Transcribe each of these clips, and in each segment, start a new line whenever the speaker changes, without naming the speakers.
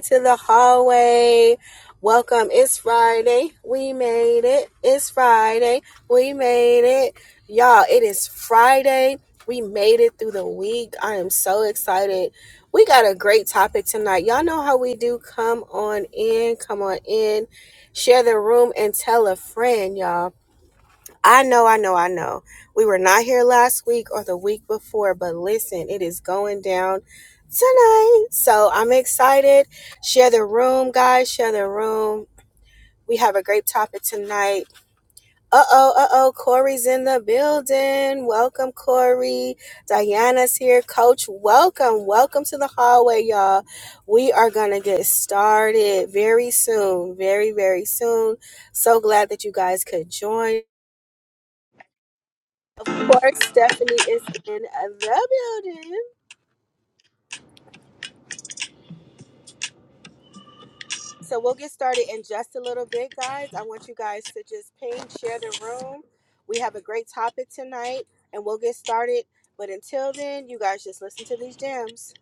to the hallway. Welcome. It's Friday. We made it. It's Friday. We made it. Y'all, it is Friday. We made it through the week. I am so excited. We got a great topic tonight. Y'all know how we do. Come on in. Come on in. Share the room and tell a friend, y'all. I know, I know, I know. We were not here last week or the week before, but listen, it is going down tonight. So I'm excited. Share the room, guys. Share the room. We have a great topic tonight. Uh oh, uh oh. Corey's in the building. Welcome, Corey. Diana's here. Coach, welcome. Welcome to the hallway, y'all. We are going to get started very soon. Very, very soon. So glad that you guys could join. course, Stephanie is in the building. So we'll get started in just a little bit, guys. I want you guys to just ping, share the room. We have a great topic tonight, and we'll get started. But until then, you guys just listen to these gems.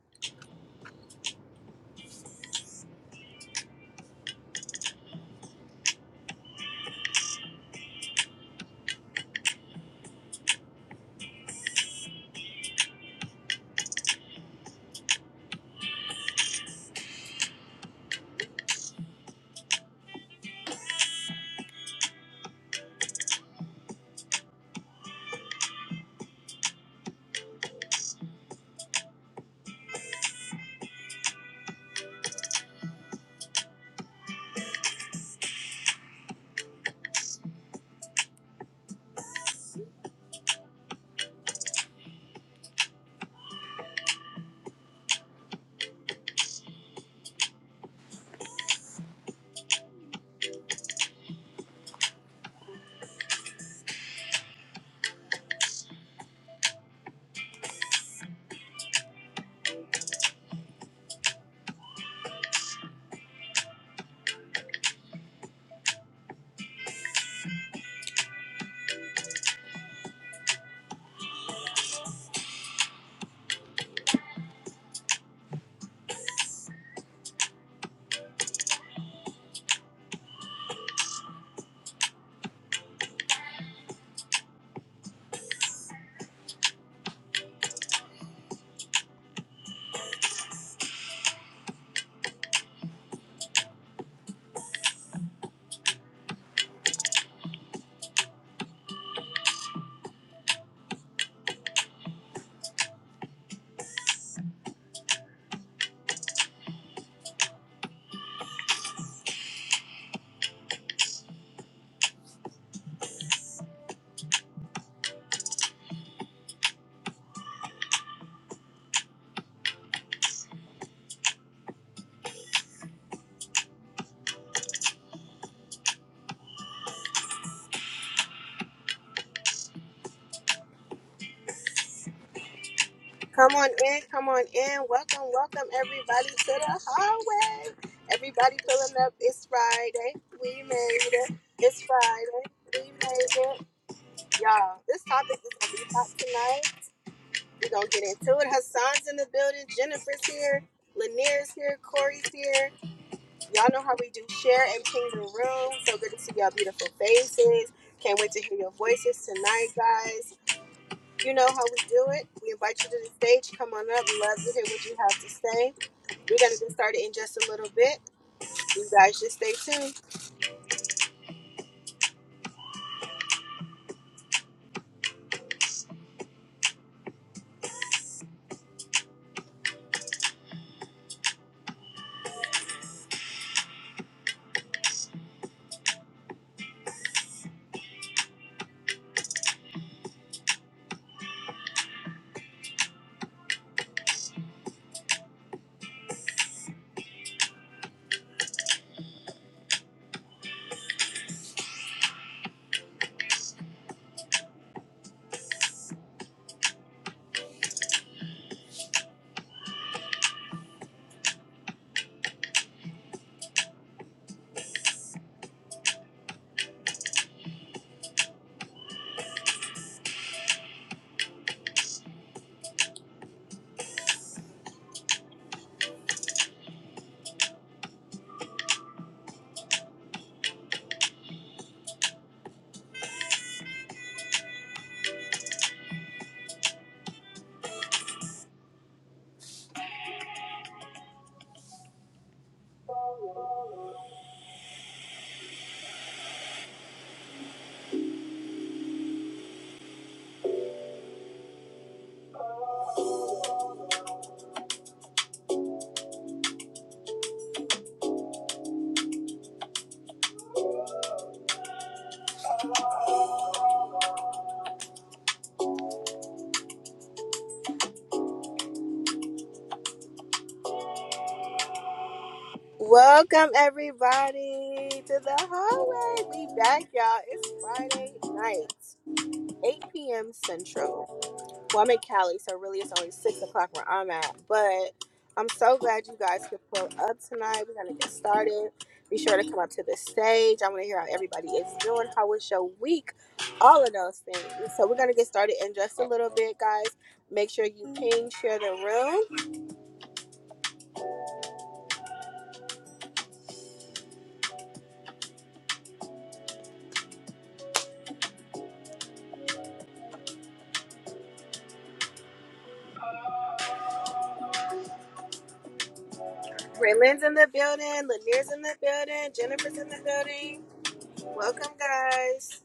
Come on in, come on in. Welcome, welcome everybody to the hallway. Everybody pulling up. It's Friday. We made it. It's Friday. We made it. Y'all, this topic is gonna be hot tonight. We're gonna get into it. Hassan's in the building, Jennifer's here, Lanier's here, Corey's here. Y'all know how we do share and ping the room. So good to see y'all beautiful faces. Can't wait to hear your voices tonight, guys. You know how we do it. We invite you to the stage. Come on up. Love to hear what you have to say. We're gonna get started in just a little bit. You guys just stay tuned. Welcome everybody to the hallway. We back, y'all. It's Friday night, 8 p.m. Central. Well, I'm in Cali, so really it's only six o'clock where I'm at. But I'm so glad you guys could pull up tonight. We're gonna get started. Be sure to come up to the stage. I want to hear how everybody is doing. How was your week? All of those things. So we're gonna get started in just a little bit, guys. Make sure you ping, share the room. Raylan's in the building. Lanier's in the building. Jennifer's in the building. Welcome, guys.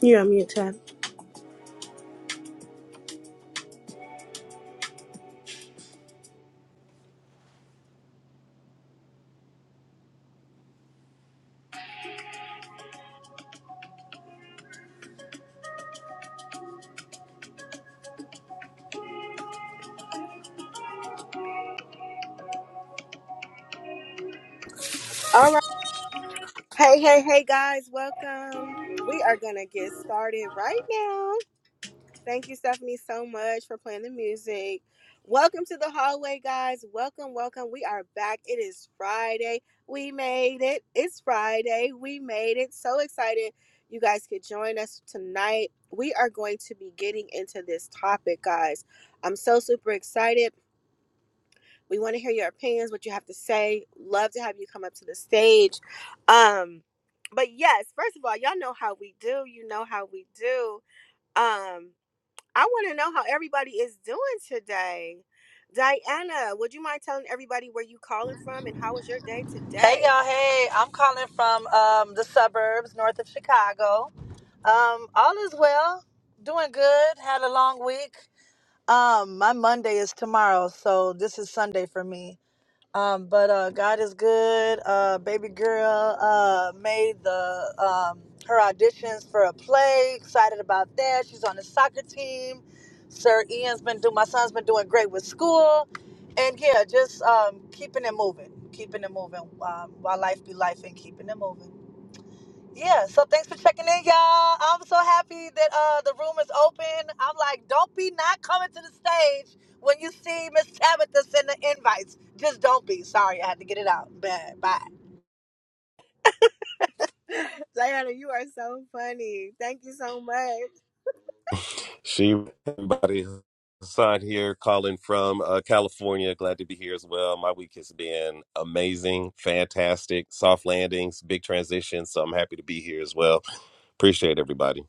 You're on mute, Chad.
All right. Hey, hey, hey, guys. Welcome. We are gonna get started right now. Thank you, Stephanie, so much for playing the music. Welcome to the hallway, guys. Welcome, welcome. We are back. It is Friday. We made it. It's Friday. We made it. So excited you guys could join us tonight. We are going to be getting into this topic, guys. I'm so super excited. We want to hear your opinions, what you have to say. Love to have you come up to the stage. Um, but yes, first of all, y'all know how we do. You know how we do. Um, I want to know how everybody is doing today. Diana, would you mind telling everybody where you calling from and how was your day
Hey
today?
y'all, hey, I'm calling from um, the suburbs north of Chicago. Um, all is well, doing good, had a long week. Um, my Monday is tomorrow, so this is Sunday for me. Um, but uh, God is good. Uh, baby girl uh, made the um, her auditions for a play. Excited about that. She's on the soccer team. Sir Ian's been doing. My son's been doing great with school, and yeah, just um, keeping it moving, keeping it moving um, while life be life and keeping it moving. Yeah, so thanks for checking in, y'all. I'm so happy that uh the room is open. I'm like, don't be not coming to the stage when you see Miss Tabitha send the invites. Just don't be. Sorry, I had to get it out. Bad. Bye.
Diana, you are so funny. Thank you so much.
She everybody son here calling from uh, California. Glad to be here as well. My week has been amazing, fantastic, soft landings, big transitions. So I'm happy to be here as well. Appreciate everybody.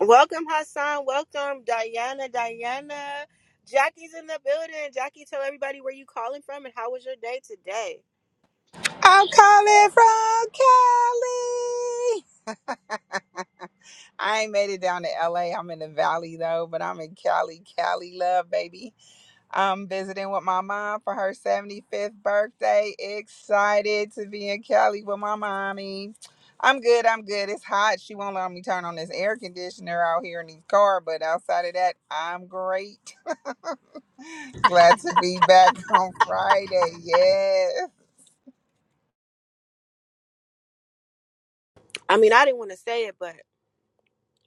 Welcome, Hassan. Welcome, Diana. Diana. Jackie's in the building. Jackie, tell everybody where you calling from and how was your day today?
I'm coming from Cali. I ain't made it down to LA. I'm in the valley though, but I'm in Cali. Cali love, baby. I'm visiting with my mom for her 75th birthday. Excited to be in Cali with my mommy. I'm good. I'm good. It's hot. She won't let me turn on this air conditioner out here in the car, but outside of that, I'm great. Glad to be back on Friday. Yes.
I mean, I didn't want to say it, but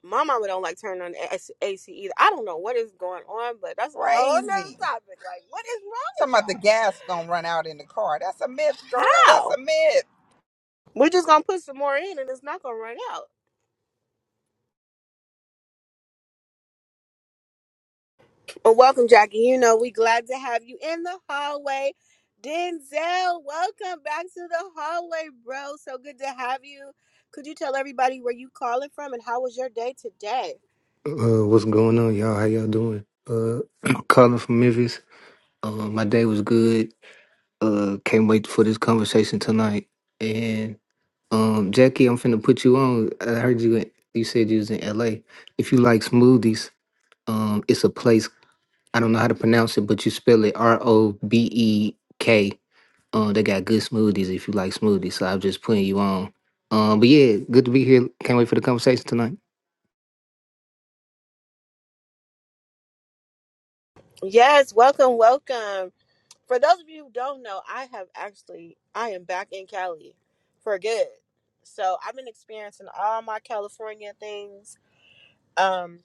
my mama don't like turning on the AC AC either. I don't know what is going on, but that's a whole nother
Crazy.
topic. Like, what is wrong with
Talking about the gas gonna run out in the car. That's a myth, girl.
y'all?
That's a myth.
We're just gonna put some more in, and it's not gonna run out. Well, welcome, Jackie. You know we glad to have you in the hallway. Denzel, welcome back to the hallway, bro. So good to have you. Could you tell everybody where you calling from and how was your day today?
Uh, what's going on, y'all? How y'all doing? Uh, calling from Memphis. Um, my day was good. Uh, can't wait for this conversation tonight. And um, Jackie, I'm finna put you on. I heard you. In, you said you was in LA. If you like smoothies, um, it's a place. I don't know how to pronounce it, but you spell it R O B E K. Um, they got good smoothies if you like smoothies. So I'm just putting you on. Um, but yeah, good to be here. Can't wait for the conversation tonight.
Yes, welcome, welcome. For those of you who don't know, I have actually I am back in Cali for good. So I've been experiencing all my California things Um,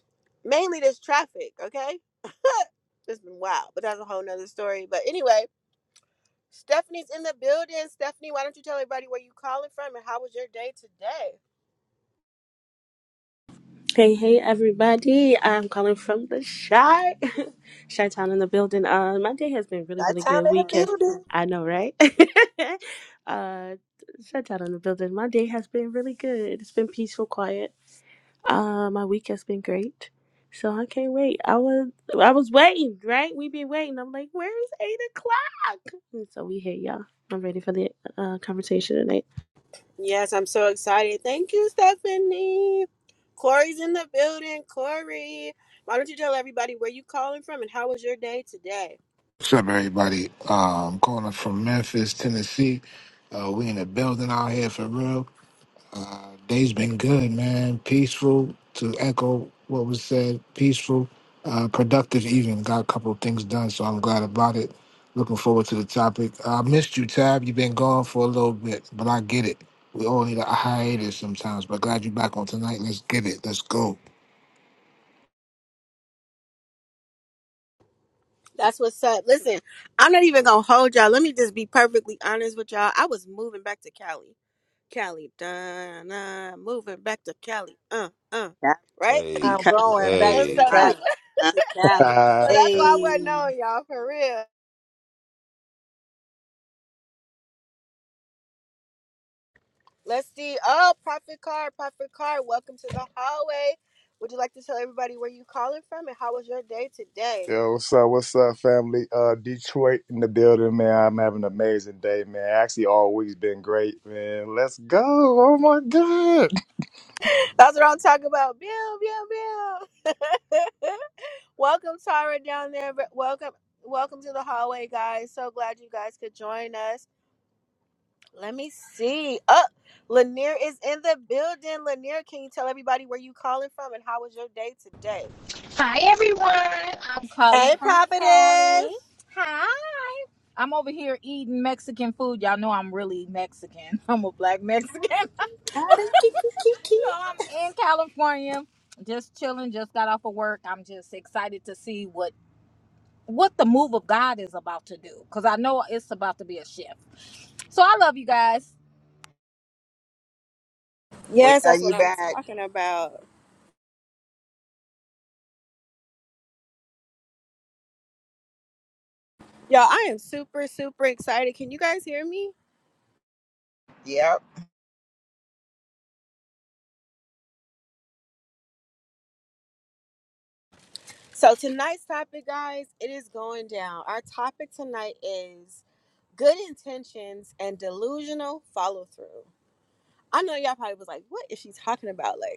mainly this traffic, okay? It's been wild, but that's a whole nother story. But anyway, Stephanie's in the building. Stephanie, why don't you tell everybody where you calling from and how was your day today?
Hey, hey, everybody. I'm calling from the Shy. Shy Town in the building. Uh, my day has been really,
That
really
time
good.
in the
Week has,
building.
I know, right? uh, Shy Town in the building. My day has been really good. It's been peaceful, quiet. Uh, my week has been great. So I can't wait. I was, I was waiting, right? We've been waiting. I'm like, where is eight o'clock? And so we here, y'all. I'm ready for the uh, conversation tonight.
Yes, I'm so excited. Thank you, Stephanie. Corey's in the building. Corey, why don't you tell everybody where you calling from and how was your day today?
What's up, everybody? Uh, I'm calling from Memphis, Tennessee. Uh, we in the building out here for real. Uh, day's been good, man. Peaceful. To echo what was said, peaceful, uh, productive evening. Got a couple of things done, so I'm glad about it. Looking forward to the topic. I missed you, Tab. You've been gone for a little bit, but I get it. We all need a hiatus sometimes, but glad you're back on tonight. Let's get it. Let's go.
That's what's up. Listen, I'm not even gonna hold y'all. Let me just be perfectly honest with y'all. I was moving back to Cali. Cali, Donna, moving back to Cali, uh, uh,
That
right?
she
Hey,
I'm
come
going back
And
to
so
hey,
out.
that's
Cali.
what,
Uh,
To Cali.
so
Ah,
that's
Okay.
why I wasn't
Hey.
on y'all for real. Let's see. Oh, Prophet Car, Prophet Car, welcome to the hallway. Would you like to tell everybody where you calling from and how was your day today?
Yo, what's up? What's up, family? Uh, Detroit in the building, man. I'm having an amazing day, man. Actually, all week's been great, man. Let's go. Oh my God.
That's what I'm talking about. Bill, Bill, Bill. welcome, Tara, down there. Welcome, welcome to the hallway, guys. So glad you guys could join us. Let me see. Oh, Lanier is in the building. Lanier, can you tell everybody where you calling from and how was your day today?
Hi everyone. I'm
Hey,
calling from
prophetess.
Cali. Hi. I'm over here eating Mexican food. Y'all know I'm really Mexican. I'm a black Mexican.
Ah,
so
the kiki, kiki.
I'm in California, just chilling, just got off of work. I'm just excited to see what what the move of God is about to do cuz I know it's about to be a shift. So I love you guys.
We
Yes,
are
that's what
you
I'm
back.
talking about. Y'all, I am super, super excited. Can you guys hear me?
Yep.
So, tonight's topic, guys, it is going down. Our topic tonight is good intentions and delusional follow through. I know y'all probably was like, what is she talking about? Like.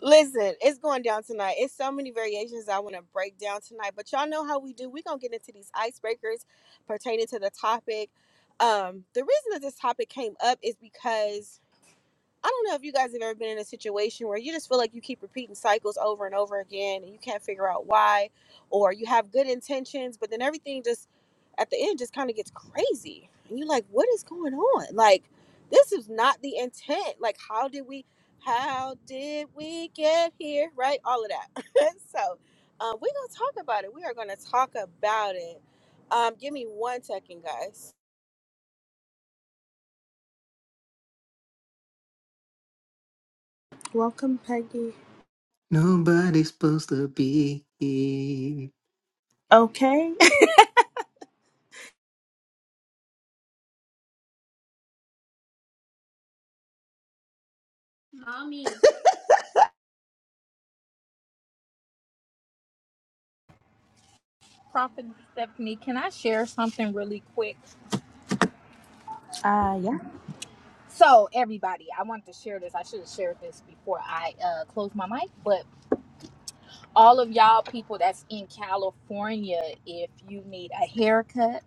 Listen, it's going down tonight. It's so many variations I want to break down tonight, but y'all know how we do. We're going to get into these icebreakers pertaining to the topic. Um, the reason that this topic came up is because I don't know if you guys have ever been in a situation where you just feel like you keep repeating cycles over and over again and you can't figure out why, or you have good intentions, but then everything just at the end just kind of gets crazy. And you're like, what is going on? Like, this is not the intent. Like, how did we, how did we get here? Right? All of that. so, um, we're going to talk about it. We are going to talk about it. Um, give me one second, guys.
Welcome, Peggy.
Nobody's supposed to be here.
Okay.
Mommy.
Prophet Stephanie, can I share something really quick?
Uh, yeah.
So, everybody, I wanted to share this. I should have shared this before I uh, closed my mic, but all of y'all people that's in California, if you need a haircut,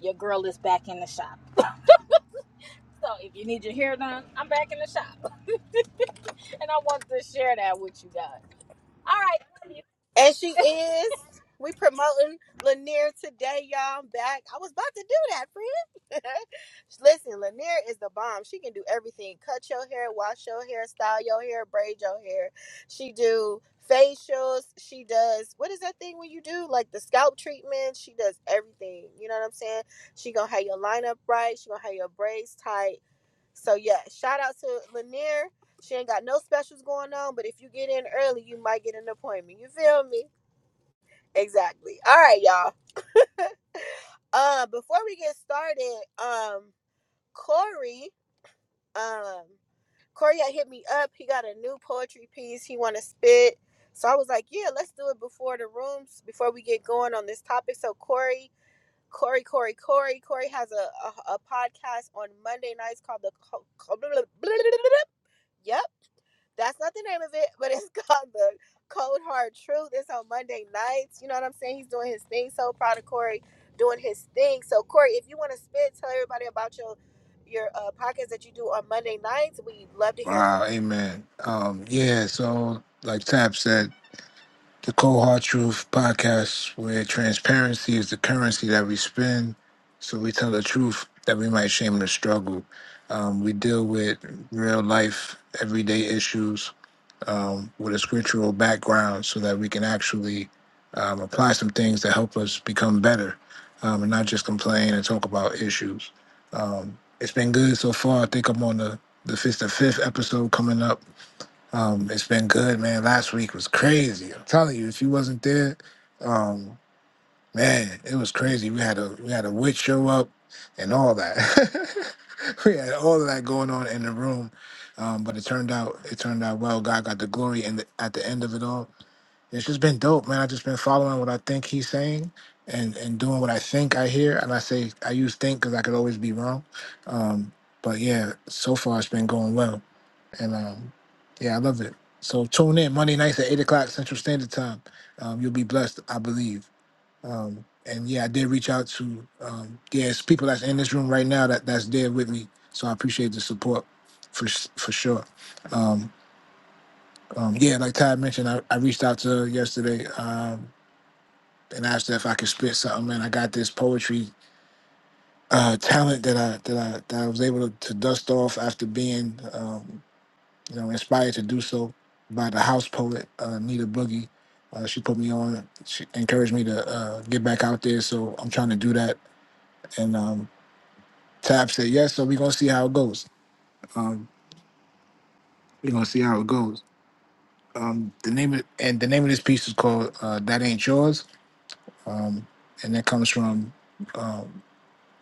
your girl is back in the shop. So if you need your hair done, I'm back in the shop. And I want to share that with you guys. All right. love you.
And she is. We promoting Lanier today, y'all. I'm back. I was about to do that, friend. Listen, Lanier is the bomb. She can do everything. Cut your hair, wash your hair, style your hair, braid your hair. She do facials. She does what is that thing when you do? Like the scalp treatment. She does everything. You know what I'm saying? She gonna have your line up right. She gonna have your braids tight. So yeah, shout out to Lanier. She ain't got no specials going on, but if you get in early, you might get an appointment. You feel me? Exactly. All right, y'all. Uh, before we get started, um, Corey, um, Corey had hit me up. He got a new poetry piece he want to spit. So I was like, yeah, let's do it before the rooms, before we get going on this topic. So Corey, Corey, Corey, Corey, Corey has a a, a podcast on Monday nights called the Co- Co- Yep. That's not the name of it, but it's called the Cold Hard Truth. It's on Monday nights. You know what I'm saying? He's doing his thing. So proud of Corey doing his thing. So Corey, if you want to spit, tell everybody about your your uh, podcast that you do on Monday nights. We'd love to hear from
Wow,
you.
amen. Um, yeah, so like Tab said. the Cold Hard Truth podcast, where transparency is the currency that we spend. So we tell the truth that we might shame the struggle. Um, we deal with real life, everyday issues um, with a scriptural background so that we can actually um, apply some things that help us become better um, and not just complain and talk about issues. Um, it's been good so far. I think I'm on the, the fifth, the fifth episode coming up. Um, it's been good, man. Last week was crazy. I'm telling you, if you wasn't there, um, man, it was crazy. We had a we had a witch show up and all that. we had all of that going on in the room. Um, but it turned out it turned out well. God got the glory and at the end of it all. It's just been dope, man. I just been following what I think he's saying and and doing what I think I hear. And I say I use think because I could always be wrong. Um, but yeah, so far it's been going well. And um, yeah, I love it. So tune in Monday nights at eight o'clock Central Standard Time. Um, you'll be blessed, I believe. Um, and yeah, I did reach out to um, yeah, it's people that's in this room right now that that's there with me. So I appreciate the support for s- for sure. Um, um, yeah, like Todd mentioned, I, I reached out to her yesterday um, and asked her if I could spit something. And I got this poetry uh, talent that I that I that I was able to, to dust off after being. um, you know, inspired to do so by the house poet uh, Nita Boogie. Uh, she put me on. She encouraged me to uh, get back out there, so I'm trying to do that. And um, Tab said yes, so we're gonna see how it goes. Um, we're gonna see how it goes. Um, the name of, and the name of this piece is called uh, "That Ain't Yours," um, and that comes from um,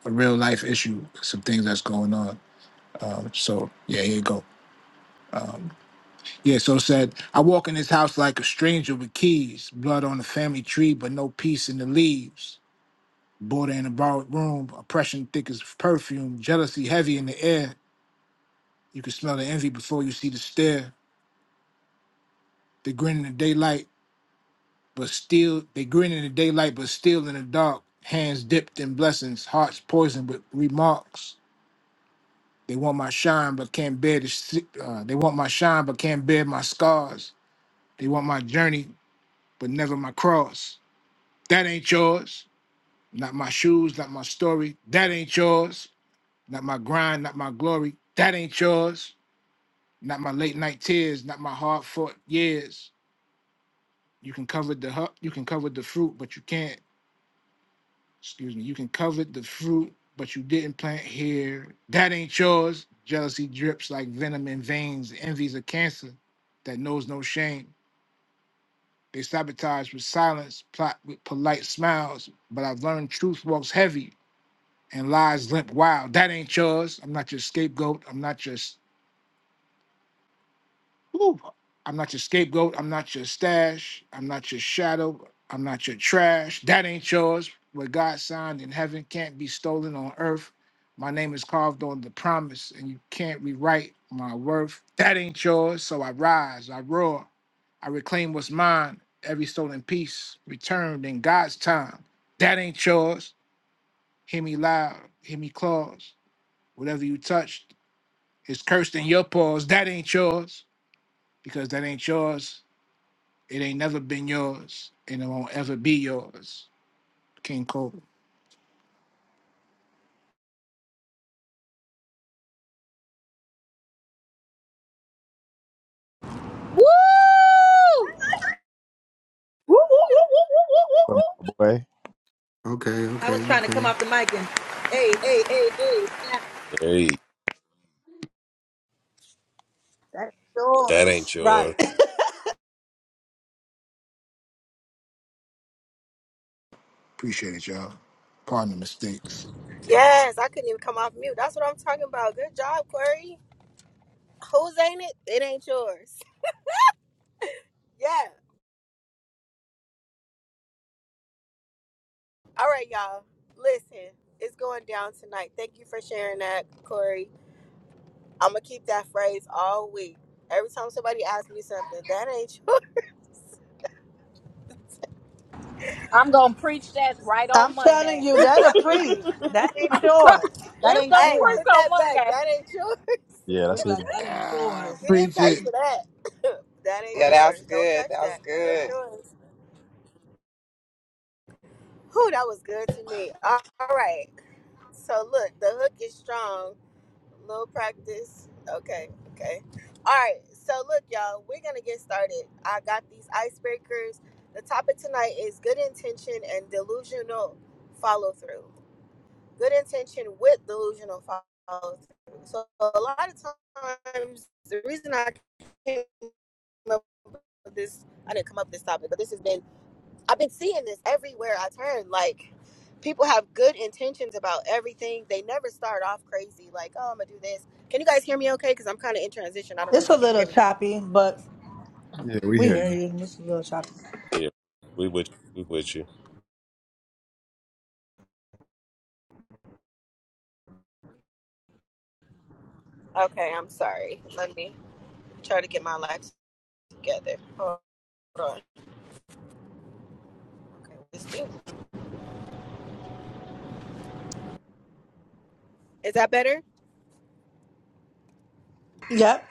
a real life issue, some things that's going on. Um, so yeah, here you go. Um, Yeah, so it said, I walk in this house like a stranger with keys, blood on the family tree, but no peace in the leaves. Border in a borrowed room, oppression thick as perfume, jealousy heavy in the air. You can smell the envy before you see the stare. They grin in the daylight, but still, they grin in the daylight, but still in the dark. Hands dipped in blessings, hearts poisoned with remarks. They want my shine, but can't bear the. si- Uh, they want my shine, but can't bear my scars. They want my journey, but never my cross. That ain't yours. Not my shoes, not my story. That ain't yours. Not my grind, not my glory. That ain't yours. Not my late night tears, not my hard fought years. You can cover the hu- you can cover the fruit, but you can't. Excuse me. You can cover the fruit, but you didn't plant here. That ain't yours. Jealousy drips like venom in veins. Envy's a cancer that knows no shame. They sabotage with silence, plot with polite smiles. But I've learned truth walks heavy and lies limp wild. That ain't yours. I'm not your scapegoat. I'm not your s- Ooh. I'm not your scapegoat. I'm not your stash. I'm not your shadow. I'm not your trash. That ain't yours. What God signed in heaven can't be stolen on earth. My name is carved on the promise, and you can't rewrite my worth. That ain't yours. So I rise, I roar, I reclaim what's mine. Every stolen piece returned in God's time. That ain't yours. Hear me loud, hear me close. Whatever you touch It's cursed in your paws. That ain't yours because that ain't yours. It ain't never been yours and it won't ever be yours. King Cole,
Woo!
Woo, woo, woo,
Come
woo,
my Boy.
Okay,
I was
okay,
trying to come
okay.
off the mic and hey, hey, hey, hey, snap.
hey,
That's
that
yours.
ain't
Right.
yours.
appreciate it, y'all. Pardon the mistakes.
Yes, I couldn't even come off mute. That's what I'm talking about. Good job, Corey. Whose ain't it? It ain't yours. Yeah. All right, y'all. Listen, it's going down tonight. Thank you for sharing that, Corey. I'm gonna keep that phrase all week. Every time somebody asks me something, that ain't yours.
I'm going to preach that right
I'm
on
telling
Monday.
you, that a
woo, woo,
Thank you.
priest That
woo, woo.
ain't yours. That
It's
ain't
going to
Hey,
preach
yours.
put
on
that back.
Monday.
That ain't yours.
Yeah,
We
that's
be
it.
like, that ain't
Ah,
yours.
You didn't
preach
pay
it.
for that. that ain't
Yeah, that was
yours. Don't
good.
touch
That was
that. That ain't
good.
yours. Whew, that was good to me. All right. So look, the hook is strong. Little practice. Okay. Okay. All right. So look, y'all, we're gonna get started. I got these icebreakers. The topic tonight is good intention and delusional follow through. good intention with delusional follow through. So a lot of times, the reason I came up with this, I didn't come up with this topic, but this has been, I've been seeing this everywhere I turn. Like, people have good intentions about everything. They never start off crazy, like, oh, I'm gonna do this. Can you guys hear me okay? Because I'm kind of in transition. I don't know
It's
if
a
you can
little
hear me.
choppy, but
Yeah, we
we
hear
hear
you.
you. It's a little choppy.
Yeah, we with you. we with you.
Okay, I'm sorry. Let me try to get my life together. Hold on. Okay, this thing- Is that better?
Yep.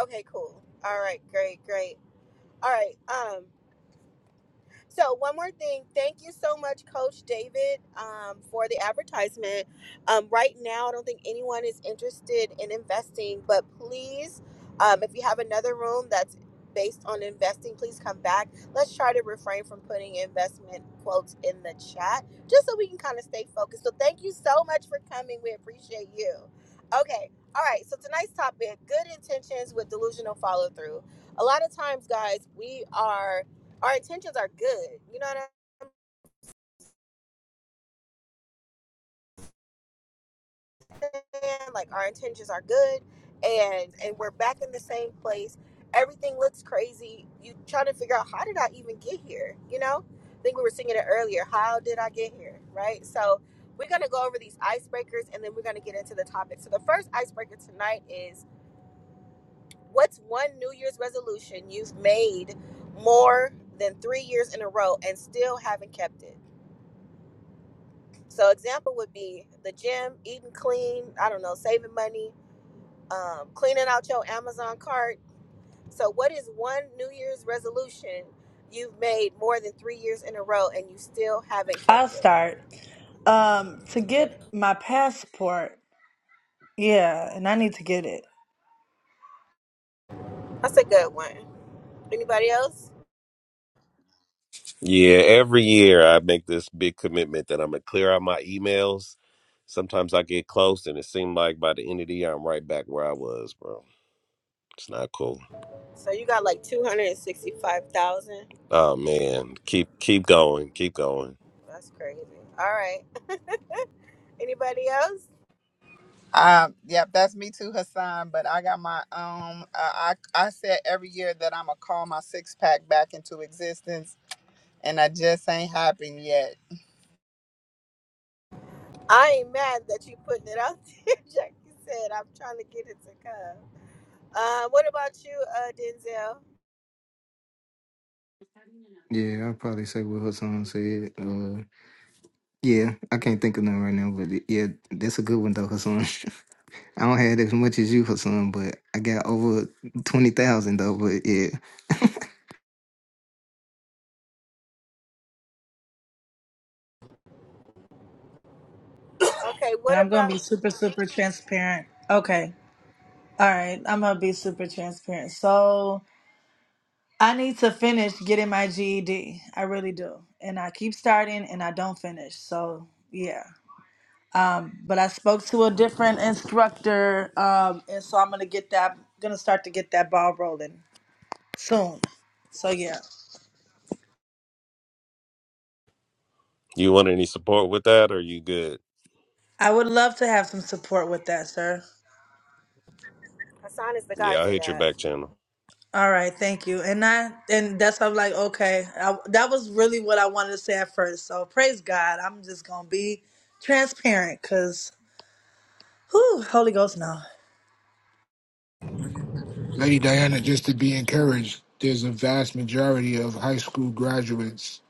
Okay, cool. All right, great, great. All right. Um, so one more thing. Thank you so much, Coach David, um, for the advertisement. Um, right now, I don't think anyone is interested in investing, but please, um, if you have another room that's based on investing, please come back. Let's try to refrain from putting investment quotes in the chat just so we can kind of stay focused. So thank you so much for coming. We appreciate you. Okay. All right. So tonight's topic, good intentions with delusional follow through. A lot of times, guys, we are our intentions are good. You know what I'm saying? Like our intentions are good, and and we're back in the same place. Everything looks crazy. You trying to figure out how did I even get here? You know, I think we were singing it earlier. How did I get here? Right. So we're gonna go over these icebreakers, and then we're gonna get into the topic. So the first icebreaker tonight is what's one New Year's resolution you've made more than three years in a row and still haven't kept it. So example would be the gym, eating clean, I don't know, saving money, um, cleaning out your Amazon cart. So what is one New Year's resolution you've made more than three years in a row and you still haven't
I'll
kept it?
start. Um, to get my passport, yeah, and I need to get it.
That's a good one. Anybody else?
Yeah, every year I make this big commitment that I'm gonna clear out my emails. Sometimes I get close, and it seemed like by the end of the year I'm right back where I was, bro. It's not cool.
So you got like two hundred and sixty-five thousand.
Oh man, keep keep going, keep going.
That's crazy. All right. Anybody else?
Um, yep, that's me too, Hassan. But I got my um uh, I I said every year that I'm gonna call my six pack back into existence and I just ain't happened yet.
I ain't mad that you putting it out there. Jackie said, "I'm trying to get it to come." Uh, what about you, uh, Denzel?
Yeah, I'll probably say what Hassan said. Uh, yeah, I can't think of nothing right now, but yeah, that's a good one though, Hassan. I don't have as much as you, Hassan, but I got over twenty thousand though. But yeah,
Okay,
And
what
I'm gonna
about
be super, super transparent. Okay. All right. I'm gonna be super transparent. So I need to finish getting my GED. I really do. And I keep starting and I don't finish. So yeah. Um, but I spoke to a different instructor, um, and so I'm gonna get that, gonna start to get that ball rolling soon. So yeah,
You want any support with that, or you good?
I would love to have some support with that, sir.
Hassan is the guy
Yeah, I
for
hit your
that.
back channel.
All right, thank you. And I, and that's I'm like, okay, I, that was really what I wanted to say at first. So praise God, I'm just gonna be transparent, cause whew, Holy Ghost, no.
Lady Diana, just to be encouraged, there's a vast majority of high school graduates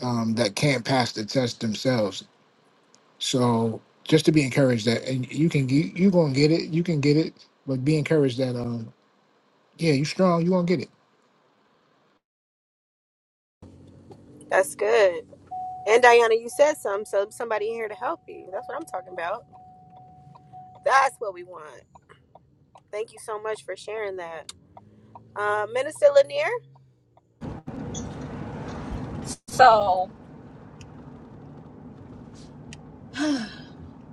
um, that can't pass the test themselves. So just to be encouraged that, and you can get, you gonna get it, you can get it, but be encouraged that, um, yeah, you strong, you gonna get it.
That's good. And Diana, you said some, so somebody here to help you. That's what I'm talking about. That's what we want. Thank you so much for sharing that. Uh, Minister Lanier?
So,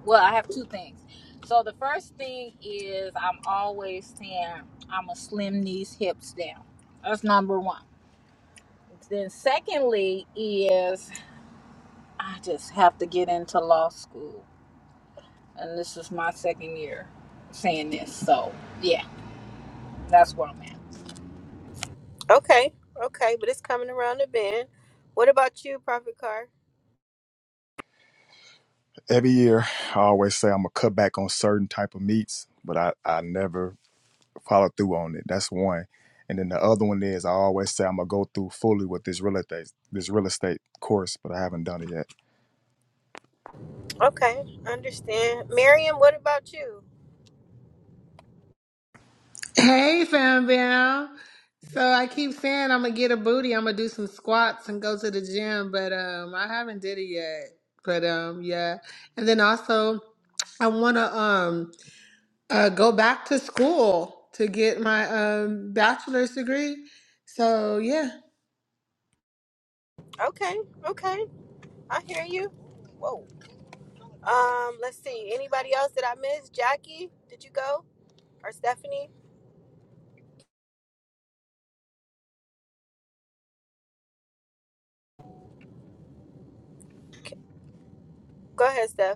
well, I have two things. So the first thing is I'm always saying I'm a slim knees hips down. That's number one. Then, secondly, is I just have to get into law school. And this is my second year saying this. So, yeah, that's where I'm at.
Okay, okay, but it's coming around the bend. What about you, Prophet Carr?
Every year, I always say I'm gonna cut back on certain type of meats, but I, I never follow through on it. That's one. And then the other one is I always say I'm gonna go through fully with this real estate this real estate course, but I haven't done it yet.
Okay, understand. Miriam, what about you?
Hey, fam bam. So I keep saying I'm gonna get a booty. I'm gonna do some squats and go to the gym, but um, I haven't did it yet. But um, yeah. And then also, I wanna um uh go back to school to get my um bachelor's degree. So yeah,
Okay, okay, I hear you. Whoa. Um, let's see. Anybody else that I missed? Jackie, did you go? Or Stephanie? Go ahead, Steph.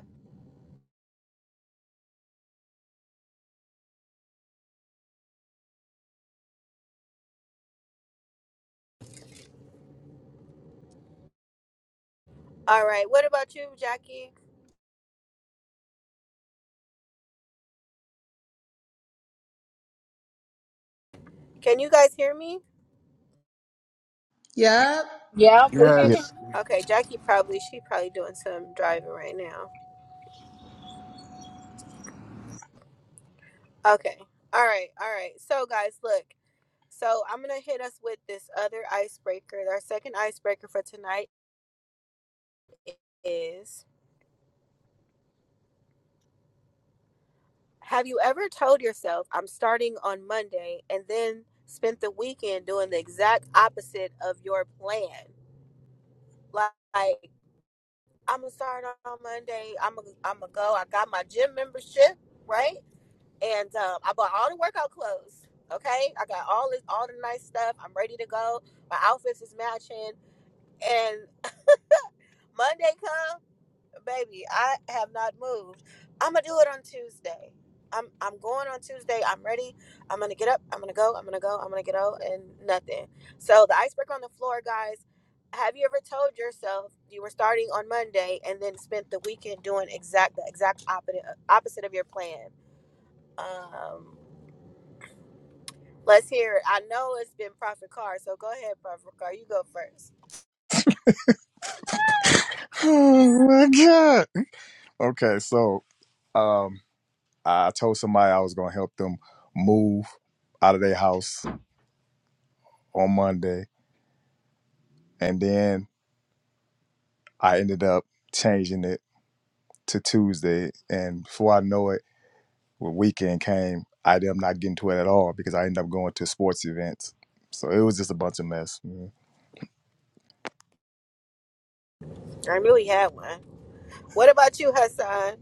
All right. What about you, Jackie? Can you guys hear me?
yep.
Yeah, we can
Yeah.
hear
Yes.
Okay, Jackie probably she probably doing some driving right now. Okay. All right. All right. So guys, look. So I'm gonna hit us with this other icebreaker. Our second icebreaker for tonight is: Have you ever told yourself I'm starting on Monday and then spent the weekend doing the exact opposite of your plan? Like I'm gonna start on Monday. I'm gonna I'm gonna go. I got my gym membership right? and um, I bought all the workout clothes. Okay, I got all this, all the nice stuff. I'm ready to go. My outfits is matching. And Monday come, baby, I have not moved. I'm gonna do it on Tuesday. I'm I'm going on Tuesday. I'm ready. I'm gonna get up. I'm gonna go. I'm gonna go. I'm gonna get out and nothing. So the icebreaker on the floor, guys. Have you ever told yourself you were starting on Monday and then spent the weekend doing exact the exact opposite opposite of your plan? Um, Let's hear it. I know it's been Prophet Carr, so go ahead, Prophet Carr. You go first.
Oh my God. Okay, so Um, I told somebody I was gonna help them move out of their house on Monday, and then I ended up changing it to Tuesday. And before I know it, when weekend came, I ended up not getting to it at all because I ended up going to sports events. So it was just a bunch of mess. man.
I knew he had one. What about you, Hassan?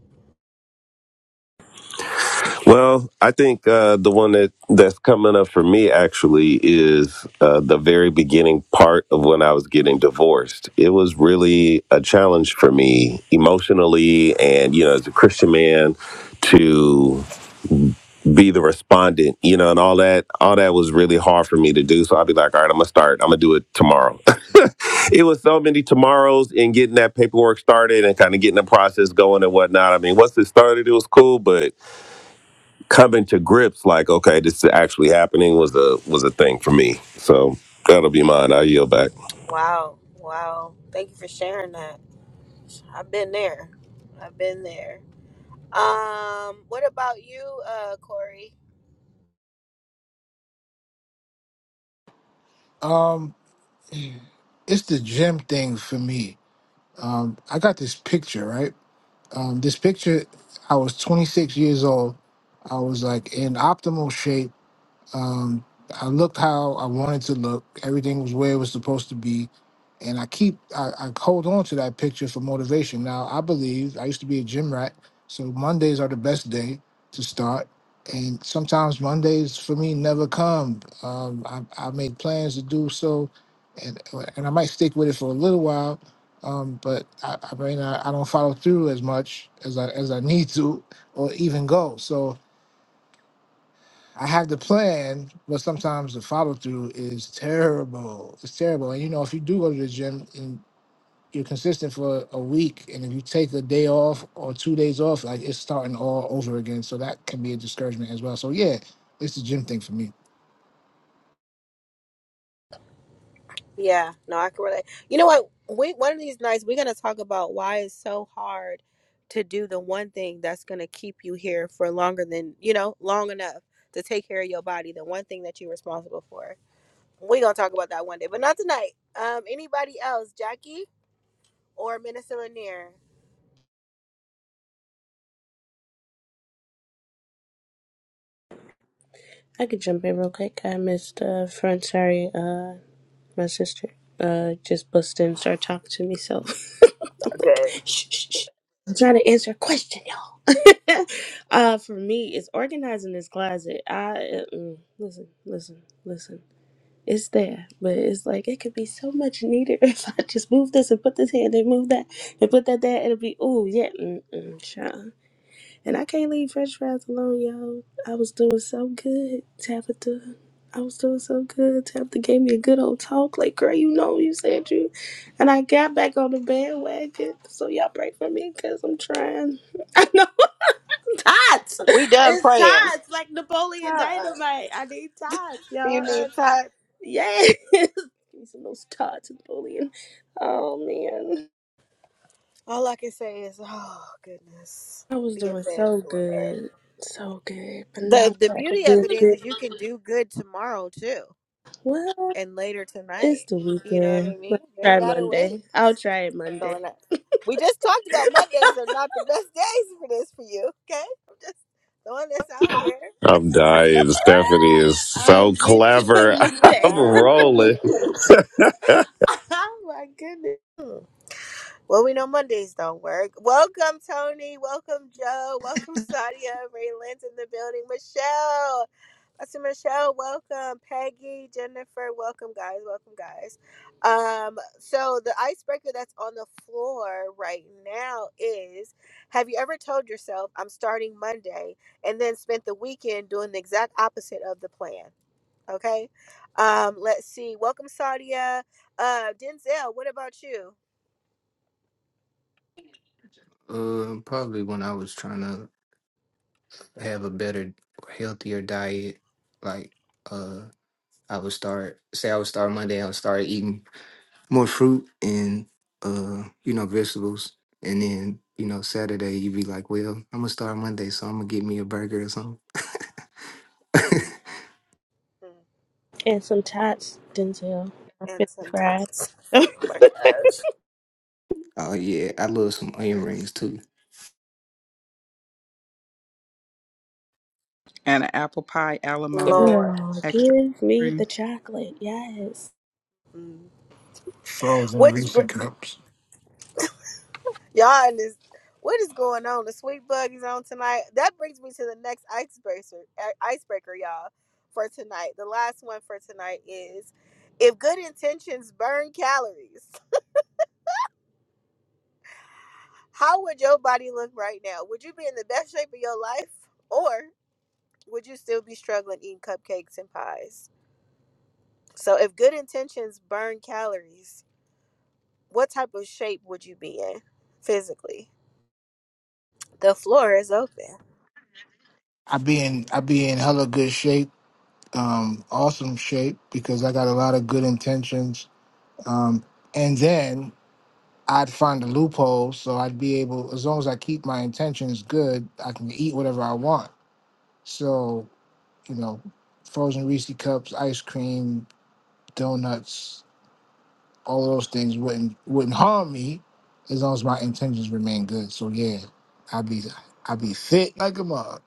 Well, I think uh, the one that that's coming up for me actually is uh, the very beginning part of when I was getting divorced. It was really a challenge for me emotionally, and you know, as a Christian man, to be the respondent, you know, and all that. All that was really hard for me to do. So I'll be like, all right, I'm gonna start. I'm gonna do it tomorrow. It was so many tomorrows in getting that paperwork started and kind of getting the process going and whatnot. I mean, once it started, it was cool, but coming to grips, like, okay, this is actually happening, was a was a thing for me. So that'll be mine. I yield back.
Wow, wow. Thank you for sharing that. I've been there. I've been there. Um, what about you, uh, Corey?
Um, it's the gym thing for me. Um, I got this picture, right? Um, this picture, I was 26 years old. I was like in optimal shape. Um, I looked how I wanted to look. Everything was where it was supposed to be, and I keep I, I hold on to that picture for motivation. Now I believe I used to be a gym rat, so Mondays are the best day to start. And sometimes Mondays for me never come. Um, I, I make plans to do so, and and I might stick with it for a little while, um, but I, I mean I, I don't follow through as much as I as I need to, or even go. So I have the plan, but sometimes the follow through is terrible. It's terrible. And you know, if you do go to the gym and you're consistent for a week, and if you take a day off or two days off, like it's starting all over again. So that can be a discouragement as well. So yeah, it's the gym thing for me.
Yeah, no, I can relate. You know what? We one of these nights we're gonna talk about why it's so hard to do the one thing that's gonna keep you here for longer than you know, long enough to take care of your body, the one thing that you're responsible for. We're gonna talk about that one day, but not tonight. Um, anybody else, Jackie or Minister Lanier?
I could jump in real quick. I missed uh front sorry, uh my sister uh just busted in and started talking to me so I'm like
Okay.
shh, shh, shh. I'm trying to answer a question, y'all. uh for me it's organizing this closet. I uh, mm, listen, listen, listen. It's there, but it's like it could be so much neater if I just move this and put this here and then move that and put that there. It'll be oh yeah, mm-mm, child. And I can't leave French fries alone, y'all. I was doing so good, Tabitha. I was doing so good. Tabitha gave me a good old talk. Like, girl, you know you said you. And I got back on the bandwagon. So y'all pray for me because I'm trying. I know I'm tots.
We done
It's
praying.
tots. Like Napoleon
Uh-uh.
Dynamite. I need tots,
You
y'all. Uh,
need time.
yes. Give me some of those tots, Napoleon. Oh, man.
All I can say is, oh goodness,
I was
be a
doing
fan,
so
Lord.
good. So good. But now
The the
I'm back
beauty of it is,
addicted.
is you can do good tomorrow too,
What?
and later
It's
tonight.
the
You know what I
weekend.
mean?
Let's
You ain't
try
gotta wait.
Monday. I'll try it
So
Monday.
and I- we just talked about Mondays are not the best days for this for you. Okay, I'm just throwing this out here.
I'm dying. Stephanie is
I'll
so
get to it
clever.
Monday.
I'm rolling.
oh my goodness.
Ah. Well, we know Mondays don't work. Welcome, Tony. Welcome, Joe. Welcome, Sadia. Ray Lynn's in the building. Michelle. Pastor Michelle, welcome. Peggy, Jennifer, welcome, guys. Welcome, guys. Um, so, the icebreaker that's on the floor right now is Have you ever told yourself, I'm starting Monday, and then spent the weekend doing the exact opposite of the plan? Okay. Um, let's see. Welcome, Sadia. Uh, Denzel, what about you?
uh, probably when I was trying to have a better, healthier diet, like uh, I would start say I would start Monday. I would start eating more fruit and uh, you know, vegetables. And then, you know, Saturday you be like, Well, I'm gonna start Monday, so I'm gonna get me a burger or something.
Hmm.
And some tots, Denzel. I'm finna
and some
cry.
tots. Oh my God,
oh yeah, I love some onion
Facts.
rings too.
And an apple pie a la mode,
Lord,
Girl,
extra.
give me the chocolate. Yes.
Mm.
Frozen
which
Reese's
br-
cups.
y'all in this? What is going on? The sweet bug is on tonight. That brings me to the next icebreaker, i- icebreaker, y'all, for tonight. The last one for tonight is: if good intentions burn calories, how would your body look right now? Would you be in the best shape of your life, or would you still be struggling eating cupcakes and pies? So, if good intentions burn calories, what type of shape would you be in physically? The floor is open.
I be in I be in hella good shape, um, awesome shape because I got a lot of good intentions. Um, and then I'd find a loophole so I'd be able, as long as I keep my intentions good, I can eat whatever I want. So, you know, frozen Reese cups, ice cream, donuts, all those things wouldn't wouldn't harm me as long as my intentions remain good. So yeah, I'd be I'd be fit like a mug.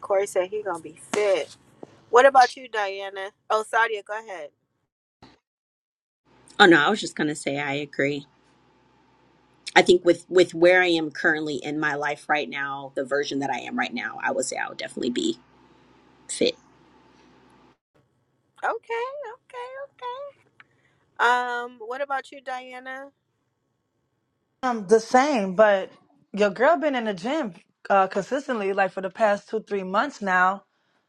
Corey said he gonna be fit. What about you, Diana? Oh, Sadia, go ahead.
Oh no, I was just gonna say I agree. I think with with where I am currently in my life right now, the version that I am right now, I would say I would definitely be fit.
Okay, okay. Um, what about you, Diana?
Um, the same, but your girl been in the gym uh, consistently, like for the past two, three months now.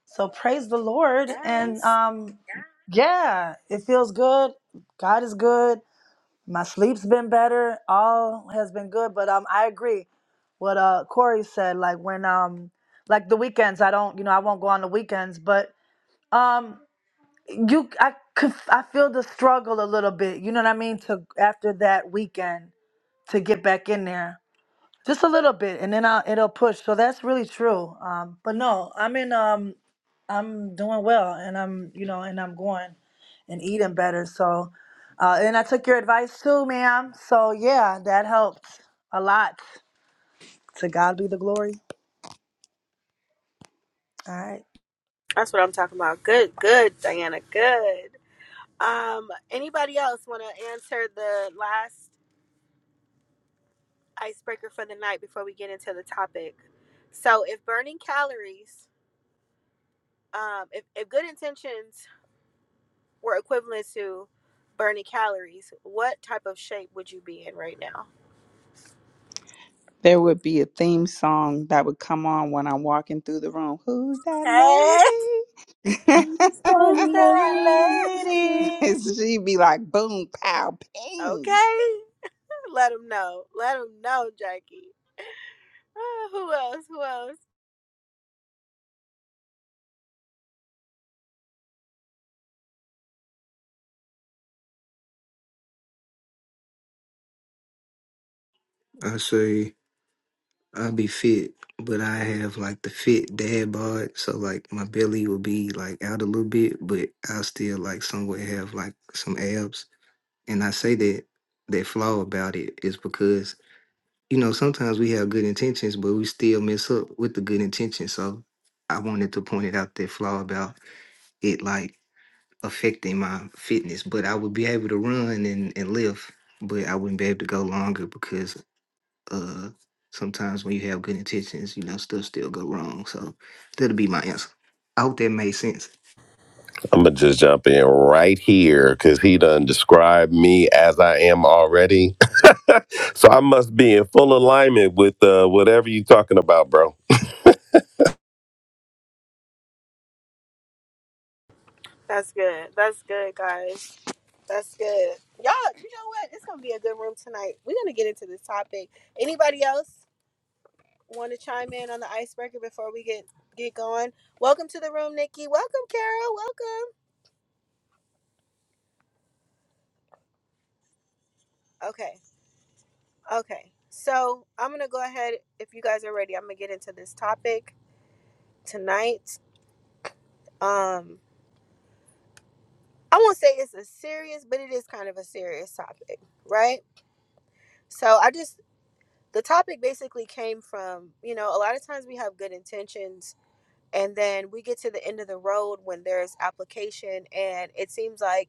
So praise the Lord, and
Yes,
um, yeah, it feels good. God is good. My sleep's been better. All has been good, but um, I agree what uh Corey said. Like when um, like the weekends, I don't, you know, I won't go on the weekends, but um, you, I, could- I feel the struggle a little bit. You know what I mean? To after that weekend to get back in there just a little bit and then I'll, it'll push so that's really true um but no i'm in um i'm doing well and i'm you know and i'm going and eating better so uh and i took your advice too ma'am so yeah that helped a lot to god be the glory all right
that's what I'm talking about. Good, good, Diana. Good. Um, anybody else want to answer the last icebreaker for the night before we get into the topic? So, if burning calories, um, if, if good intentions were equivalent to burning calories, what type of shape would you be in right now?
There would be a theme song that would come on when I'm walking through the room. Who's
Hey,
that lady?
Who's that lady
and she'd be like, boom, pow, ping.
okay. Let them know. Let them know, Jackie. Ah, who else? Who else?
I say I'll be fit, but I have like the fit dad bod, so like my belly will be like out a little bit, but I'll still like somewhat have like some abs. And I say that that flaw about it is because you know, sometimes we have good intentions, but we still mess up with the good intentions. So I wanted to point it out that flaw about it like affecting my fitness. But I would be able to run and, and lift, but I wouldn't be able to go longer because uh sometimes when you have good intentions, you know, stuff still go wrong. So that'll be my answer. I hope that made sense.
I'm gonna just jump in right here because he done described me as I am already. so I must be in full alignment with uh, whatever you talking about, bro.
That's good. That's good, guys. That's good. Y'all, you know what? It's gonna be a good room tonight. We're gonna get into this topic. Anybody else want to chime in on the icebreaker before we get get going? Welcome to the room, Nikki. Welcome, Carol. Welcome. Okay. Okay, so I'm gonna go ahead. If you guys are ready, I'm gonna get into this topic tonight. Um, I won't say it's a serious, but it is kind of a serious topic, right? So I just the topic basically came from you know a lot of times we have good intentions and then we get to the end of the road when there's application and it seems like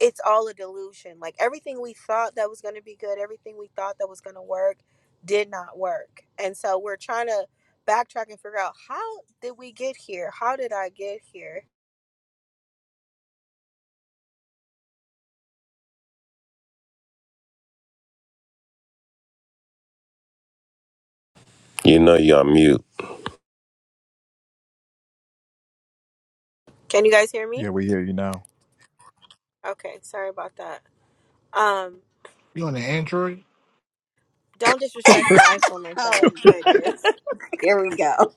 it's all a delusion. Like everything we thought that was going to be good, everything we thought that was going to work did not work. And so we're trying to backtrack and figure out how did we get here? How did I get here?
You know you're on mute.
Can you guys hear
Yeah,
me?
we hear you now.
Okay, sorry about that. Um
You on an Android?
don't disrespect my iPhone like that.
Oh goodness. Here we go.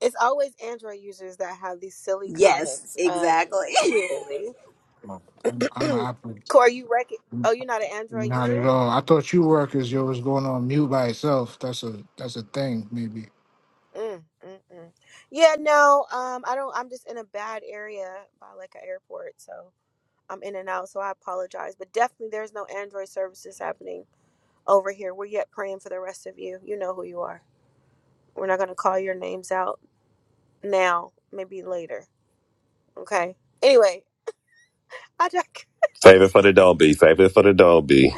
It's always Android users that have these silly
Yes,
comments. Um
exactly.
clearly.
No, I'm, I'm an Apple.
Core, you rec Oh, you're not an Android
Not
user?
at all. I thought you workers, yo, was going on mute by itself. That's a that's a thing. Maybe
Mm, mm, mm. Yeah, no, um, I don't. I'm just in a bad area by like an airport, so I'm in and out. So I apologize, but definitely there's no Android services happening over here. We're yet praying for the rest of you. You know who you are. We're not gonna call your names out now. Maybe later. Okay. Anyway, I just,
Save it for the Dolby. Save it for the Dolby.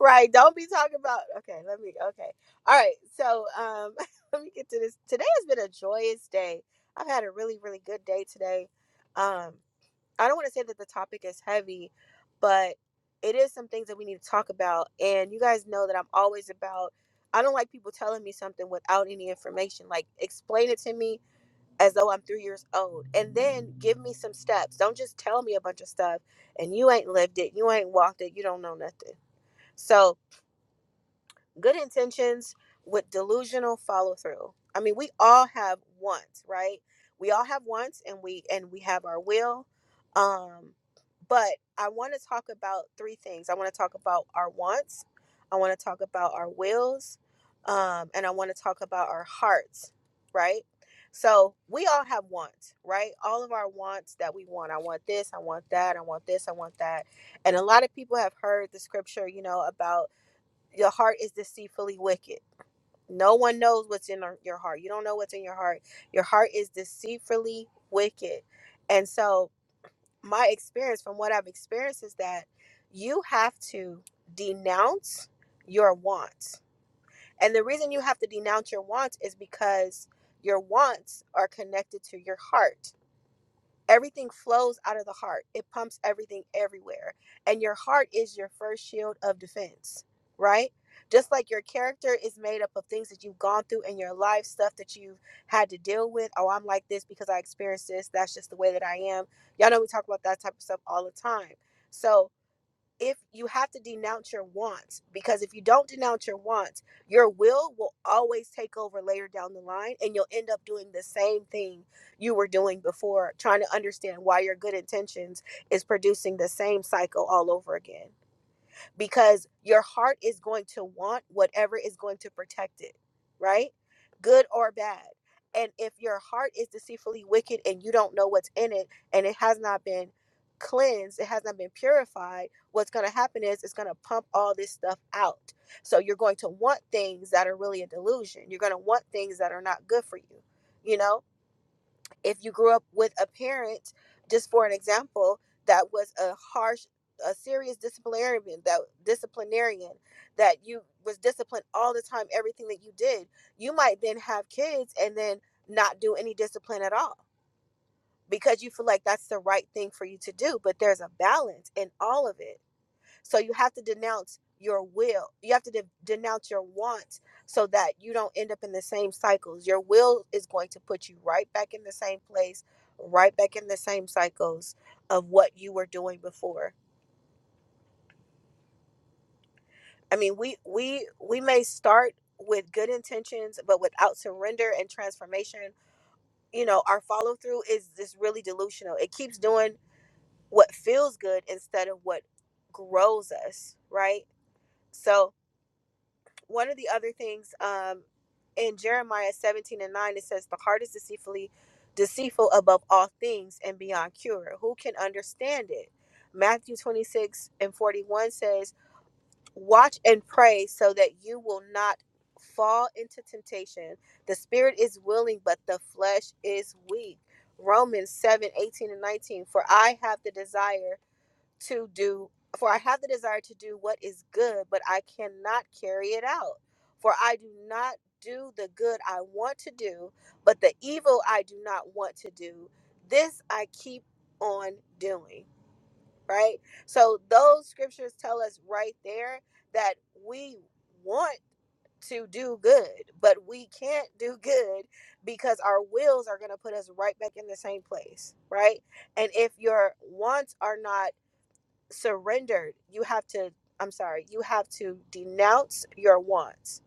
right. Don't be talking about. Okay. Let me. Okay. All right. So um, let me get to this. Today has been a joyous day. I've had a really, really good day today. Um. I don't want to say that the topic is heavy, but it is some things that we need to talk about. And you guys know that I'm always about, I don't like people telling me something without any information. Like, explain it to me as though I'm three years old. And then give me some steps. Don't just tell me a bunch of stuff and you ain't lived it, you ain't walked it, you don't know nothing. So, good intentions with delusional follow through. I mean, we all have wants, right? We all have wants and we and we have our will. Um but I want to talk about three things. I want to talk about our wants. I want to talk about our wills. Um and I want to talk about our hearts, right? So, we all have wants, right? All of our wants that we want. I want this, I want that, I want this, I want that. And a lot of people have heard the scripture, you know, about your heart is deceitfully wicked. No one knows what's in our- your heart. You don't know what's in your heart. Your heart is deceitfully wicked. And so, my experience from what I've experienced is that you have to denounce your wants. And the reason you have to denounce your wants is because your wants are connected to your heart everything flows out of the heart it pumps everything everywhere and your heart is your first shield of defense right just like your character is made up of things that you've gone through in your life stuff that you've had to deal with oh i'm like this because i experienced this that's just the way that i am y'all know we talk about that type of stuff all the time so if you have to denounce your wants because if you don't denounce your wants your will will always take over later down the line and you'll end up doing the same thing you were doing before trying to understand why your good intentions is producing the same cycle all over again because your heart is going to want whatever is going to protect it, right? Good or bad. And if your heart is deceitfully wicked and you don't know what's in it and it has not been cleansed, it has not been purified, what's going to happen is it's going to pump all this stuff out. So you're going to want things that are really a delusion. You're going to want things that are not good for you, you know? if you grew up with a parent, just for an example, that was a harsh, a serious disciplinarian, that disciplinarian, that you was disciplined all the time, everything that you did, you might then have kids and then not do any discipline at all because you feel like that's the right thing for you to do. But there's a balance in all of it so you have to denounce your will. You have to de- denounce your wants so that you don't end up in the same cycles. Your will is going to put you right back in the same place, right back in the same cycles of what you were doing before. I mean, we we we may start with good intentions, but without surrender and transformation, you know, our follow through is just really delusional. It keeps doing what feels good instead of what grows us, right? So, one of the other things um, in Jeremiah 17 and 9, it says, The heart is deceitfully deceitful above all things and beyond cure. Who can understand it? Matthew 26 and 41 says, Watch and pray so that you will not fall into temptation. The spirit is willing, but the flesh is weak. Romans 7 18 and 19, For I have the desire to do for I have the desire to do what is good, but I cannot carry it out. For I do not do the good I want to do, but the evil I do not want to do, this I keep on doing. Right? So those scriptures tell us right there that we want to do good, but we can't do good because our wills are going to put us right back in the same place, right? And if your wants are not surrendered, you have to, I'm sorry, you have to denounce your wants.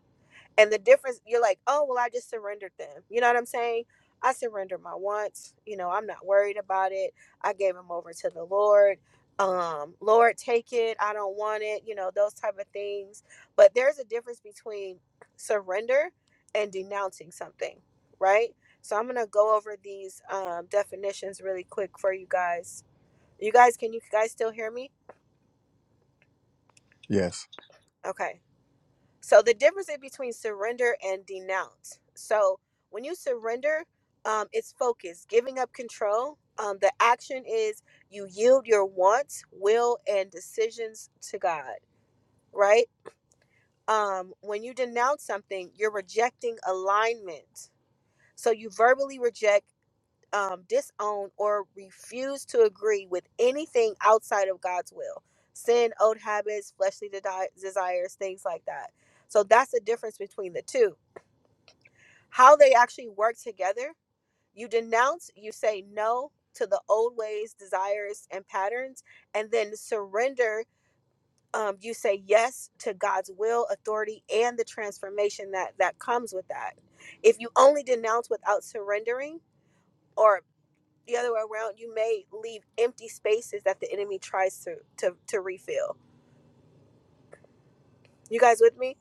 And the difference, you're like, oh, well, I just surrendered them. You know what I'm saying? I surrendered my wants. You know, I'm not worried about it. I gave them over to the Lord. Um, Lord, take it. I don't want it. You know, those type of things. But there's a difference between surrender and denouncing something, right? So I'm gonna go over these um, definitions really quick for you guys. You guys, can you guys still hear me?
yes,
Okay. So the difference is between surrender and denounce. So when you surrender, um, it's focus, giving up control. Um, the action is you yield your wants, will, and decisions to God, right? Um, when you denounce something, you're rejecting alignment. So you verbally reject, um, disown, or refuse to agree with anything outside of God's will sin, old habits, fleshly de- desires, things like that. So that's the difference between the two how they actually work together. You denounce, you say no to the old ways, desires, and patterns, and then surrender. Um, you say yes to God's will, authority, and the transformation that that comes with that. If you only denounce without surrendering, or the other way around, you may leave empty spaces that the enemy tries to to, to refill. You guys with me?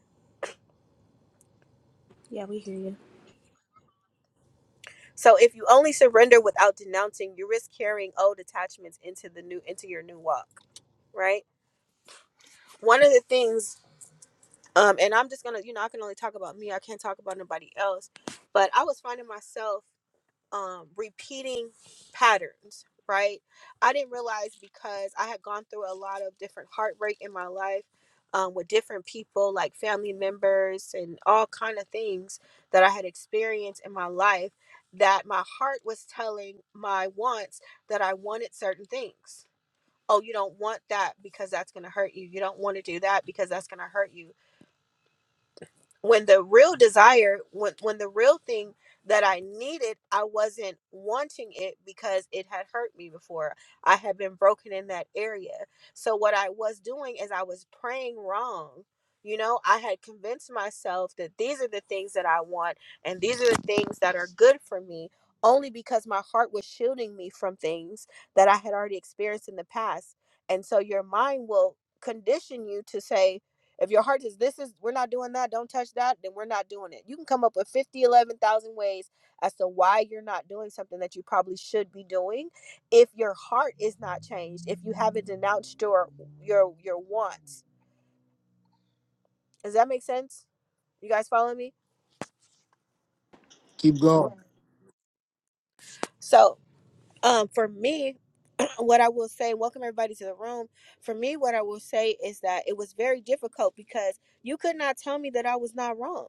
Yeah, we hear you.
So if you only surrender without denouncing, you risk carrying old attachments into the new into your new walk, right? one of the things um and i'm just gonna you know i can only talk about me i can't talk about nobody else but i was finding myself um repeating patterns right i didn't realize because i had gone through a lot of different heartbreak in my life um, with different people like family members and all kind of things that i had experienced in my life that my heart was telling my wants that i wanted certain things oh, you don't want that because that's going to hurt you. You don't want to do that because that's going to hurt you when the real desire when when the real thing that I needed, I wasn't wanting it because it had hurt me before. I had been broken in that area. So what I was doing is I was praying wrong. You know, I had convinced myself that these are the things that I want and these are the things that are good for me only because my heart was shielding me from things that I had already experienced in the past. And so your mind will condition you to say if your heart is this is we're not doing that, don't touch that, then we're not doing it. You can come up with 50 11,000 ways as to why you're not doing something that you probably should be doing. If your heart is not changed, if you haven't denounced your your your wants. Does that make sense? You guys following me?
keep going.
So um for me, what I will say, welcome everybody to the room. For me, what I will say is that it was very difficult because you could not tell me that I was not wrong.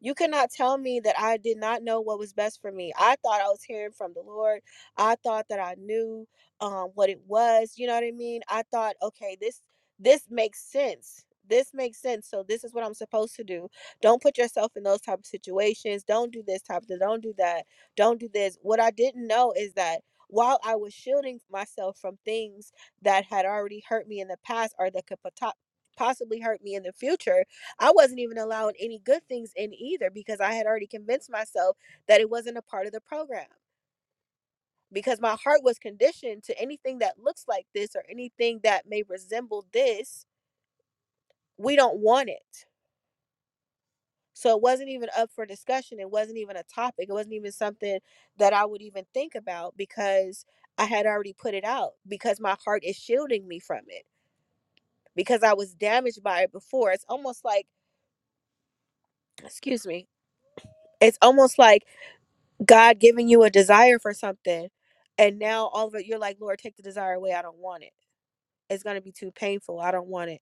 You cannot tell me that I did not know what was best for me. I thought I was hearing from the Lord. I thought that I knew um, what it was. You know what I mean? I thought, okay, this this makes sense. This makes sense. So this is what I'm supposed to do. Don't put yourself in those type of situations. Don't do this type of. Don't do that. Don't do this. What I didn't know is that while I was shielding myself from things that had already hurt me in the past or that could pota- possibly hurt me in the future I wasn't even allowing any good things in either because I had already convinced myself that it wasn't a part of the program. Because my heart was conditioned to anything that looks like this or anything that may resemble this, we don't want it. So it wasn't even up for discussion. It wasn't even a topic. It wasn't even something that I would even think about because I had already put it out because my heart is shielding me from it because I was damaged by it before. It's almost like, excuse me, it's almost like God giving you a desire for something, and now all of it, you're like, Lord, take the desire away. I don't want it. It's gonna be too painful. I don't want it.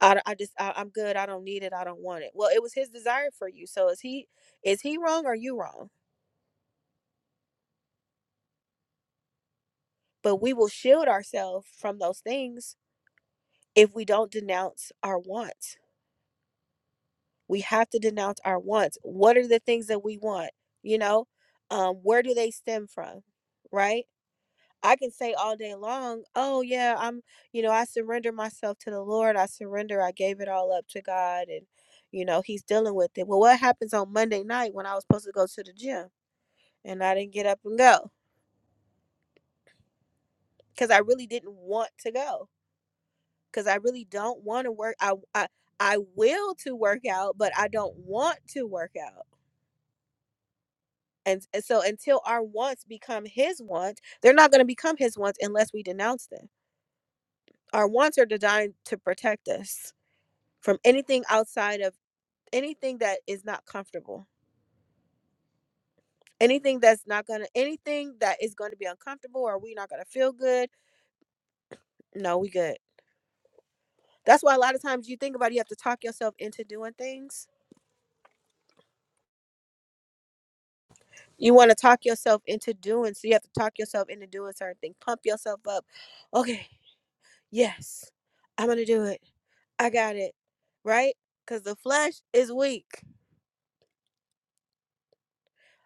I, I just I, I'm good. I don't need it. I don't want it. Well, it was His desire for you. So is He is He wrong or you wrong? But we will shield ourselves from those things if we don't denounce our wants. We have to denounce our wants. What are the things that we want? You know, um, where do they stem from? Right I can say all day long, oh, yeah, I'm, you know, I surrender myself to the Lord. I surrender. I gave it all up to God. And, you know, He's dealing with it. Well, what happens on Monday night when I was supposed to go to the gym and I didn't get up and go because I really didn't want to go because I really don't want to work. I, I, I will to work out, but I don't want to work out. And, and so until our wants become His wants, they're not going to become His wants unless we denounce them. Our wants are designed to protect us from anything outside of anything that is not comfortable anything that's not gonna anything that is going to be uncomfortable or we not gonna feel good no we good that's why a lot of times you think about it, you have to talk yourself into doing things you want to talk yourself into doing so you have to talk yourself into doing certain things pump yourself up okay yes i'm gonna do it i got it right because the flesh is weak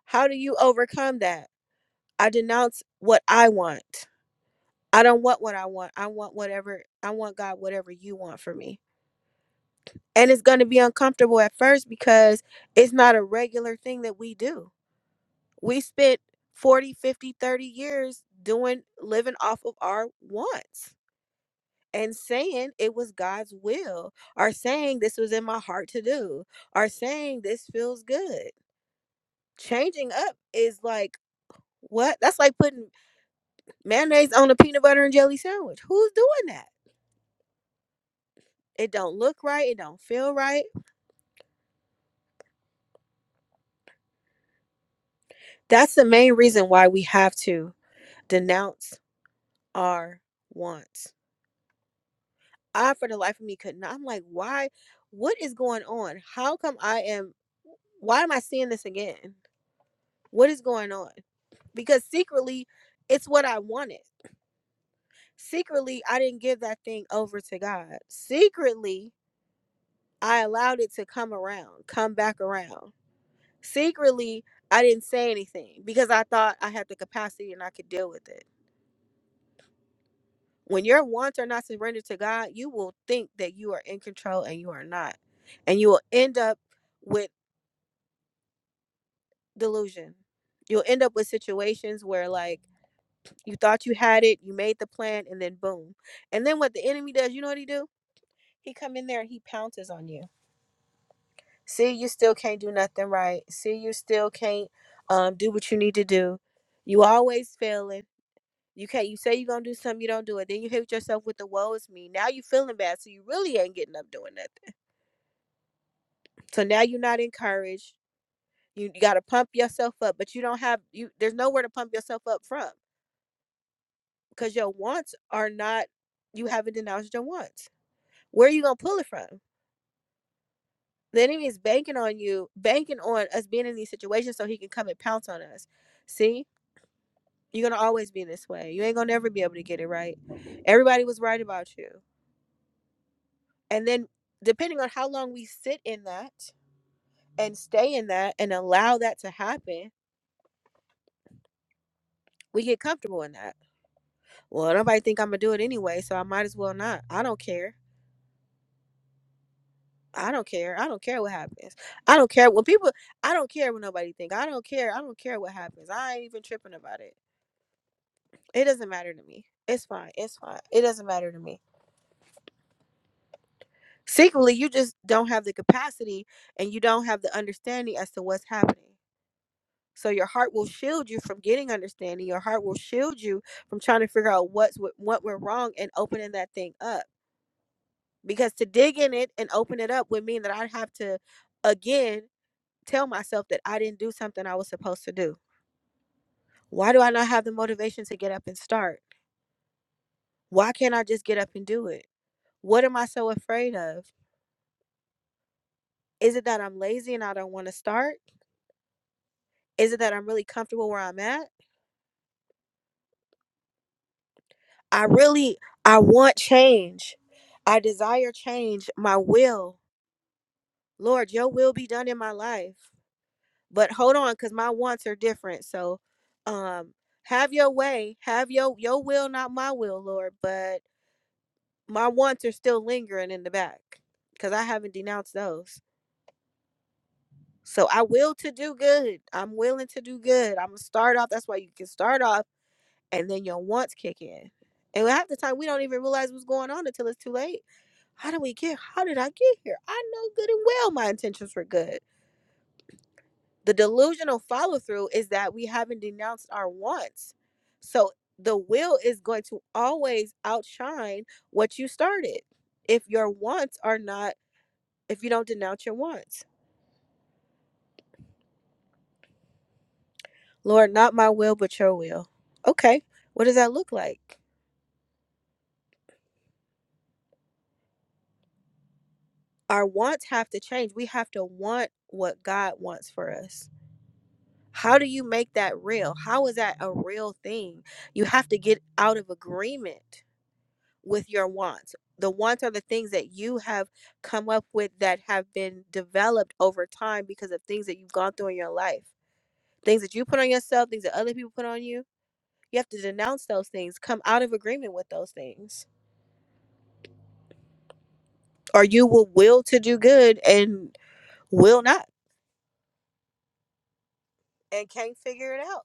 how do you overcome that i denounce what i want I don't want what I want. I want whatever I want, God, whatever you want for me. And it's going to be uncomfortable at first because it's not a regular thing that we do. We spent 40, 50, 30 years doing living off of our wants and saying it was God's will, or saying this was in my heart to do, or saying this feels good. Changing up is like what? That's like putting mayonnaise on a peanut butter and jelly sandwich. Who's doing that? It don't look right. It don't feel right That's the main reason why we have to denounce our wants. I, for the life of me, could not. I'm like, why? What is going on? How come I am? Why am I seeing this again? What is going on? Because secretly, it's what I wanted. Secretly, I didn't give that thing over to God. Secretly, I allowed it to come around, come back around. Secretly, I didn't say anything because I thought I had the capacity and I could deal with it When your wants are not surrendered to God, you will think that you are in control and you are not. And you will end up with delusion. You'll end up with situations where like you thought you had it, you made the plan and then boom. And then what the enemy does, you know what he do? He come in there and he pounces on you. See, you still can't do nothing right. See, you still can't um do what you need to do. You always failing. You can't. You say you're gonna do something, you don't do it. Then you hit yourself with the woe is me. Now you feeling bad, so you really ain't getting up doing nothing. So now you're not encouraged. You, you got to pump yourself up, but you don't have you. There's nowhere to pump yourself up from because your wants are not. You haven't denounced your wants. Where are you gonna pull it from? The enemy is banking on you, banking on us being in these situations so he can come and pounce on us. See, you're gonna always be this way. You ain't gonna never be able to get it right. Everybody was right about you, and then depending on how long we sit in that and stay in that and allow that to happen, we get comfortable in that Well, nobody think I'm gonna do it anyway, so I might as well not. I don't care. I don't care. I don't care what happens. I don't care when people. I don't care what nobody think. I don't care. I don't care what happens. I ain't even tripping about it. It doesn't matter to me. It's fine. It's fine. It doesn't matter to me. Secretly, you just don't have the capacity and you don't have the understanding as to what's happening. So your heart will shield you from getting understanding. Your heart will shield you from trying to figure out what's what, what went wrong and opening that thing up because to dig in it and open it up would mean that I'd have to again tell myself that I didn't do something I was supposed to do. Why do I not have the motivation to get up and start? Why can't I just get up and do it? What am I so afraid of? Is it that I'm lazy and I don't want to start? Is it that I'm really comfortable where I'm at? I really I want change. I desire change, my will. Lord, your will be done in my life. But hold on, because my wants are different. So um have your way. Have your your will, not my will, Lord. But my wants are still lingering in the back. Cause I haven't denounced those. So I will to do good. I'm willing to do good. I'm gonna start off. That's why you can start off and then your wants kick in. And half the time we don't even realize what's going on until it's too late. How do we get how did I get here? I know good and well my intentions were good. The delusional follow through is that we haven't denounced our wants. So the will is going to always outshine what you started if your wants are not, if you don't denounce your wants. Lord, not my will, but your will. Okay, what does that look like? Our wants have to change. We have to want what God wants for us. How do you make that real? How is that a real thing? You have to get out of agreement with your wants. The wants are the things that you have come up with that have been developed over time because of things that you've gone through in your life. Things that you put on yourself, things that other people put on you. You have to denounce those things, come out of agreement with those things, or you will will to do good and will not and can't figure it out.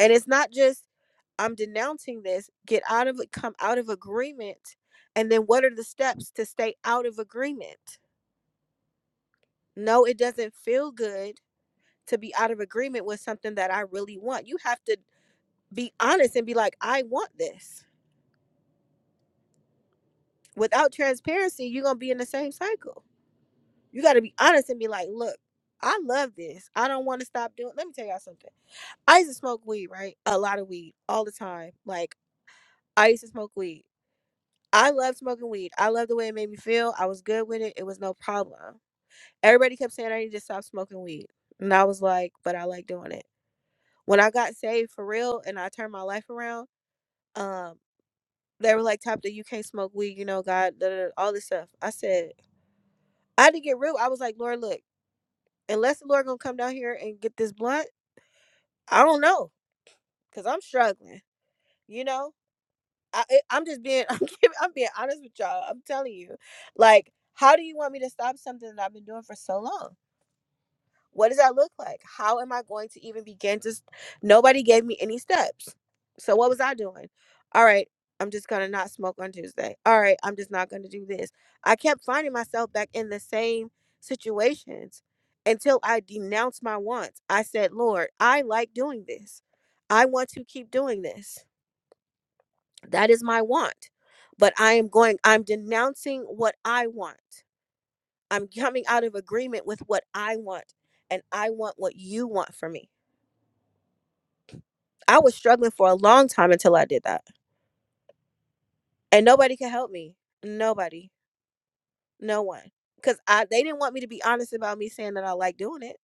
And it's not just I'm denouncing this, get out of it, come out of agreement. And then what are the steps to stay out of agreement? No, it doesn't feel good to be out of agreement with something that I really want. You have to be honest and be like, I want this. Without transparency, you're going to be in the same cycle. You got to be honest and be like, look, I love this. I don't want to stop doing. Let me tell y'all something. I used to smoke weed, right? A lot of weed all the time. Like, I used to smoke weed. I loved smoking weed. I loved the way it made me feel. I was good with it. It was no problem. Everybody kept saying I need to stop smoking weed. And I was like, but I like doing it. When I got saved for real and I turned my life around, um. They were like, "Top that you can't smoke weed, you know, God, da, da, da," all this stuff." I said, I had to get real. I was like, "Lord, look, unless the Lord gonna come down here and get this blunt, I don't know, cause I'm struggling, you know." I, I- I'm just being, I'm, giving, I'm being honest with y'all. I'm telling you, like, how do you want me to stop something that I've been doing for so long? what does that look like? How am I going to even begin to? s- Nobody gave me any steps. So what was I doing? All right, I'm just gonna not smoke on Tuesday. All right, I'm just not gonna do this. I kept finding myself back in the same situations until I denounced my wants. I said, Lord, I like doing this. I want to keep doing this. That is my want. But I am going, I'm denouncing what I want. I'm coming out of agreement with what I want and I want what you want for me. I was struggling for a long time until I did that. And nobody could help me. Nobody. No one. Cuz I they didn't want me to be honest about me saying that I like doing it.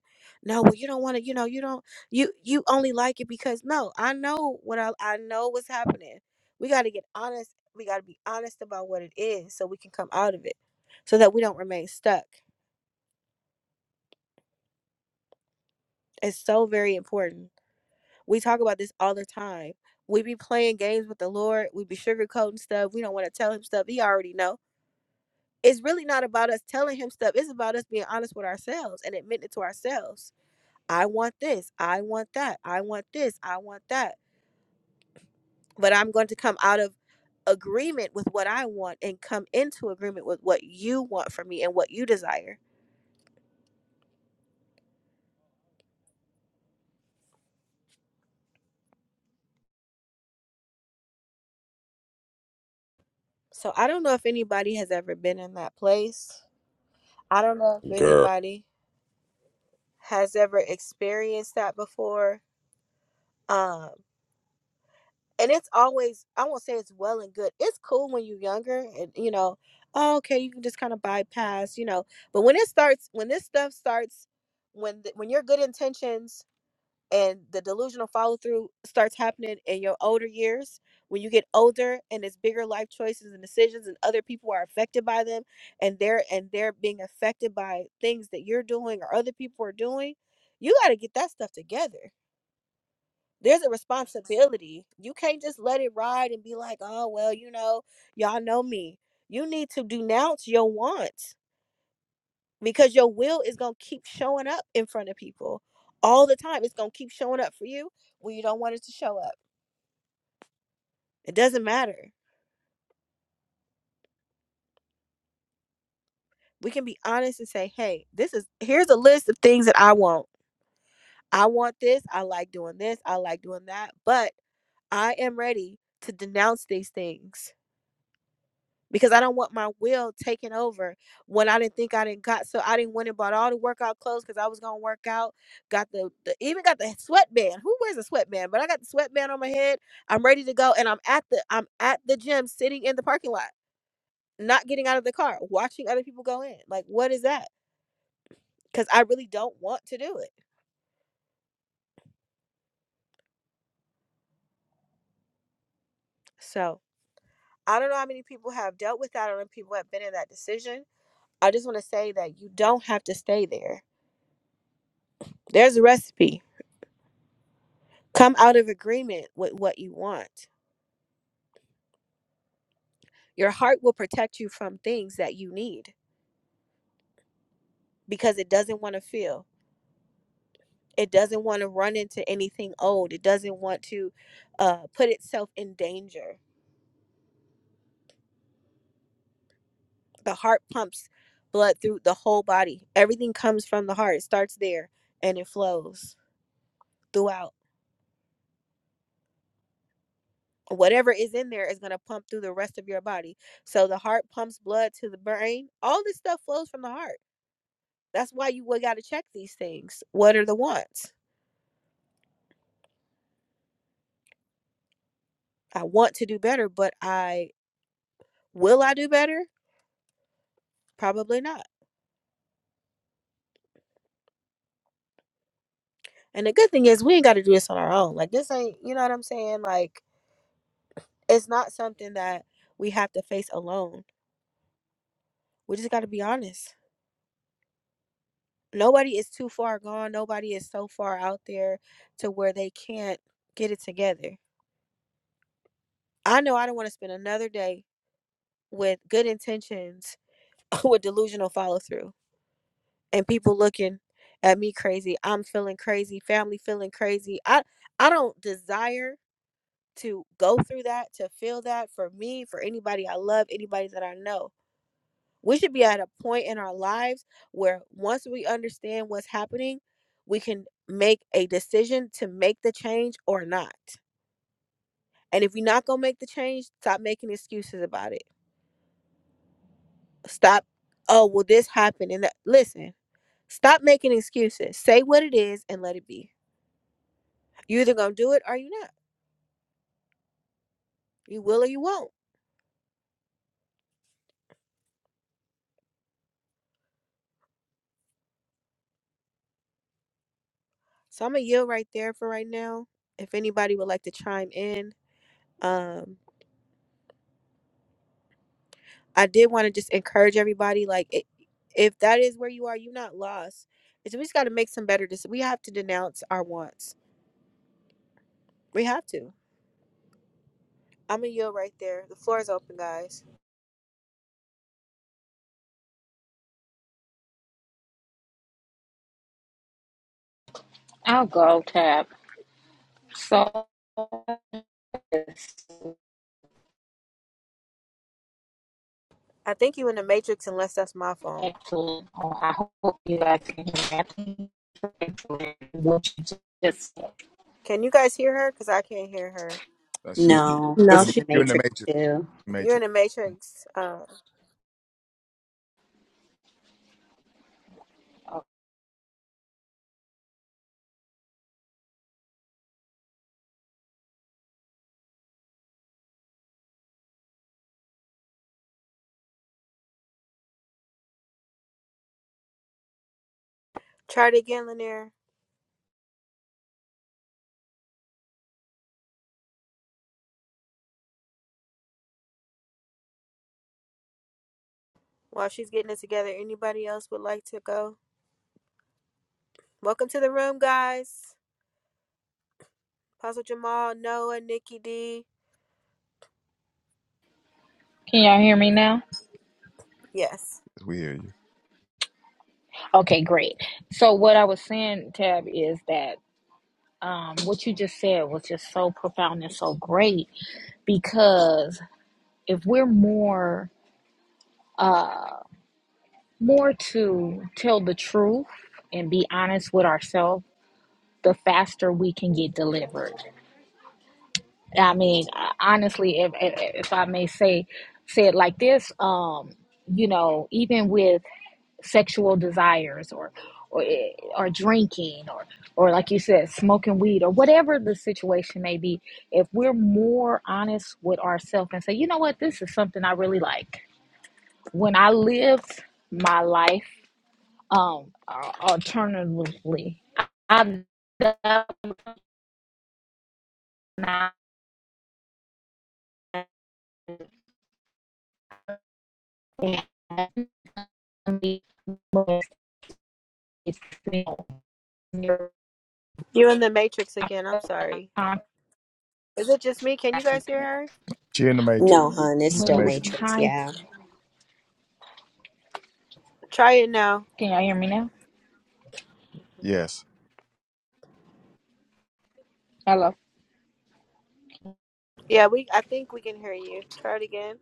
No, well you don't want to, you know, you don't you you only like it because no, I know what I I know what's happening. We got to get honest. We got to be honest about what it is so we can come out of it so that we don't remain stuck. It's so very important. We talk about this all the time. We be playing games with the Lord. We be sugarcoating stuff. We don't want to tell him stuff. He already know. It's really not about us telling him stuff. It's about us being honest with ourselves and admitting it to ourselves. I want this. I want that. I want this. I want that. But I'm going to come out of agreement with what I want and come into agreement with what you want from me and what you desire. So I don't know if anybody has ever been in that place. I don't know if
Girl,
anybody has ever experienced that before um and it's always i won't say it's well and good it's cool when you're younger and you know oh, okay you can just kind of bypass you know but when it starts when this stuff starts when th- when your good intentions and the delusional follow through starts happening in your older years when you get older and it's bigger life choices and decisions and other people are affected by them and they're and they're being affected by things that you're doing or other people are doing you got to get that stuff together there's a responsibility. You can't just let it ride and be like, oh, well, you know, y'all know me. You need to denounce your wants because your will is going to keep showing up in front of people all the time. It's going to keep showing up for you when you don't want it to show up. It doesn't matter. We can be honest and say, hey, this is here's a list of things that I want. I want this. I like doing this. I like doing that. But I am ready to denounce these things because I don't want my will taken over when I didn't think I didn't got so I didn't went and bought all the workout clothes because I was gonna work out. Got the, the even got the sweatband. Who wears a sweatband? But I got the sweatband on my head. I'm ready to go and I'm at the I'm at the gym sitting in the parking lot, not getting out of the car, watching other people go in. Like what is that? Because I really don't want to do it. So I don't know how many people have dealt with that. I don't know if people have been in that decision. I just want to say that you don't have to stay there. There's a recipe Come out of agreement with what you want. Your heart will protect you from things that you need because it doesn't want to feel. It doesn't want to run into anything old. It doesn't want to uh, put itself in danger. The heart pumps blood through the whole body. Everything comes from the heart. It starts there and it flows throughout. Whatever is in there is going to pump through the rest of your body. So the heart pumps blood to the brain. All this stuff flows from the heart. That's why you got to check these things. What are the wants? I want to do better, but I will I do better? Probably not. And the good thing is we ain't got to do this on our own. Like this ain't, you know what I'm saying? Like it's not something that we have to face alone. We just got to be honest. Nobody is too far gone. Nobody is so far out there to where they can't get it together. I know I don't want to spend another day with good intentions with delusional follow through and people looking at me crazy. I'm feeling crazy. Family feeling crazy. I I don't desire to go through that, to feel that for me, for anybody I love, anybody that I know. We should be at a point in our lives where once we understand what's happening, we can make a decision to make the change or not. And if you're not going to make the change, stop making excuses about it. Stop, oh, well, this happened. And that. listen, stop making excuses. Say what it is and let it be. you either going to do it or you not. You will or you won't. So I'm going to yield right there for right now. If anybody would like to chime in, um i did want to just encourage everybody like i if that is where you are you're not lost it's we just got to make some better decisions we have to denounce our wants we have to i'm a yield right there the floor is open guys
you.
i think you in the matrix unless that's my phone
Okay, cool. Oh, I hope you guys can hear me.
can you guys hear her because i can't hear her
uh, she.
No,
No,
it's
in-
in
she's
the
You're in the
breaking up.
Matrix
matrix.
too.
you're in
Matrix.
the matrix uh try it again lanier while she's getting it together anybody else would like to go welcome to the room guys Puzzle Jamal, Noah, Nikki D.
Can y'all hear me now?
Yes.
We hear you.
Okay, great. So what I was saying, Tab, is that um, what you just said was just so profound and so great because if we're more uh, more to tell the truth and be honest with ourselves the faster we can get delivered. I mean, uh, honestly, if if, if I may say say it like this, um, you know, even with sexual desires or or eh, or drinking or or like you said, smoking weed or whatever the situation may be, if we're more honest with ourselves and say, you know what, this is something I really like. When I lived my life, um, uh, alternatively, I I When it
You're in the Matrix again. I'm sorry. Is it just me? Can you guys hear her?
She in the matrix.
No, hun, it's
in the
still
matrix.
was
Matrix.
time,
Yeah.
Try it now.
can y'all hear me now?
Yes.
Hello,
Yeah, we. I think we can hear you. Try it again.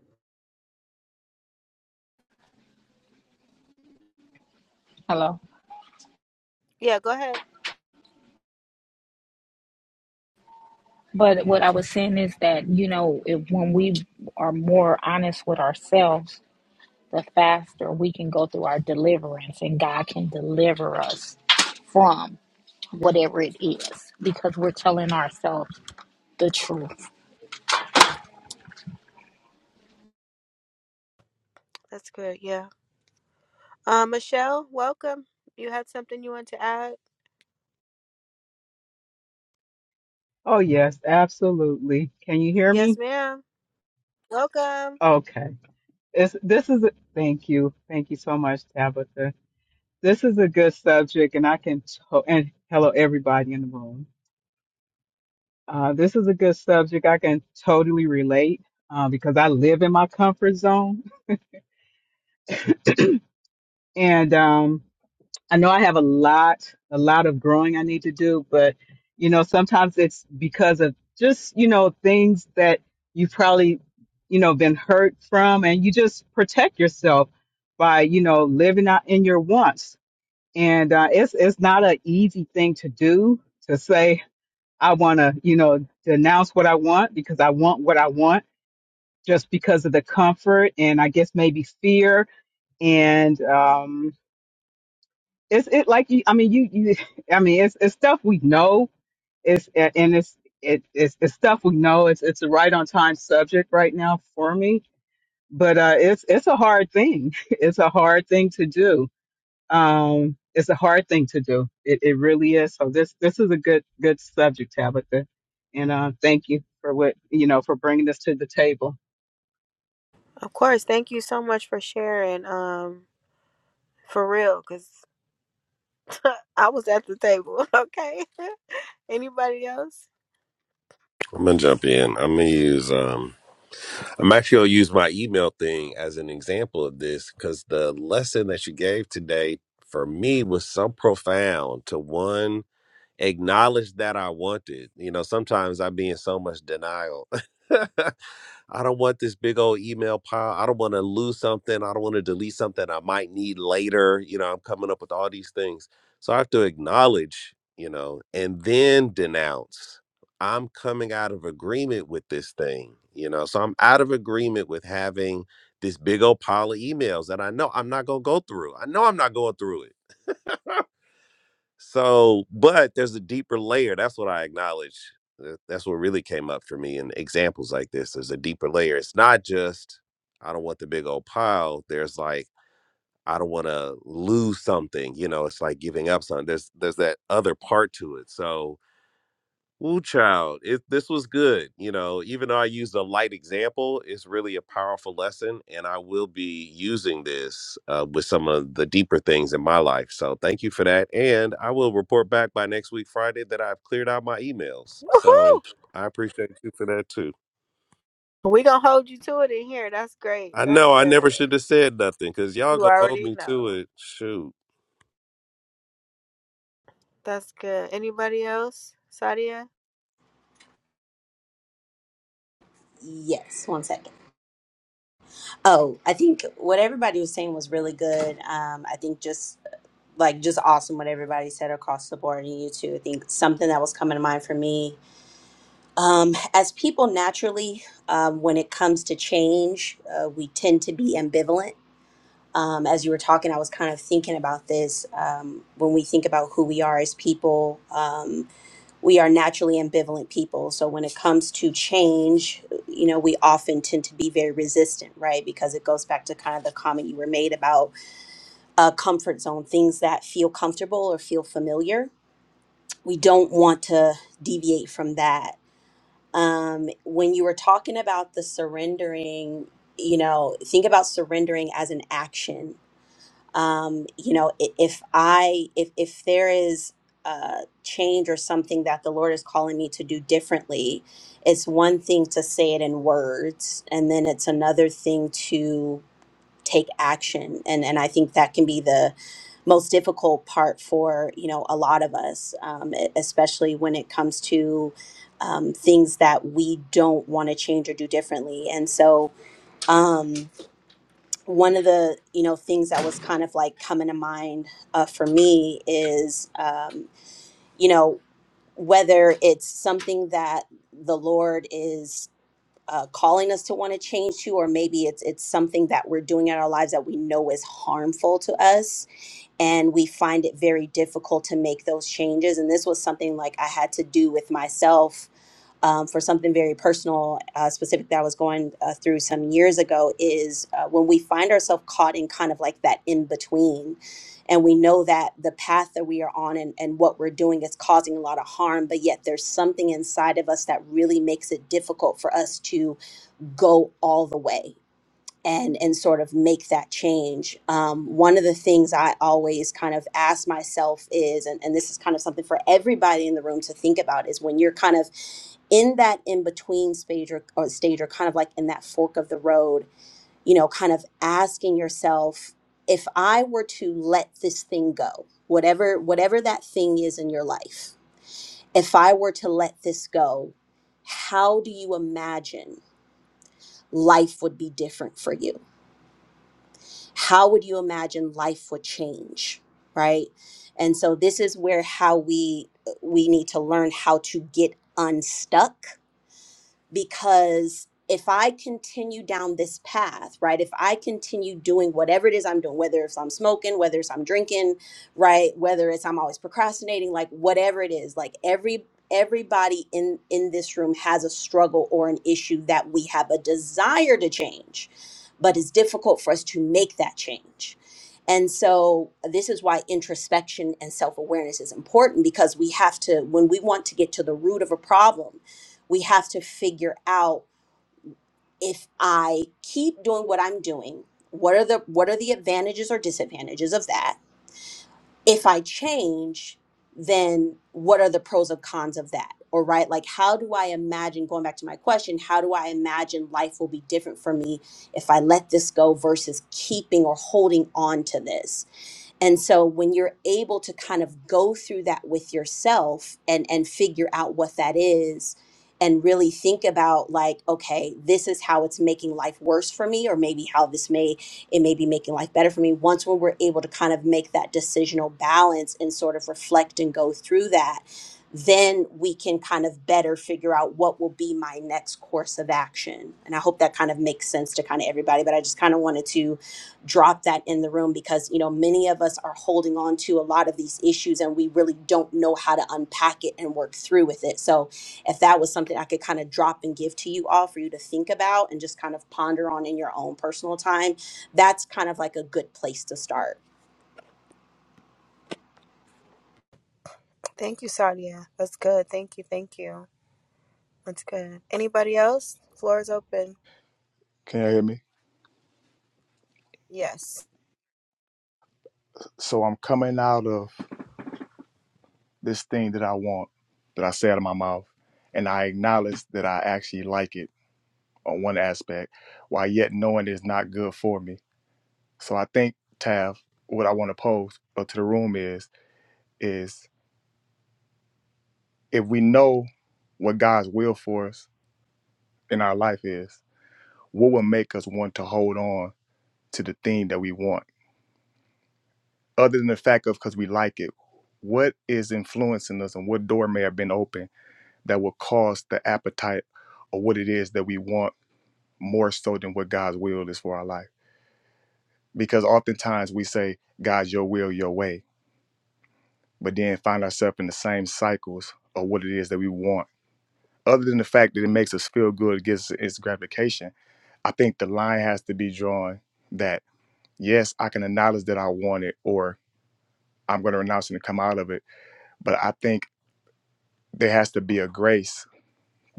hello.
Yeah, go ahead.
But what I was saying is that you know, if, when we are more honest with ourselves, the faster we can go through our deliverance, and God can deliver us from whatever it is because we're telling ourselves the truth.
That's good. Yeah. Um, Michelle, welcome. You had something you want to add?
Oh yes, absolutely. Can you hear
Yes,
me?
ma'am. Welcome.
Okay. It's, this is a, thank you. Thank you so much, Tabitha. This is a good subject and I can to- and hello everybody in the room. Uh, this is a good subject. I can totally relate uh, because I live in my comfort zone and um I know I have a lot, a lot of growing I need to do, but you know, sometimes it's because of just, you know, things that you've probably, you know, been hurt from and you just protect yourself by, you know, living out in your wants. And uh, it's it's not an easy thing to do to say I want to, you know, denounce what I want because I want what I want just because of the comfort and I guess maybe fear and um it's it like you i mean you you i mean it's it's stuff we know it's and it's it, it's it's stuff we know it's it's a right on time subject right now for me but uh it's it's a hard thing it's a hard thing to do um it's a hard thing to do it it really is so this this is a good good subject tabitha and uh thank you for what you know for bringing this to the table
Of course. Thank you so much for sharing. Um, for real, cause I was at the table. Okay. Anybody else?
I'm gonna jump in. I'm gonna use um I'm actually gonna use my email thing as an example of this because the lesson that you gave today for me was so profound to one acknowledge that I wanted. You know, sometimes I be in so much denial. I don't want this big old email pile. I don't want to lose something. I don't want to delete something I might need later. You know, I'm coming up with all these things. So I have to acknowledge, you know, and then denounce. I'm coming out of agreement with this thing, you know. So I'm out of agreement with having this big old pile of emails that I know I'm not going to go through. I know I'm not going through it so, but there's a deeper layer. That's what I acknowledge. Th- That's what really came up for me in examples like this. There's a deeper layer. It's not just, I don't want the big old pile. There's like, I don't want to lose something. You know, it's like giving up something. There's there's that other part to it. So Ooh, child, it, this was good. You know, even though I used a light example, it's really a powerful lesson, and I will be using this uh, with some of the deeper things in my life. So, thank you for that, and I will report back by next week, Friday, that I've cleared out my emails. So,
Woohoo!
I appreciate you for that too.
We gonna hold you to it in here. That's great.
I
That's
know I never
good.
should have said nothing because y'all
You
gonna hold
already
me to
know.
it. Shoot,
That's good. Anybody else? Sadia?
Yes, one second. Oh, I think what everybody was saying was really good. Um, I think just like just awesome what everybody said across the board and you too. I think something that was coming to mind for me Um, as people naturally, um, when it comes to change, uh, we tend to be ambivalent. Um, as you were talking, I was kind of thinking about this. Um, when we think about who we are as people, um, we are naturally ambivalent people. So when it comes to change, you know, we often tend to be very resistant, right? Because it goes back to kind of the comment you were made about uh, comfort zone, things that feel comfortable or feel familiar. We don't want to deviate from that um, when you were talking about the surrendering, you know, think about surrendering as an action. Um, you know, i- if I, if, if there is a change or something that the Lord is calling me to do differently, it's one thing to say it in words, and then it's another thing take action and and i think that can be the most difficult part for you know a lot of us um, e- especially when it comes to um, things that we don't want to change or do differently and so um, one of the you know things that was kind of like coming to mind uh, for me is um, you know whether it's something that the lord is uh, calling us to want to change to, or maybe it's it's something that we're doing in our lives that we know is harmful to us, and we find it very difficult to make those changes. And this was something like I had to do with myself um, for something very personal, uh, specific that I was going uh, through some years ago. Is uh, when we find ourselves caught in kind of like that in between. And we know that the path that we are on and, and what we're doing is causing a lot of harm, but yet there's something inside of us that really makes it difficult for us to go all the way and and sort of make that change um, one of the things i always kind of ask myself is and, and this is kind of something for everybody in the room to think about is when you're kind of in that in between stage or, or stage or kind of like in that fork of the road you know kind of asking yourself if i were to let this thing go whatever whatever that thing is in your life if i were to let this go how do you imagine life would be different for you? How would you imagine life would change, right? And so this is where how we we need to learn how to get unstuck because if I continue down this path, right, if I continue doing whatever it is I'm doing, whether it's I'm smoking, whether it's I'm drinking, right, whether it's I'm always procrastinating, like whatever it is, like every everybody in in this room has a struggle or an issue that we have a desire to change, but it's difficult for us to make that change. And so this is why introspection and self-awareness is important because we have to when we want to get to the root of a problem we have to figure out if i keep doing what i'm doing what are the what are the advantages or disadvantages of that if i change then what are the pros and cons of that or right like how do i imagine going back to my question how do i imagine life will be different for me if i let this go versus keeping or holding on to this and so when you're able to kind of go through that with yourself and and figure out what that is and really think about like okay this is how it's making life worse for me or maybe how this may it may be making life better for me once when we're able to kind of make that decisional balance and sort of reflect and go through that then we can kind of better figure out what will be my next course of action and i hope that kind of makes sense to kind of everybody but i just kind of wanted to drop that in the room because you know many of us are holding on to a lot of these issues and we really don't know how to unpack it and work through with it so if that was something i could kind of drop and give to you all for you to think about and just kind of ponder on in your own personal time that's kind of like a good place to start
Thank you, Sadia. That's good. Thank you. Thank you. That's good. Anybody else? Floor is open.
Can you hear me?
Yes.
So I'm coming out of this thing that I want that I say out of my mouth, and I acknowledge that I actually like it on one aspect, while yet knowing it's not good for me. So I think Tav, what I want to pose uh, to the room is is if we know what God's will for us in our life is, what will make us want to hold on to the thing that we want, other than the fact of because we like it. What is influencing us, and what door may have been open that will cause the appetite or what it is that we want more so than what God's will is for our life. Because oftentimes we say, "God, your will, your way, but then find ourselves in the same cycles of what it is that we want. Other than the fact that it makes us feel good, it gives us its gratification, I think the line has to be drawn that, yes, I can acknowledge that I want it or I'm going to renounce it and come out of it. But I think there has to be a grace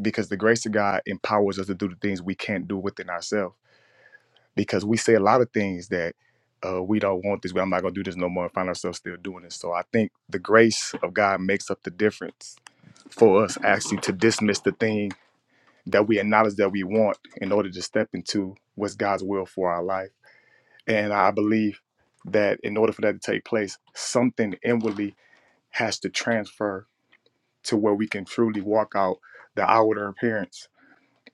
because the grace of God empowers us to do the things we can't do within ourselves because we say a lot of things that uh, we don't want this. I'm not gonna do this no more, and find ourselves still doing it. So I think the grace of God makes up the difference for us actually to dismiss the thing that we acknowledge that we want in order to step into what's God's will for our life. And I believe that in order for that to take place, something inwardly has to transfer to where we can truly walk out the outward appearance.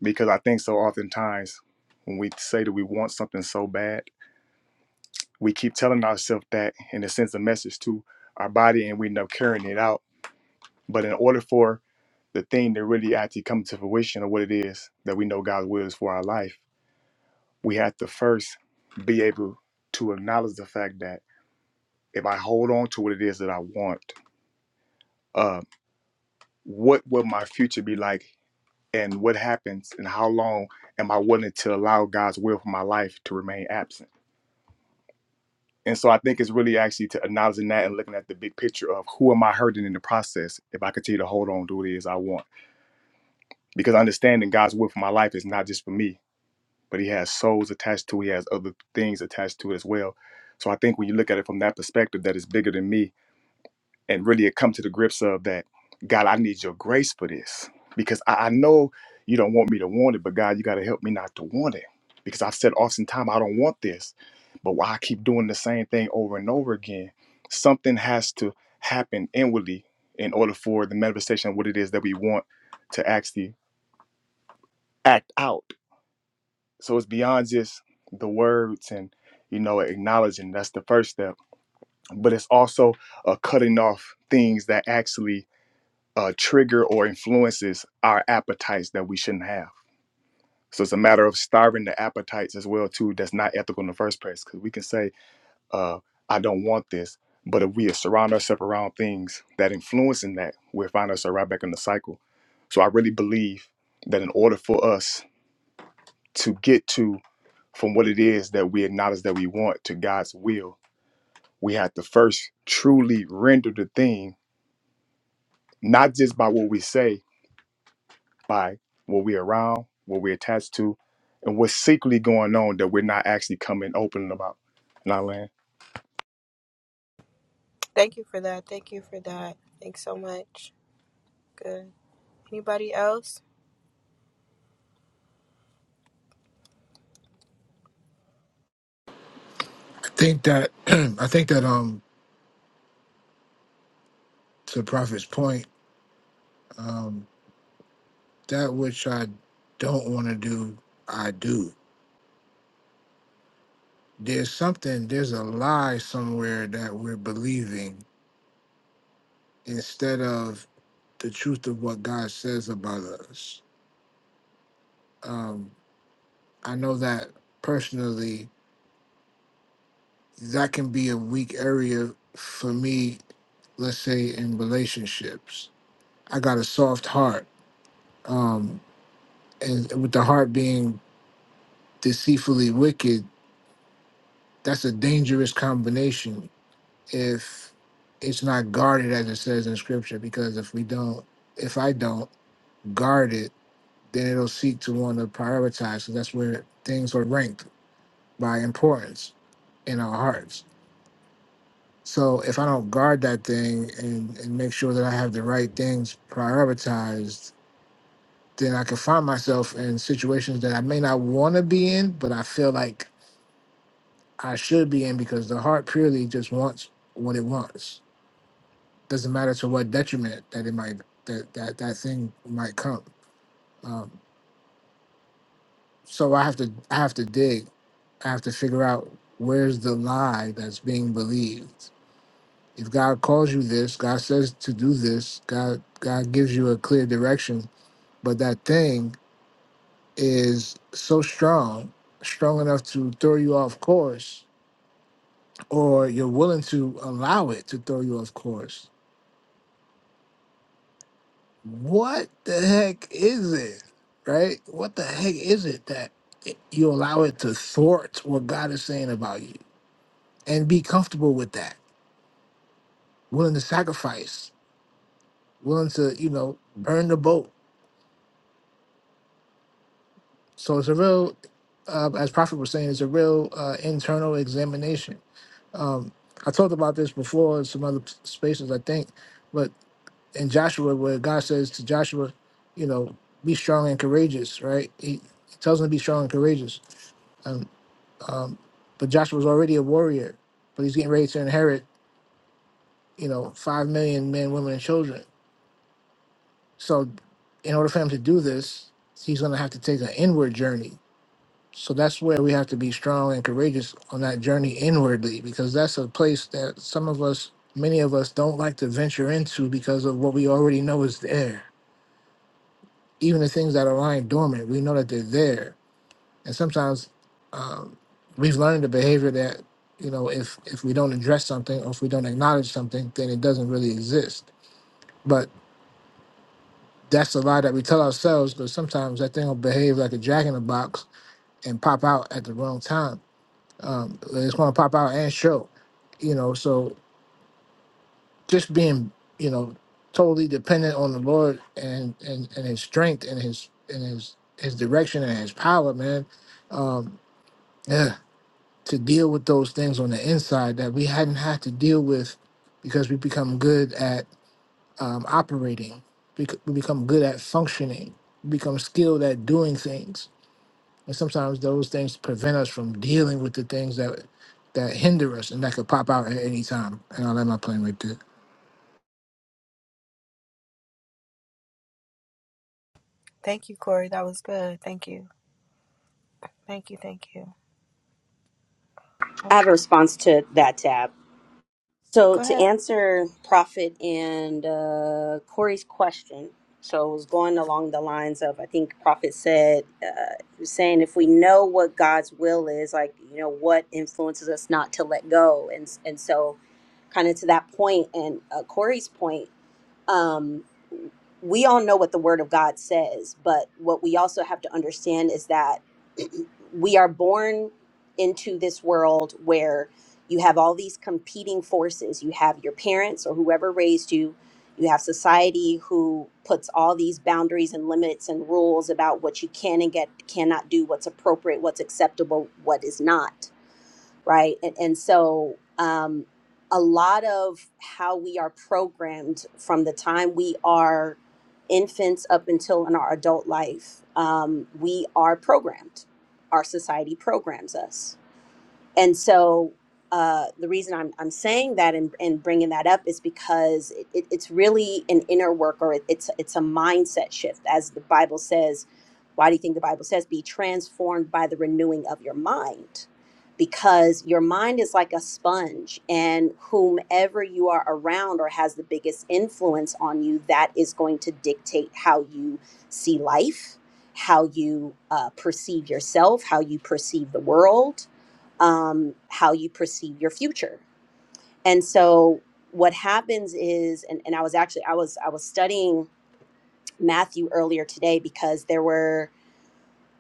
Because I think so oftentimes when we say that we want something so bad we keep telling ourselves that and it sends a message to our body and we end up carrying it out but in order for the thing to really actually come to fruition of what it is that we know god's will is for our life we have to first be able to acknowledge the fact that if i hold on to what it is that i want uh, what will my future be like and what happens and how long am i willing to allow god's will for my life to remain absent And so I think it's really actually to acknowledging that and looking at the big picture of who am I hurting in the process if I continue to hold on to what it is I want. Because understanding God's will for my life is not just for me, but He has souls attached to it, He has other things attached to it as well. So I think when you look at it from that perspective, that it's bigger than me and really come to the grips of that god i need your grace for this because i, I know you don't want me to want it but god you got to help me not to want it because i've said oftentimes i don't want this but why i keep doing the same thing over and over again something has to happen inwardly in order for the manifestation of what it is that we want to actually act out so it's beyond just the words and you know acknowledging that's the first step but it's also uh, cutting off things that actually uh, trigger or influences our appetites that we shouldn't have. So it's a matter of starving the appetites as well too. That's not ethical in the first place because we can say, uh, "I don't want this," but if we surround ourselves around things that influencing that, we'll find ourselves right back in the cycle. So I really believe that in order for us to get to from what it is that we acknowledge that we want to God's will, we have to first truly render the thing, not just by what we say, by what we're around, what we're attached to, and what's secretly going on that we're not actually coming open about. Not land.
Thank you for that. Thank you for that. Thanks so much. Good. Anybody else?
think that I think that um to Prophet's point, um, that which I don't want to do, I do. There's something, there's a lie somewhere that we're believing instead of the truth of what God says about us. Um, I know that personally, that can be a weak area for me. Let's say in relationships, I got a soft heart, um, and with the heart being deceitfully wicked, That's a dangerous combination if it's not guarded as it says in scripture, because if we don't, if I don't guard it, then it'll seek to want to prioritize. So that's where things are ranked by importance in our hearts. So if I don't guard that thing and, and make sure that I have the right things prioritized, then I can find myself in situations that I may not want to be in, but I feel like I should be in because the heart purely just wants what it wants doesn't matter to what detriment that it might that that, that thing might come um, so i have to i have to dig i have to figure out where's the lie that's being believed if god calls you this god says to do this god god gives you a clear direction but that thing is so strong strong enough to throw you off course or you're willing to allow it to throw you off course what the heck is it? Right? What the heck is it that you allow it to thwart what God is saying about you and be comfortable with that, willing to sacrifice, willing to, you know, burn the boat? So it's a real, uh, as Prophet was saying, it's a real uh, internal examination. Um, I talked about this before in some other p- spaces, I think, but in Joshua, where God says to Joshua, you know, be strong and courageous, right? He, he tells him to be strong and courageous And um, but Joshua's already a warrior, but he's getting ready to inherit, you know, five million men, women, and children. So, in order for him to do this, he's going to have to take an inward journey. So that's where we have to be strong and courageous on that journey inwardly, because that's a place that some of us, many of us, don't like to venture into because of what we already know is there. Even the things that are lying dormant, we know that they're there And sometimes um, we've learned a behavior that you know if if we don't address something or if we don't acknowledge something, then it doesn't really exist. But that's a lie that we tell ourselves because sometimes that thing will behave like a jack in the box and pop out at the wrong time. Um, it's going to pop out and show, you know. So just being you know totally dependent on the Lord and and, and His strength and His and His His direction and His power, man. Um, yeah to deal with those things on the inside that we hadn't had to deal with because we become good at um, operating, bec- we become good at functioning, we become skilled at doing things, and sometimes those things prevent us from dealing with the things that that hinder us and that could pop out at any time. And I'll let my plane right there.
Thank you, Corey. That was good. Thank you. Thank you. Thank you.
i
Oh,
have a response to that tab So
Go
to
ahead.
answer Prophet and uh, Corey's question, so it was going along the lines of I think Prophet said, uh, he was saying if we know what God's will is, like you know what influences us not to let go, and and so kind of to that point and uh, Corey's point um, we all know what the word of God says, but what we also have to understand is that we are born into this world where you have all these competing forces. You have your parents or whoever raised you, you have society who puts all these boundaries and limits and rules about what you can and get cannot do, what's appropriate, what's acceptable, what is not right? And, and so um, a lot of how we are programmed from the time we are infants up until in our adult life, um, we are programmed. Our society programs us and so uh, the reason I'm, I'm saying that and, and bringing that up is because it, it- it's really an inner work or it, it's it's a mindset shift as the Bible says. Why do you think the Bible says be transformed by the renewing of your mind? Because your mind is like a sponge, and whomever you are around or has the biggest influence on you, that is going to dictate how you see life, how you uh, perceive yourself, how you perceive the world um, how you perceive your future. And so what happens is, and, and I was actually I was I was studying Matthew earlier today because there were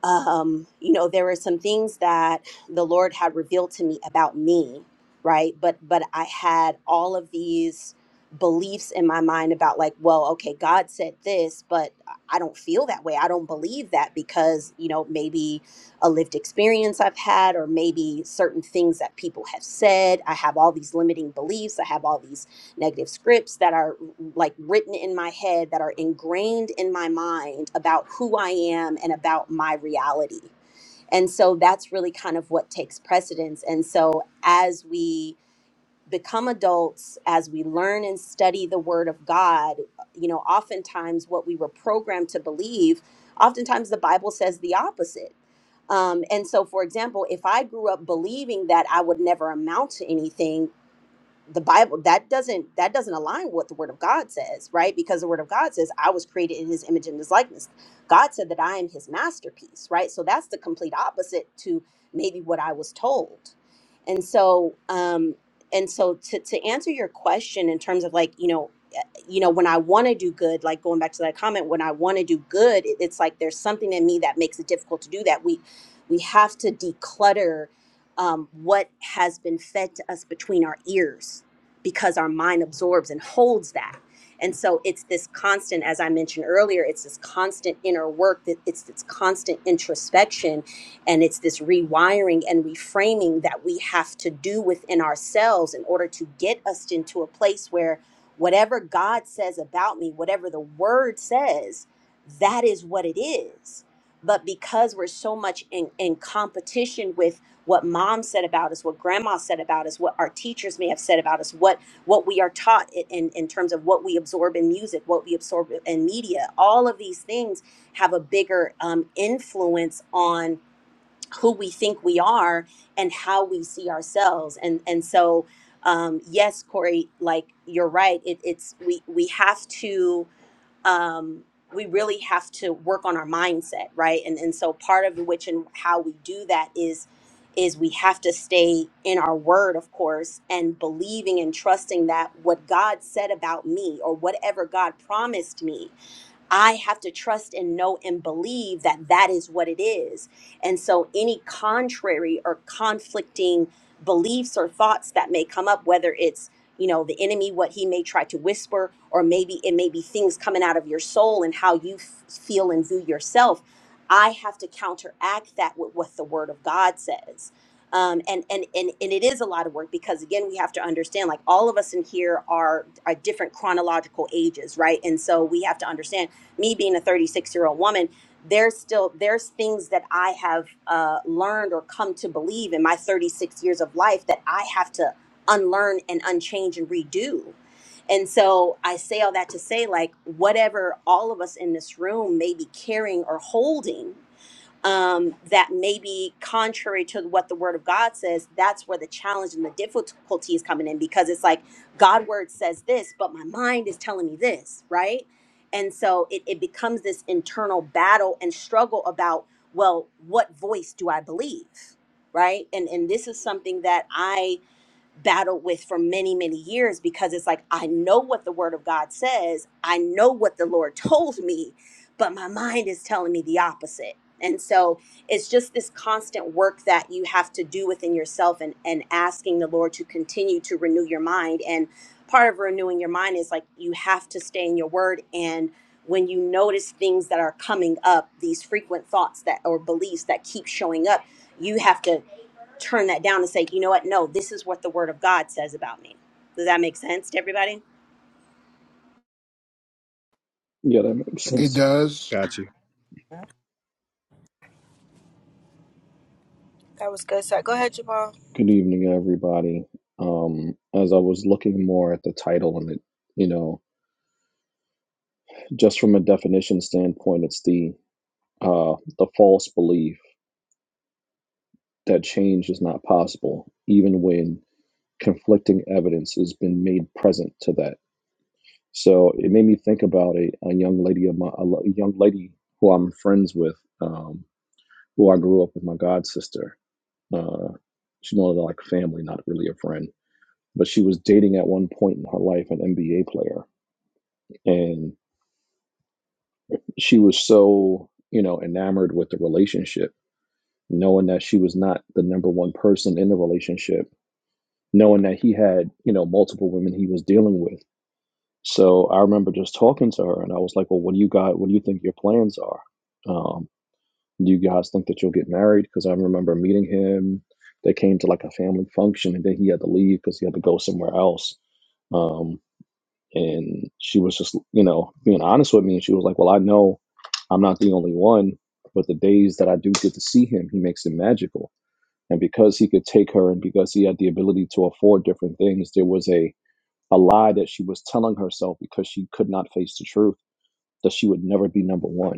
um, you know, there were some things that the Lord had revealed to me about me, right? But but I had all of these beliefs in my mind about like, well, okay, God said this, but I don't feel that way. I don't believe that because, you know, maybe a lived experience I've had or maybe certain things that people have said. I have all these limiting beliefs. I have all these negative scripts that are like written in my head that are ingrained in my mind about who I am and about my reality. And so that's really kind of what takes precedence. And so as we become adults, as we learn and study the word of God, you know, oftentimes what we were programmed to believe, oftentimes the Bible says the opposite. Um, and so, for example, if I grew up believing that I would never amount to anything, the bible that doesn't that doesn't align with what the word of god says right because the word of god says i was created in his image and his likeness god said that i am his masterpiece right so that's the complete opposite to maybe what i was told and so um and so to to answer your question in terms of like you know eh, you know when i want to do good like going back to that comment when i want to do good it, it's like there's something in me that makes it difficult to do that we we have to declutter um, what has been fed to us between our ears because our mind absorbs and holds that. And so it's this constant, as I mentioned earlier, it's this constant inner work, that it's this constant introspection, and it's this rewiring and reframing that we have to do within ourselves in order to get us into a place where whatever God says about me, whatever the word says, that is what it is but because we're so much in, in competition with what mom said about us, what grandma said about us, what our teachers may have said about us, what what we are taught i- in, in terms of what we absorb in music, what we absorb in media. All of these things have a bigger um, influence on who we think we are and how we see ourselves. And and so um, yes, Corey, like you're right. It, it's we we have to um, we really have to work on our mindset, right? And and so part of which and how we do that is is we have to stay in our word, of course, and believing and trusting that what God said about me or whatever God promised me I have to trust and know and believe that that is what it is. And so, any contrary or conflicting beliefs or thoughts that may come up, whether it's you know the enemy what he may try to whisper or maybe it may be things coming out of your soul and how you f- feel and view yourself i have to counteract that with what the word of god says um, and, and and and it is a lot of work because again we have to understand like all of us in here are are different chronological ages right and so we have to understand me being a 36 year old woman there's still there's things that i have uh, learned or come to believe in my 36 years of life that i have to unlearn and unchange and redo and so i say all that to say like whatever all of us in this room may be carrying or holding um, that may be contrary to what the word of God says, that's where the challenge and the difficulty is coming in because it's like God word says this, but my mind is telling me this, right? And so it, it becomes this internal battle and struggle about, well, what voice do I believe? Right. And and this is something that I battled with for many many years because it's like I know what the word of God says, I know what the Lord told me, but my mind is telling me the opposite. And so it's just this constant work that you have to do within yourself and and asking the Lord to continue to renew your mind and part of renewing your mind is like you have to stay in your word and when you notice things that are coming up, these frequent thoughts that or beliefs that keep showing up, you have to turn that down and say, you know what? No, this is what the word of God says about me. Does that make sense to everybody?
Yeah, that makes
It
sense.
does.
Got you.
That was good. So go ahead, Jamal.
Good evening, everybody. Um, as I was looking more at the title and it, you know, just from a definition standpoint, it's the uh, the false belief that change is not possible, even when conflicting evidence has been made present to that. So it made me think about a, a young lady of my a lo- young lady who I'm friends with, um, who I grew up with my god sister. Uh, she's more like family, not really a friend but she was dating at one point in her life an NBA player. And she was so, you know, enamored with the relationship, knowing that she was not the number one person in the relationship, knowing that he had, you know, multiple women he was dealing with. So I remember just talking to her and I was like, well, what do you got? What do you think your plans are? Um, do you guys think that you'll get married? Because I remember meeting him. They came to like a family function and then he had to leave because he had to go somewhere else. Um, And she was just, you know, being honest with me. And she was like, Well, I know I'm not the only one, but the days that I do get to see him, he makes it magical. And because he could take her and because he had the ability to afford different things, there was a, a lie that she was telling herself because she could not face the truth that she would never be number one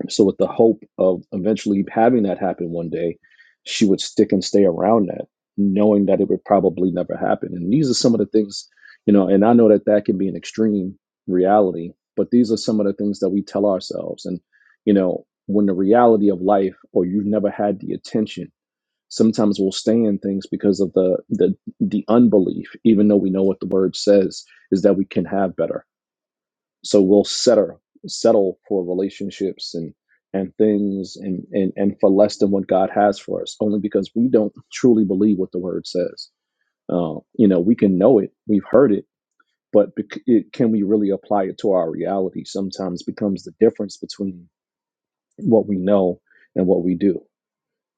and So, with the hope of eventually having that happen one day, she would stick and stay around that, knowing that it would probably never happen. And these are some of the things, you know, and I know that that can be an extreme reality, but these are some of the things that we tell ourselves. And, you know, when the reality of life or you've never had the attention, sometimes we'll stay in things because of the the the unbelief even though we know what the word says is that we can have better so we'll settle settle for relationships and and things and, and and for less than what god has for us only because we don't truly believe what the word says uh, you know we can know it we've heard it but bec- it, can we really apply it to our reality sometimes becomes the difference between what we know and what we do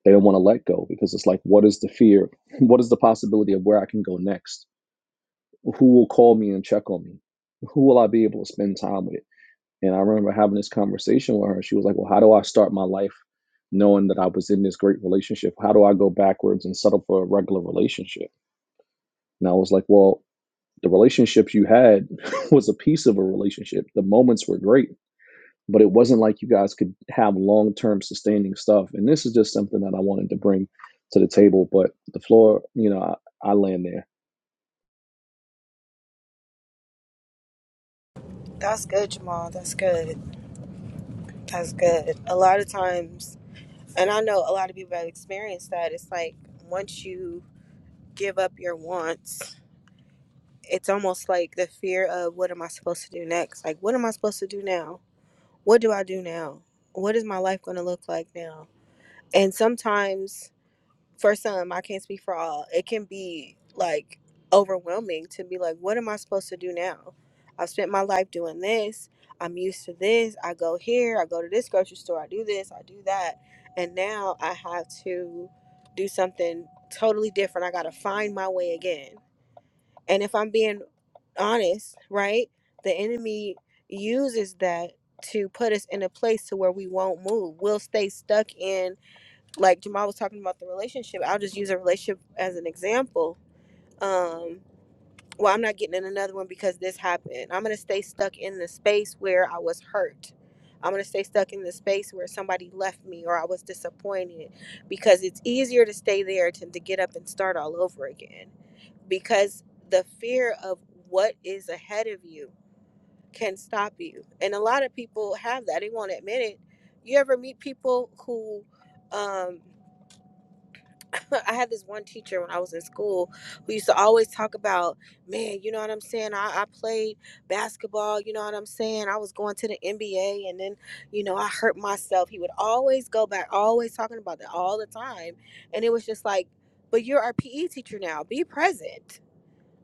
they don't want to let go because it's like what is the fear what is the possibility of where i can go next who will call me and check on me who will i be able to spend time with and I remember having this conversation with her. She was like, Well, how do I start my life knowing that I was in this great relationship? How do I go backwards and settle for a regular relationship? And I was like, Well, the relationships you had was a piece of a relationship. The moments were great, but it wasn't like you guys could have long term sustaining stuff. And this is just something that I wanted to bring to the table. But the floor, you know, I, I land there.
That's good, Jamal. That's good. That's good. A lot of times, and I know a lot of people have experienced that. It's like once you give up your wants it's almost like the fear of what am I supposed to do next? Like, what am I supposed to do now? What do I do now? What is my life going to look like now? And sometimes, for some, I can't speak for all, it can be like overwhelming to be like, what am I supposed to do now? I've spent my life doing this. I'm used to this. I go here, I go to this grocery store, I do this, I do that. And now I have to do something totally different. I got to find my way again and if I'm being honest, right, the enemy uses that to put us in a place to where we won't move. We'll stay stuck in like Jamal was talking about the relationship. I'll just use a relationship as an example. Um well, I'm not getting in another one because this happened. I'm going to stay stuck in the space where I was hurt. I'm going to stay stuck in the space where somebody left me or I was disappointed because it's easier to stay there than to get up and start all over again because the fear of what is ahead of you can stop you. And a lot of people have that. They won't admit it. You ever meet people who, um, I had this one teacher when I was in school who used to always talk about, man, you know what I'm saying? I, I played basketball, you know what I'm saying? I was going to the NBA and then, you know, I hurt myself. He would always go back, always talking about that all the time. And it was just like, but you're our PE teacher now. Be present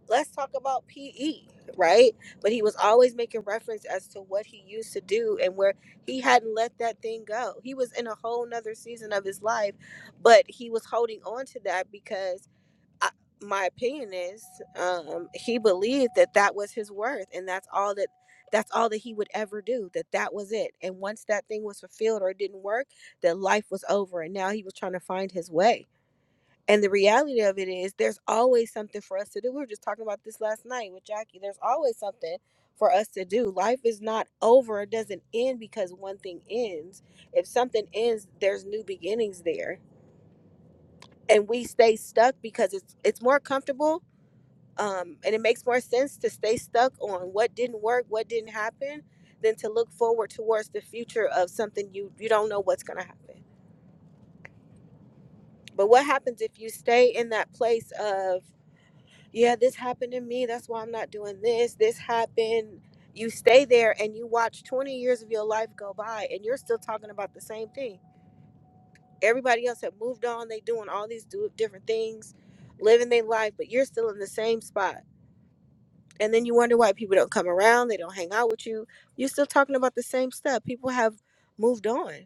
let's talk about PE, right? But he was always making reference as to what he used to do and where he hadn't let that thing go. He was in a whole nother season of his life, but he was holding on to that because I, my opinion is um, he believed that that was his worth and that's all that that's all that he would ever do that that was it and once that thing was fulfilled or it didn't work that life was over and now he was trying to find his way and the reality of it is, there's always something for us to do. We were just talking about this last night with Jackie. There's always something for us to do. Life is not over, it doesn't end because one thing ends. If something ends, there's new beginnings there. And we stay stuck because it's it's more comfortable um, and it makes more sense to stay stuck on what didn't work, what didn't happen, than to look forward towards the future of something you you don't know what's going to happen. But what happens if you stay in that place of yeah, this happened to me. That's why I'm not doing this. This happened. You stay there and you watch 20 years of your life go by and you're still talking about the same thing. Everybody else have moved on. They doing all these do- different things, living their life, but you're still in the same spot. And then you wonder why people don't come around. They don't hang out with you. You're still talking about the same stuff. People have moved on.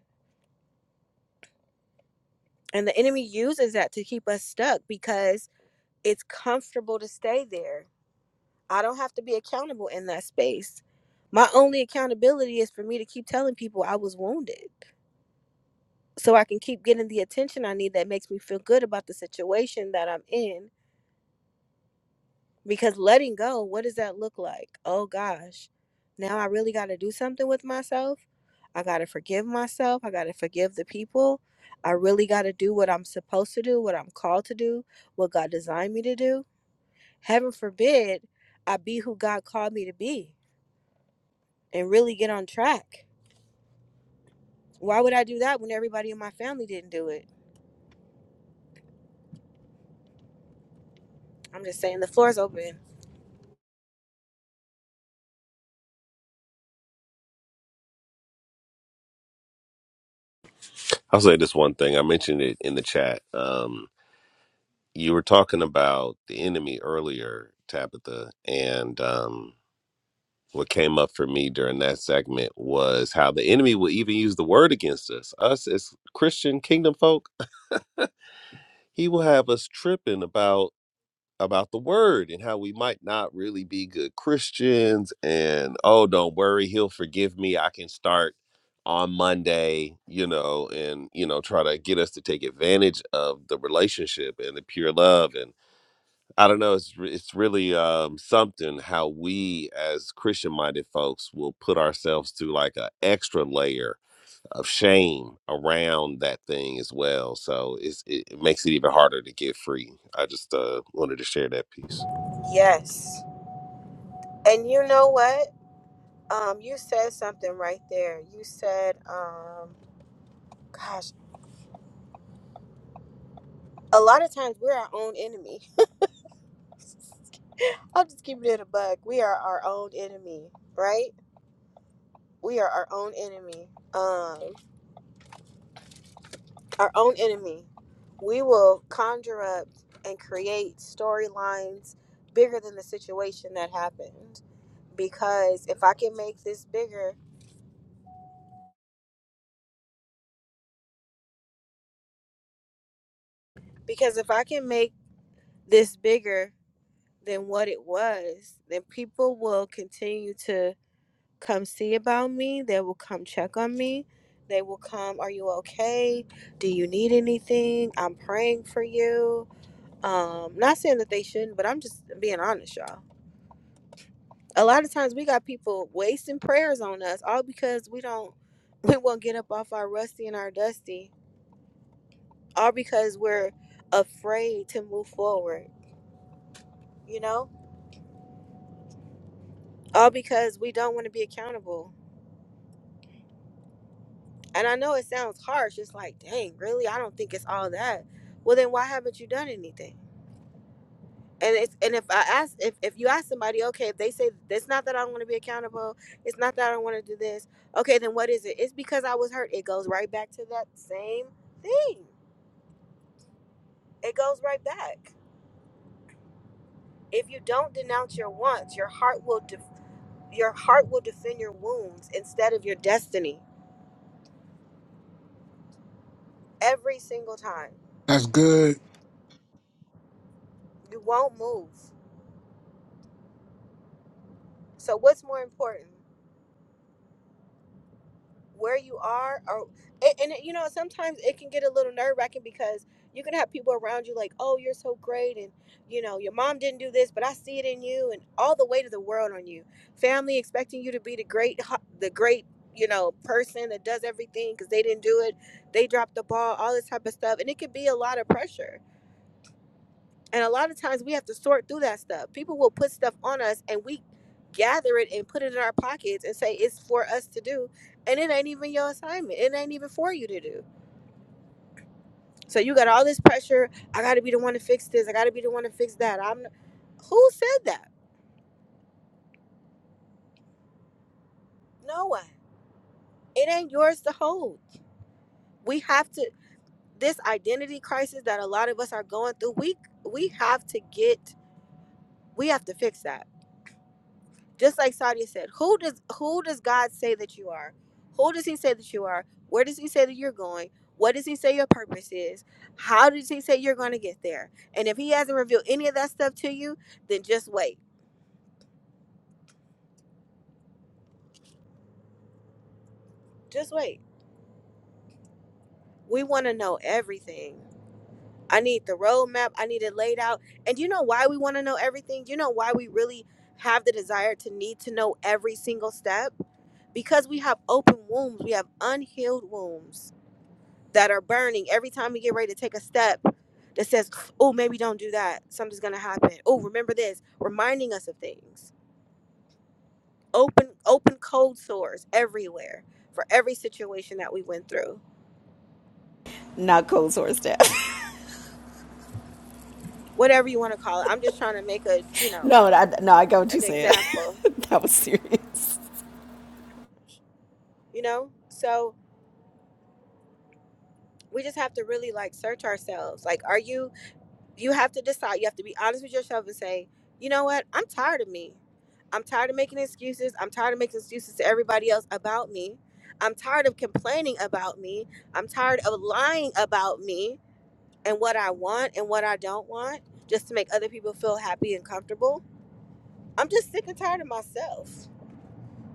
And the enemy uses that to keep us stuck because it's comfortable to stay there I don't have to be accountable in that space. My only accountability is for me to keep telling people I was wounded so I can keep getting the attention I need that makes me feel good about the situation that I'm in. Because letting go, what does that look like? Oh gosh, now I really got to do something with myself. I got to forgive myself. I got to forgive the people. I really got to do what I'm supposed to do, what I'm called to do, what God designed me to do. Heaven forbid I be who God called me to be and really get on track. Why would I do that when everybody in my family didn't do it? I'm just saying the floor's open.
I'll say this one thing. I mentioned it in the chat. Um, you were talking about the enemy earlier, Tabitha, and um what came up for me during that segment was how the enemy will even use the word against us us as christian kingdom folk he will have us tripping about about the word and how we might not really be good christians and oh don't worry he'll forgive me i can start on monday you know and you know try to get us to take advantage of the relationship and the pure love I don't know. It's re- it's really um, something how we as Christian minded folks will put ourselves to like an extra layer of shame around that thing as well. So it's, it it makes it even harder to get free. I just uh, wanted to share that piece.
Yes. And you know what? Um, you said something right there. You said, um, gosh, a lot of times we're our own enemy. I'll just keep it in a bug. We are our own enemy, right? We are our own enemy. Um, our own enemy. We will conjure up and create storylines bigger than the situation that happened. because if I can make this bigger, because if I can make this bigger than what it was, then people will continue to come see about me. They will come check on me. They will come, are you okay? Do you need anything? I'm praying for you. Um, not saying that they shouldn't, but I'm just being honest, y'all. A lot of times we got people wasting prayers on us all because we don't we won't get up off our rusty and our dusty all because we're afraid to move forward, you know? All because we don't want to be accountable. And I know it sounds harsh. It's like, dang, really? I don't think it's all that. Well, then why haven't you done anything? And it's and if I ask if, if you ask somebody, okay, if they say it's not that I don't want to be accountable, it's not that I don't want to do this. Okay, then what is it? It's because I was hurt. It goes right back to that same thing. It goes right back. If you don't denounce your wants, your heart will de- Your heart will defend your wounds instead of your destiny every single time.
That's good.
You won't move. So what's more important? Where you are or and, and you know sometimes it can get a little nerve-wracking because you can have people around you like, "Oh, you're so great and you know, your mom didn't do this, but I see it in you and all the weight of the world on you. Family expecting you to be the great hu- the great, you know, person that does everything cuz they didn't do it. They dropped the ball, all this type of stuff, and it could be a lot of pressure And a lot of times we have to sort through that stuff. People will put stuff on us and we gather it and put it in our pockets and say it's for us to do. And it ain't even your assignment. It ain't even for you to do. So you got all this pressure. I got to be the one to fix this. I got to be the one to fix that. I'm Who said that? No one. It ain't yours to hold. We have to this identity crisis that a lot of us are going through. We we have to get we have to fix that just like Sadia said, who does who does God say that you are? Who does he say that you are? Where does he say that you're going? What does he say your purpose is? How does he say you're going to get there? And if he hasn't revealed any of that stuff to you, then just wait. Just wait. We want to know everything. I need the roadmap. I need it laid out. And you know why we want to know everything? You know why we really have the desire to need to know every single step? Because we have open wombs. We have unhealed wombs that are burning every time we get ready to take a step that says, oh, maybe don't do that. Something's gonna happen. Oh, remember this, reminding us of things. Open open code source everywhere for every situation that we went through.
Not cold sore staff.
Whatever you want to call it. I'm just trying to make a, you know,
no, I, no, I got what you
an
said.
example,
that was serious.
you know? So we just have to really like search ourselves. Like, are you you have to decide. You have to be honest with yourself and say, you know what? I'm tired of me. I'm tired of making excuses. I'm tired of making excuses to everybody else about me. I'm tired of complaining about me. I'm tired of lying about me and what I want and what I don't want just to make other people feel happy and comfortable. I'm just sick and tired of myself.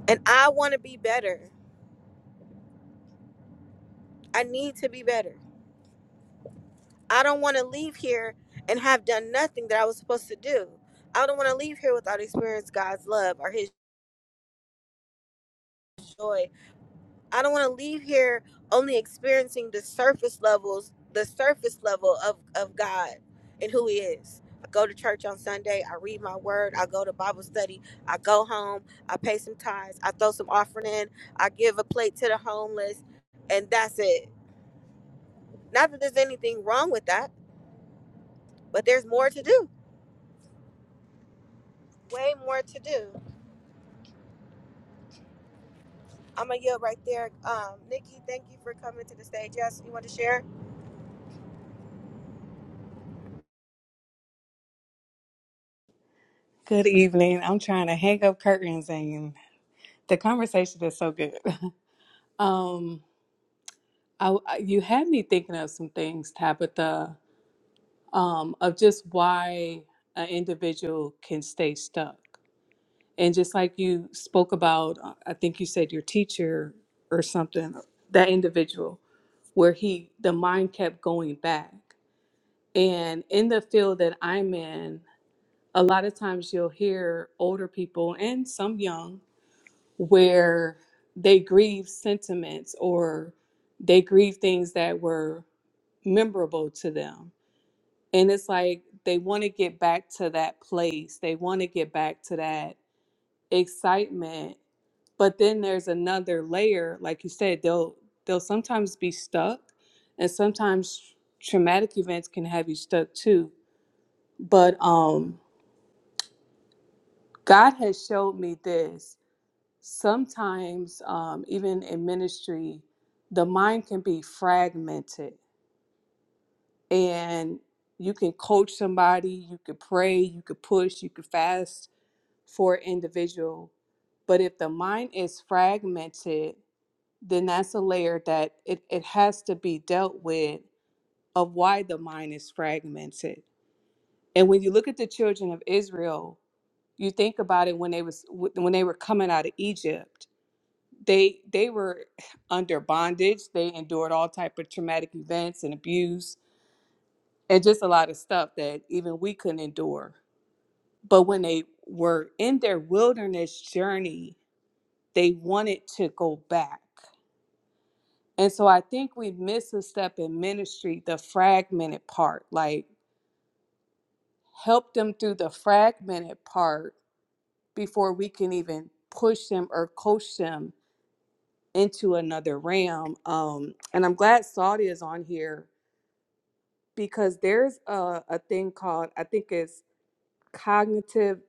And I want to be better. I need to be better. I don't want to leave here and have done nothing that I was supposed to do. I don't want to leave here without experience God's love or his joy. I don't want to leave here only experiencing the surface levels, the surface level of, of God and who He is. I go to church on Sunday. I read my word. I go to Bible study. I go home. I pay some tithes. I throw some offering in. I give a plate to the homeless. And that's it. Not that there's anything wrong with that, but there's more to do. Way more to do. I'm going to yield right there. Um, Nikki, thank you for coming to the stage. Yes, you want to share?
Good evening. I'm trying to hang up curtains and the conversation is so good. Um, I, I- you had me thinking of some things, Tabitha, um, of just why an individual can stay stuck. And just like you spoke about, uh, I think you said your teacher or something, that individual, where he, the mind kept going back. And in the field that I'm in, a lot of times you'll hear older people and some young where they grieve sentiments or they grieve things that were memorable to them. And it's like they want to get back to that place, they want to get back to that excitement. But then there's another layer, like you said, they'll they'll sometimes be stuck and sometimes traumatic events can have you stuck too. But um God has showed me this sometimes um, even in ministry the mind can be fragmented and you can coach somebody you could pray you could push you could fast for an individual but if the mind is fragmented then that's a layer that it, it has to be dealt with of why the mind is fragmented and when you look at the children of israel you think about it when they was when they were coming out of egypt they they were under bondage they endured all type of traumatic events and abuse and just a lot of stuff that even we couldn't endure but when they were in their wilderness journey they wanted to go back and so i think we miss a step in ministry the fragmented part like help them through the fragmented part before we can even push them or coach them into another realm um and i'm glad saudi is on here because there's a, a thing called I think it's cognitive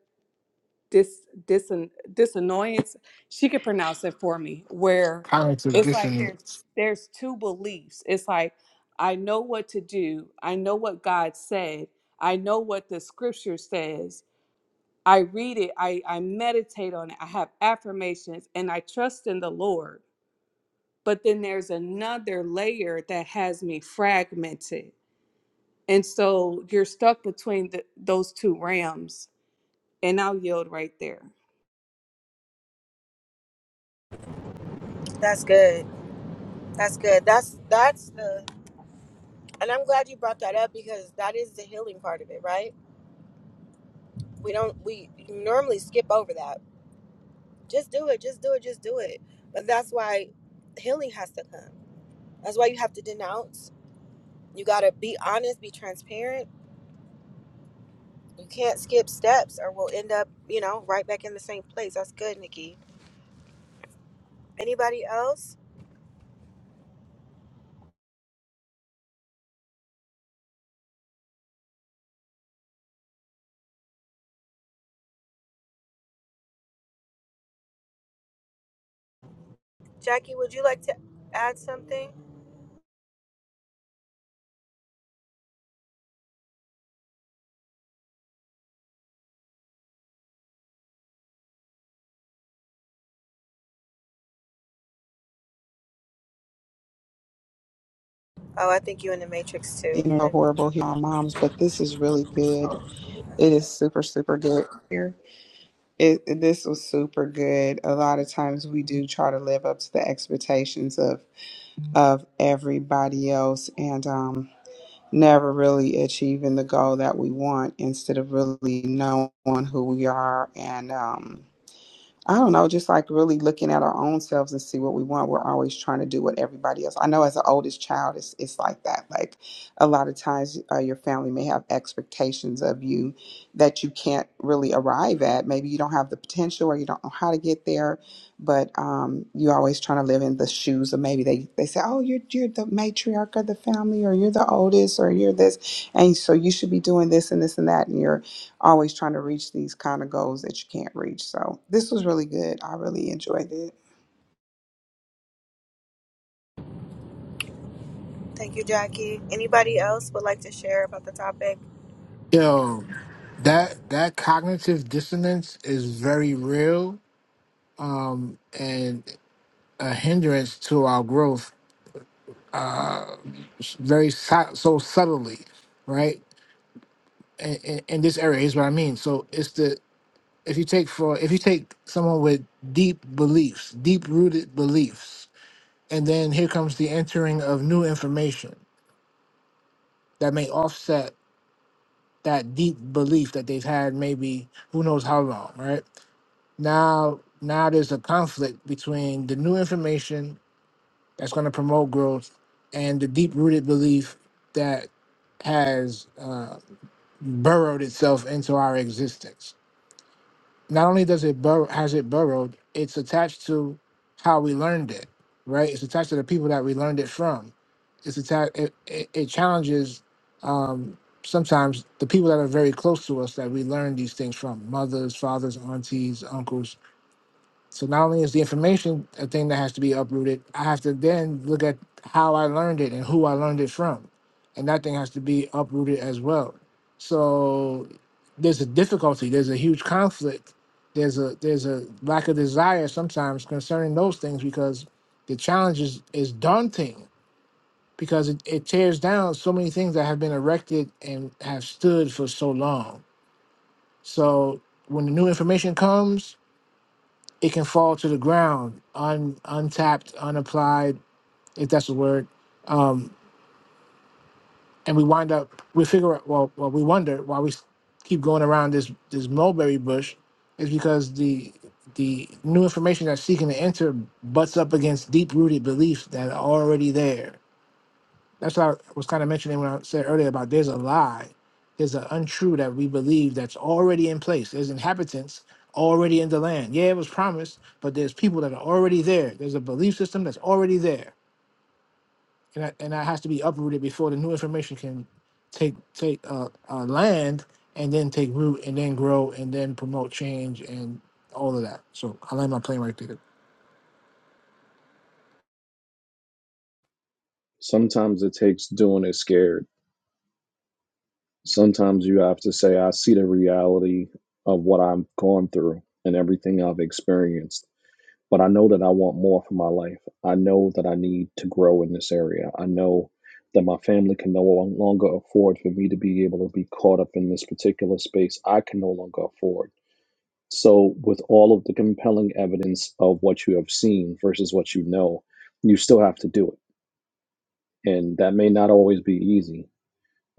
dis, disson, dissonance. She could pronounce it for me. Where
Cognitive
it's like there's
dissonance.
there's two beliefs. It's like I know what to do. I know what God said. I know what the Scripture says. I read it. I, I meditate on it. I have affirmations, and I trust in the Lord. But then there's another layer that has me fragmented And so you're stuck between the, those two rams. And I'll yield right there.
That's good. That's good. That's that's the And I'm glad you brought that up because that is the healing part of it, right? We don't we normally skip over that. Just do it, just do it, just do it. But that's why healing has to come. That's why you have to denounce. You got to be honest, be transparent. You can't skip steps or we'll end up, you know, right back in the same place. That's good, Nikki. Anybody else? Jackie, would you like to add something? Oh, I think you in the Matrix
You
too.
know, horrible here on moms, but this is really good. It is super, super good here. It, it- this was super good. A lot of times we do try to live up to the expectations of of everybody else, and um, never really achieving the goal that we want instead of really knowing who we are and um, I don't know, just like really looking at our own selves and see what we want. We're always trying to do what everybody else. I know as an oldest child, it's, it's like that. Like a lot of times, uh, your family may have expectations of you that you can't really arrive at. Maybe you don't have the potential or you don't know how to get there, but um, you're always trying to live in the shoes of maybe they, they say, oh, you're, you're the matriarch of the family or you're the oldest or you're this. And so you should be doing this and this and that. And you're always trying to reach these kind of goals that you can't reach. So this was really good. I really enjoyed it.
Thank you, Jackie. Anybody else would like to share about the topic?
Yo, that that cognitive dissonance is very real and a hindrance to our growth very su- so subtly, right? In, in, in this area is what I mean. So it's the if you take for if you take someone with deep beliefs, deep rooted beliefs, and then here comes the entering of new information that may offset that deep belief that they've had maybe who knows how long, right? Now now there's a conflict between the new information that's going to promote growth and the deep rooted belief that has uh, burrowed itself into our existence. Not only does it bur has it burrowed, it's attached to how we learned it, right? It's attached to the people that we learned it from. It's attached. It, it, it challenges um, sometimes the people that are very close to us that we learn these things from: mothers, fathers, aunties, uncles so not only is the information a thing that has to be uprooted, I have to then look at how I learned it and who I learned it from. And that thing has to be uprooted as well. So there's a difficulty, there's a huge conflict, there's a there's a lack of desire sometimes concerning those things because the challenge is, is daunting because it, it tears down so many things that have been erected and have stood for so long. So when the new information comes, it can fall to the ground, un, untapped, unapplied, if that's a word. Um, and we wind up, we figure out, well, well, we wonder why we s- keep going around this this mulberry bush, is because the the new information that's seeking to enter butts up against deep rooted beliefs that are already there. That's what I was kind of mentioning when I said earlier about there's a lie, there's an untrue that we believe that's already in place. There's inhabitants already in the land. Yeah, it was promised, but there's people that are already there. There's a belief system that's already there, and that, and that has to be uprooted before the new information can take take uh, uh, land and then take root and then grow and then promote change and all of that. So I land my plane right there.
Sometimes it takes doing it scared Sometimes you have to say, I see the reality of what I've gone through and everything I've experienced, but I know that I want more for my life. I know that I need to grow in this area. I know that my family can no longer afford for me to be able to be caught up in this particular space. I can no longer afford. So, with all of the compelling evidence of what you have seen versus what you know, you still have to do it. And that may not always be easy,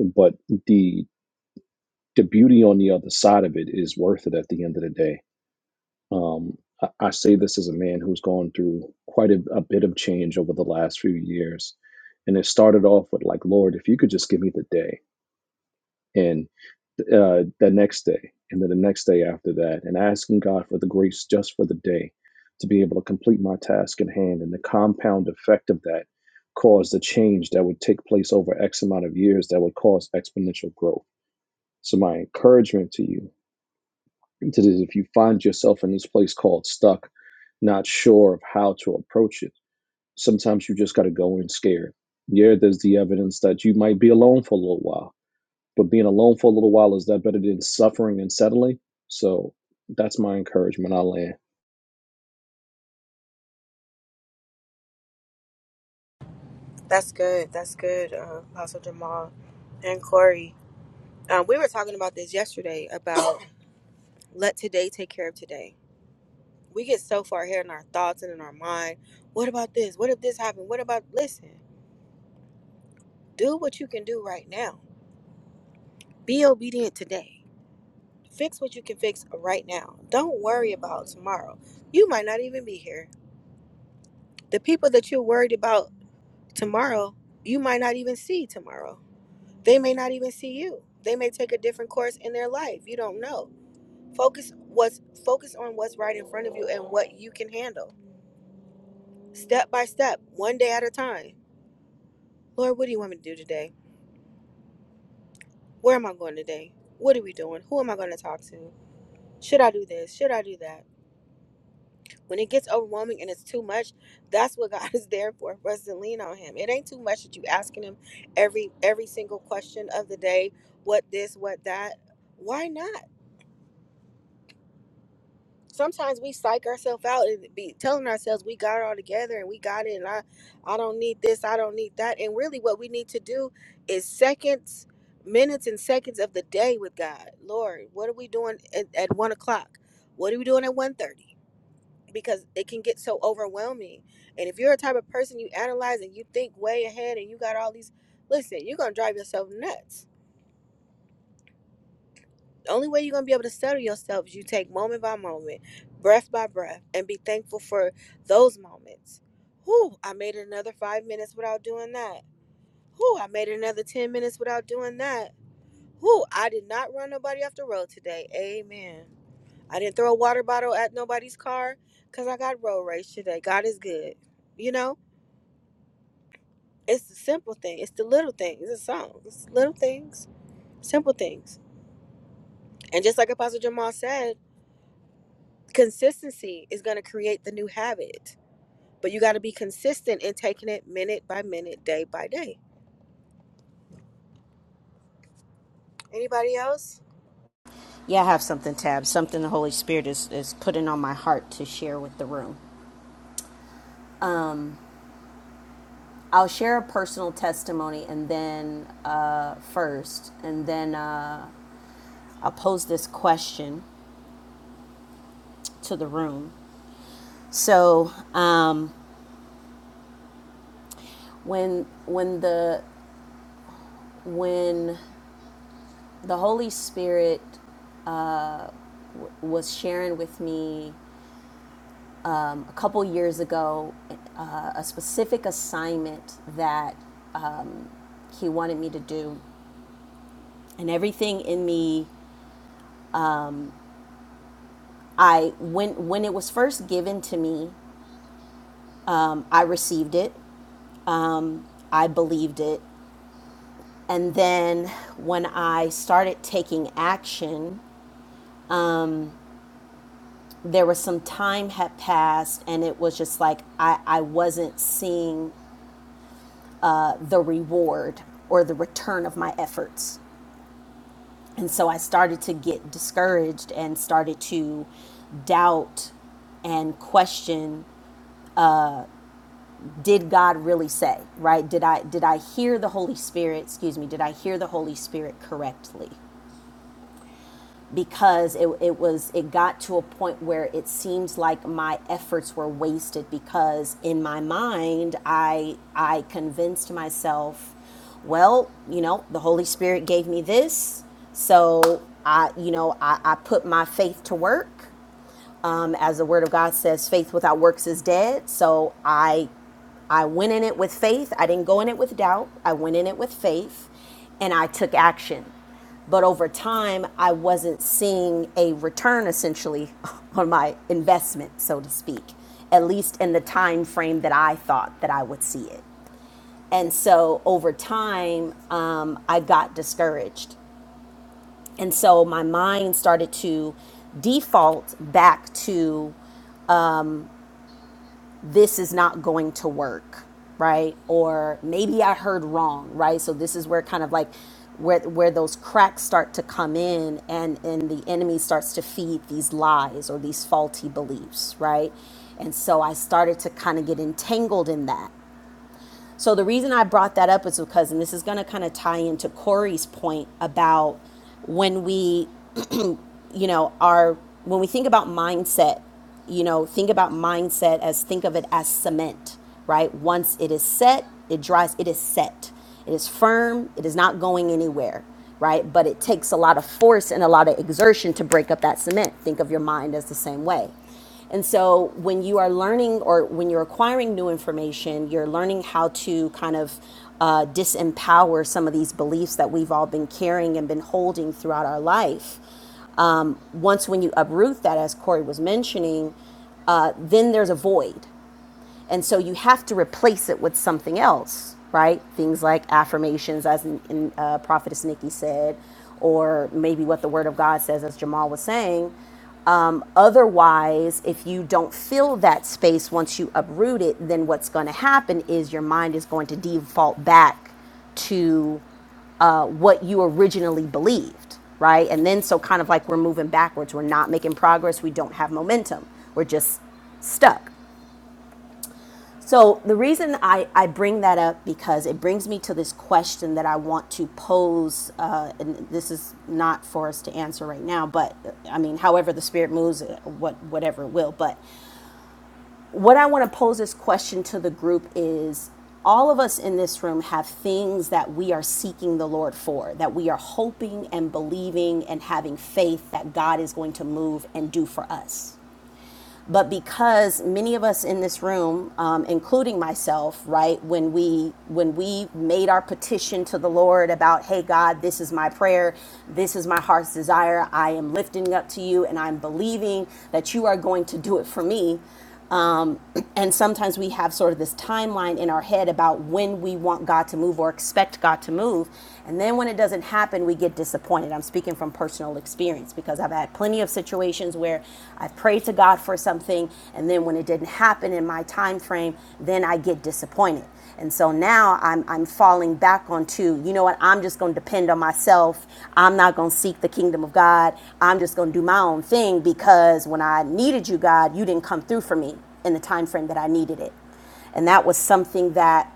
but the the beauty on the other side of it is worth it at the end of the day. Um, I, I say this as a man who's gone through quite a, a bit of change over the last few years. And it started off with, like, Lord, if you could just give me the day and uh, the next day and then the next day after that, and asking God for the grace just for the day to be able to complete my task in hand. And the compound effect of that caused a change that would take place over X amount of years that would cause exponential growth. So, my encouragement to you He if you find yourself in this place called stuck, not sure of how to approach it, sometimes you just got to go in scared. Yeah, there's the evidence that you might be alone for a little while, but being alone for a little while is that better than suffering and settling? So that's my encouragement. I land.
That's good. That's good, uh, Apostle Jamal and Corey. Um, we were talking about this yesterday about let today take care of today. We get so far ahead in our thoughts and in our mind. What about this? What if this happened? What about listen? Do what you can do right now. Be obedient today. Fix what you can fix right now. Don't worry about tomorrow. You might not even be here. The people that you're worried about tomorrow, you might not even see tomorrow. They may not even see you. They may take a different course in their life. You don't know Focus what's focus on what's right in front of you and what you can handle. Step by step, one day at a time. Lord, what do you want me to do today? Where am I going today? What are we doing? Who am I going to talk to? Should I do this? Should I do that? When it gets overwhelming and it's too much, that's what God is there for, for us to lean on him. It ain't too much that you asking him every every single question of the day, what this, what that. Why not? sometimes we psych ourselves out and be telling ourselves we got it all together and we got it and I I don't need this, I don't need that. And really what we need to do is seconds, minutes and seconds of the day with God. Lord, what are we doing at, at one o'clock? What are we doing at one thirty Because it can get so overwhelming. And if you're a type of person you analyze and you think way ahead and you got all these listen, you're gonna drive yourself nuts The only way you're gonna be able to settle yourself is you take moment by moment, breath by breath, and be thankful for those moments. Whew, I made it another five minutes without doing that. Whew, I made it another ten minutes without doing that. Whew, I did not run nobody off the road today. Amen. I didn't throw a water bottle at nobody's car because I got road rage today. God is good. You know, it's the simple thing. It's the little things. It's the songs. It's little things. Simple things. And just like Apostle Jamal said, consistency is going to create the new habit but you got to be consistent in taking it minute by minute day by day anybody else
Yeah, I have something, Tab. Something the Holy Spirit is, is putting on my heart to share with the room. I'll share a personal testimony and then uh, first, and then uh, I'll pose this question to the room. So um, when when the when the Holy Spirit was sharing with me a couple years ago uh, a specific assignment that um, he wanted me to do and everything in me i when when it was first given to me um, i received it um, i believed it and then when i started taking action there was some time had passed and it was just like i, I wasn't seeing uh, the reward or the return of my efforts and so i started to get discouraged and started to doubt and question did god really say right did i did i hear the holy spirit excuse me did i hear the holy spirit correctly because it, it was it got to a point where it seems like my efforts were wasted because in my mind i i convinced myself well you know the holy spirit gave me this so i you know i, I put my faith to work um, as the word of god says faith without works is dead so i i went in it with faith i didn't go in it with doubt i went in it with faith and i took action but over time i wasn't seeing a return essentially on my investment so to speak at least in the time frame that i thought that i would see it and so over time um, i got discouraged and so my mind started to default back to this is not going to work, right? Or maybe I heard wrong, right? So this is where kind of like where where those cracks start to come in and and the enemy starts to feed these lies or these faulty beliefs, right? And so I started to kind of get entangled in that. So the reason I brought that up is because and this is going to kind of tie into Corey's point about when we you know, our when we think about mindset, you know, think about mindset as think of it as cement, right? Once it is set, it dries, it is set. It is firm, it is not going anywhere, right? But it takes a lot of force and a lot of exertion to break up that cement. Think of your mind as the same way. And so when you are learning or when you're acquiring new information, you're learning how to kind of uh, disempower some of these beliefs that we've all been carrying and been holding throughout our life. Um, once when you uproot that, as Corey was mentioning, uh, then there's a void and so you have to replace it with something else, right? Things like affirmations, as in, in, uh, Prophetess Nikki said, or maybe what the Word of God says, as Jamal was saying. Um, otherwise, if you don't fill that space once you uproot it, then what's going to happen is your mind is going to default back to uh, what you originally believed, right? And then, so kind of like we're moving backwards, we're not making progress, we don't have momentum, we're just stuck. So the reason I, I bring that up because it brings me to this question that I want to pose, uh, and this is not for us to answer right now, but I mean, however the spirit moves, uh, what whatever it will. But what I want to pose this question to the group is: all of us in this room have things that we are seeking the Lord for, that we are hoping and believing and having faith that God is going to move and do for us but because many of us in this room, um, including myself, right, when we when we made our petition to the Lord about, hey God, this is my prayer, this is my heart's desire, I am lifting up to you, and I'm believing that you are going to do it for me. Um, and sometimes we have sort of this timeline in our head about when we want God to move or expect God to move. And then when it doesn't happen, we get disappointed. I'm speaking from personal experience because I've had plenty of situations where I've prayed to God for something, and then when it didn't happen in my time frame, then I get disappointed. And so now I'm, I'm falling back onto, you know what, I'm just going to depend on myself. I'm not going to seek the kingdom of God. I'm just going to do my own thing because when I needed you, God, you didn't come through for me in the time frame that I needed it. And that was something that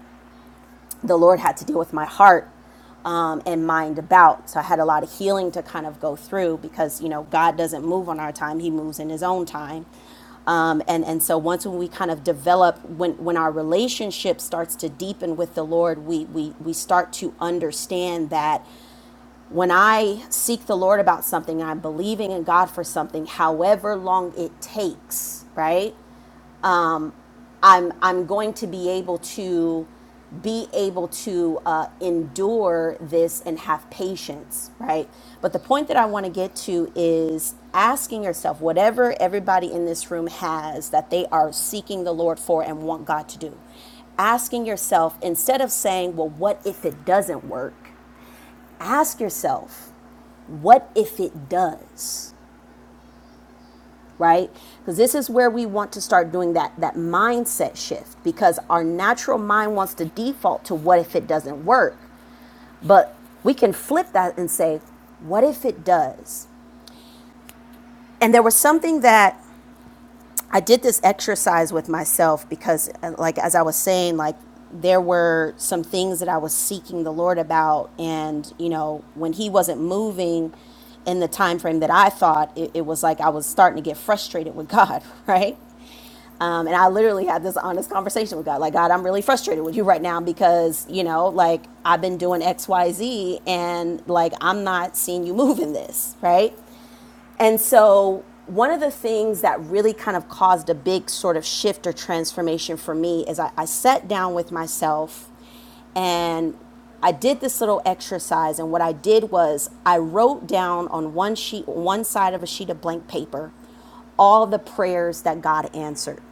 the Lord had to deal with my heart um, and mind about. So I had a lot of healing to kind of go through because, you know, God doesn't move on our time, He moves in His own time. Um, and, and so once when we kind of develop, when, when our relationship starts to deepen with the Lord, we, we, we start to understand that when I seek the Lord about something, I'm believing in God for something, however long it takes, right? I'm I'm going to be able to be able to uh, endure this and have patience, right? But the point that I want to get to is asking yourself whatever everybody in this room has that they are seeking the Lord for and want God to do. Asking yourself instead of saying, "Well, what if it doesn't work?" Ask yourself, "What if it does?" right because this is where we want to start doing that that mindset shift because our natural mind wants to default to what if it doesn't work but we can flip that and say what if it does and there was something that I did this exercise with myself because, uh, like, as I was saying, like, there were some things that I was seeking the Lord about, and you know, when He wasn't moving in the time frame that I thought, it, it was like I was starting to get frustrated with God, right? Um, and I literally had this honest conversation with God, like, God, I'm really frustrated with you right now because, you know, like I've been doing X, Y, Z, and like I'm not seeing you move in this, right? And so, one of the things that really kind of caused a big sort of shift or transformation for me is I, I sat down with myself and I did this little exercise. And what I did was I wrote down on one sheet, one side of a sheet of blank paper, all the prayers that God answered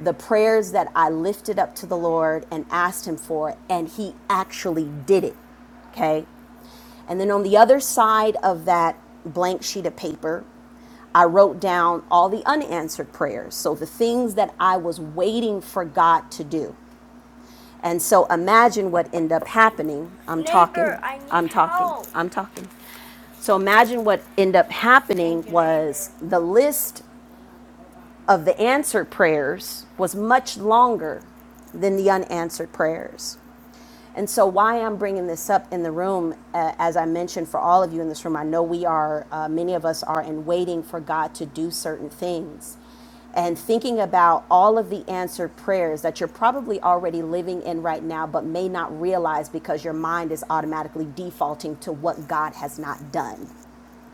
the prayers that I lifted up to the Lord and asked Him for, and He actually did it. Okay. And then on the other side of that blank sheet of paper, I wrote down all the unanswered prayers. So the things that I was waiting for God to do. And so imagine what ended up happening. I'm Neighbor, talking. I need I'm talking. help. I'm talking. So imagine what ended up happening was the list of the answered prayers was much longer than the unanswered prayers. And so, why I'm bringing this up in the room, uh, as I mentioned for all of you in this room, I know we are, uh, many of us are in waiting for God to do certain things. And thinking about all of the answered prayers that you're probably already living in right now, but may not realize because your mind is automatically defaulting to what God has not done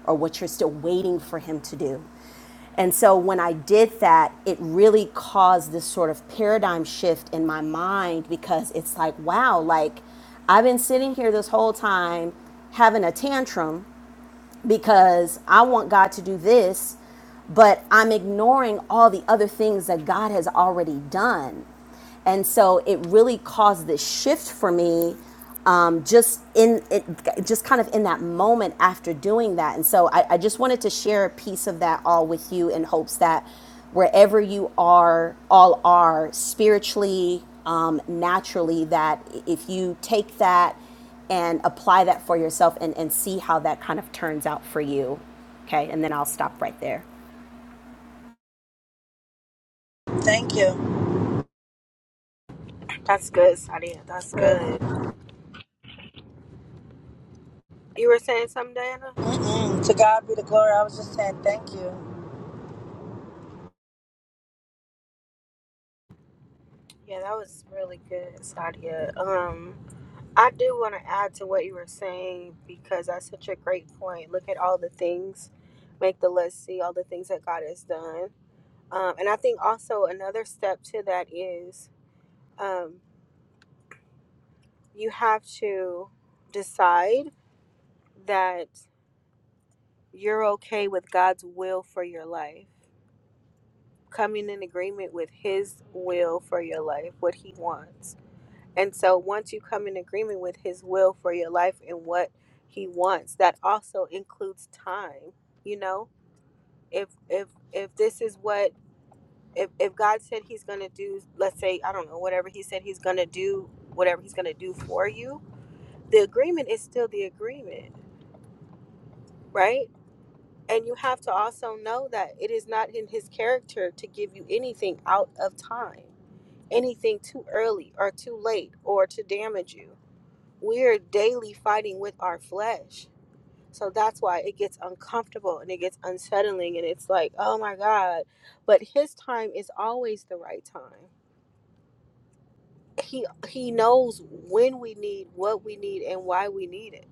or what you're still waiting for him to do. And so when I did that, it really caused this sort of paradigm shift in my mind because it's like, wow, like I've been sitting here this whole time having a tantrum because I want God to do this, but I'm ignoring all the other things that God has already done. And so it really caused this shift for me um, just in it, just kind of in that moment after doing that. And so I, I just wanted to share a piece of that all with you in hopes that wherever you are, all are spiritually, um, naturally, that if you take that and apply that for yourself and, and see how that kind of turns out for you. Okay, and then I'll stop right there.
thank you
that's good sadia that's good you were saying something diana
Mm-mm. to god be the glory i was just saying thank you
yeah that was really good sadia um i do want to add to what you were saying because that's such a great point look at all the things make the list see all the things that god has done um, and i think also another step to that is um, you have to decide that you're okay with God's will for your life, coming in agreement with His will for your life, what He wants. And so once you come in agreement with His will for your life and what He wants, that also includes time. You know, if if if this is what if, if God said He's gonna do, let's say I don't know whatever He said He's gonna do, whatever He's gonna do for you, the agreement is still the agreement, right? And you have to also know that it is not in his character to give you anything out of time, anything too early or too late or to damage you. We're daily fighting with our flesh. So that's why it gets uncomfortable and it gets unsettling and it's like, "Oh my god." But his time is always the right time. He he knows when we need what we need and why we need it.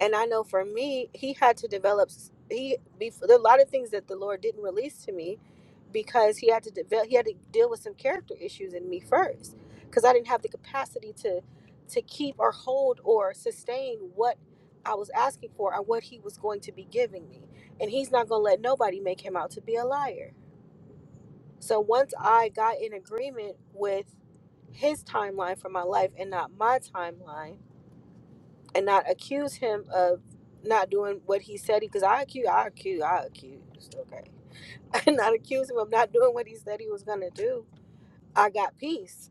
And I know for me, he had to develop he before, there are a lot of things that the Lord didn't release to me because he had to develop, he had to deal with some character issues in me first because I didn't have the capacity to to keep or hold or sustain what I was asking for or what he was going to be giving me. And he's not going to let nobody make him out to be a liar. So once I got in agreement with his timeline for my life and not my timeline and not accuse him of not doing what he said because I accuse I accuse I accused okay and not accuse him of not doing what he said he was going to do I got peace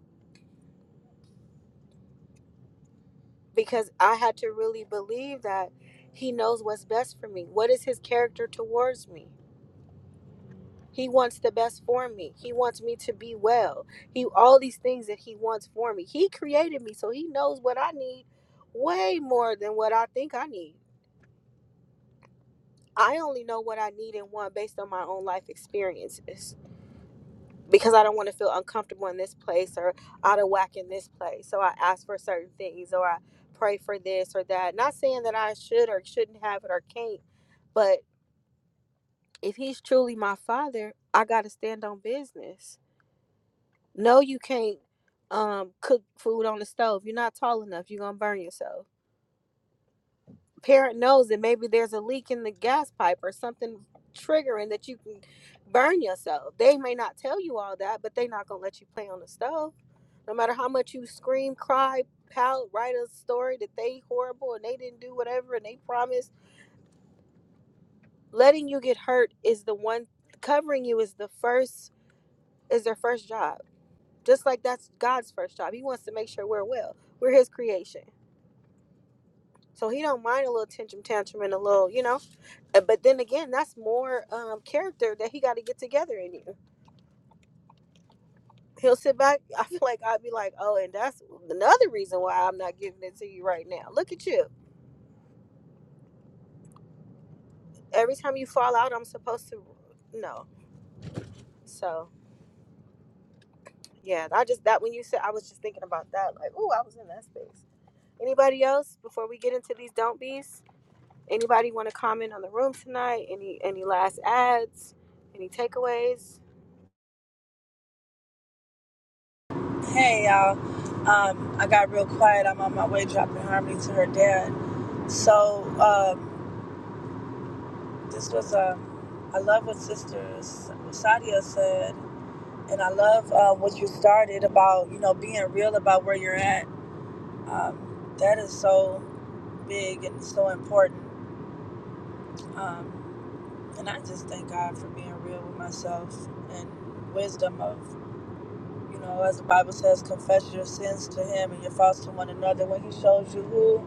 because I had to really believe that he knows what's best for me. What is his character towards me? He wants the best for me. He wants me to be well. He all these things that he wants for me. He created me, so he knows what I need way more than what I think I need. I only know what I need and want based on my own life experiences. because I don't want to feel uncomfortable in this place or out of whack in this place. So I ask for certain things or I pray for this or that. Not saying that I should or shouldn't have it or can't, but if he's truly my father, I got to stand on business. No, you can't um cook food on the stove. You're not tall enough. You're going to burn yourself parent knows that maybe there's a leak in the gas pipe or something triggering that you can burn yourself. They may not tell you all that, but they're not gonna let you play on the stove. No matter how much you scream, cry, pout, write a story that they horrible and they didn't do whatever and they promised, letting you get hurt is the one covering you is the first is their first job. Just like that's God's first job. He wants to make sure we're well. We're his creation. So he don't mind a little tantrum tantrum and a little, you know, Uh, But then again, that's more um, character that he got to get together in you. He'll sit back. I feel like I'd be like, oh, and that's another reason why I'm not giving it to you right now. Look at you. Every time you fall out, I'm supposed to. No. So yeah, I just that when you said, I was just thinking about that. Like, oh, I was in that space. Anybody else before we get into these don't be's? Anybody want to comment on the room tonight? Any any last ads? Any takeaways?
Hey y'all. Um, I got real quiet. I'm on my way dropping Harmony to her dad. So um, this was Um, I love what Sister S- Sadia said, and I love uh, what you started about. You know, being real about where you're at. Um, that is so big and so important. Um, and I just thank God for being real with myself and wisdom of. You know, as the Bible says, confess your sins to Him and your faults to one another. When He shows you who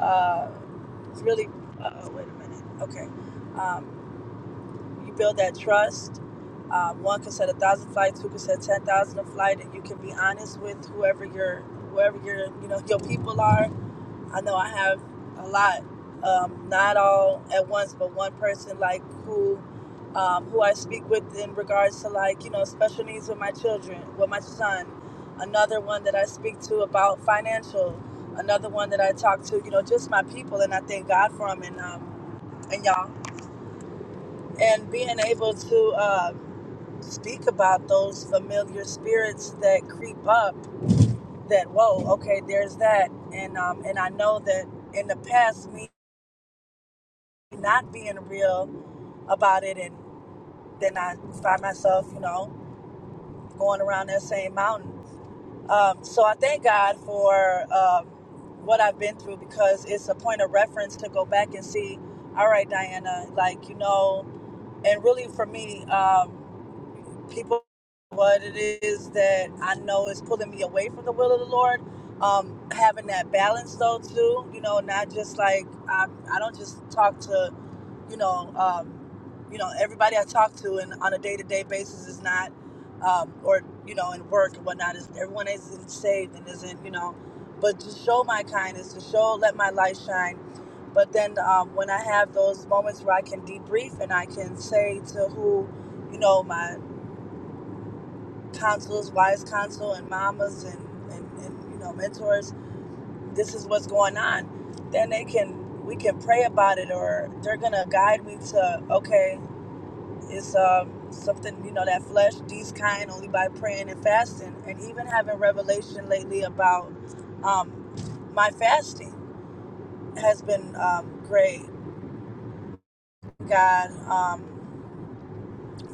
Uh, it's really, uh, wait a minute. Okay. Um, you build that trust. Um, one can set a thousand flights, two can set ten thousand a flight, and you can be honest with whoever your whoever your you know your people are, I know I have a lot, um, not all at once, but one person like who, um, who I speak with in regards to like you know special needs with my children, with my son. Another one that I speak to about financial. Another one that I talk to, you know, just my people, and I thank God for them and um, and y'all and being able to uh, speak about those familiar spirits that creep up. That whoa, okay, there's that, and um, and I know that in the past me not being real about it and then I find myself, you know, going around that same mountain. Um, so I thank God for um, what I've been through because it's a point of reference to go back and see, all right, Diana, like, you know, and really for me, um, people, what it is that I know is pulling me away from the will of the Lord. Um, having that balance though too, you know, not just like I, I don't just talk to you know, um, you know, everybody I talk to and on a day to day basis is not, um, or you know, in work and whatnot is everyone isn't saved and isn't, you know, but to show my kindness, to show, let my light shine. But then um, when I have those moments where I can debrief and I can say to who, you know, my counselors, wise counsel, and mamas and, and, and you know, mentors, this is what's going on. Then they can, we can pray about it, or they're gonna guide me to okay it's um something you know that flesh these kind only by praying and fasting, and even having revelation lately about um my fasting has been um, great. God um,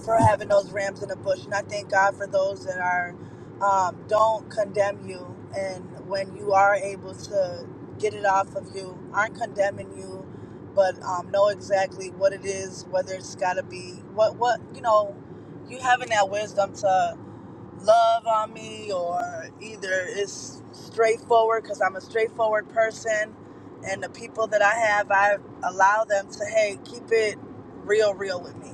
for having those rams in the bush, and I thank God for those that are um, don't condemn you, and when you are able to get it off of you, aren't condemning you, but um, know exactly what it is, whether it's got to be what what you know you having that wisdom to love on me or either it's straightforward because I'm a straightforward person and the people that I have, I allow them to, hey, keep it real, real with me.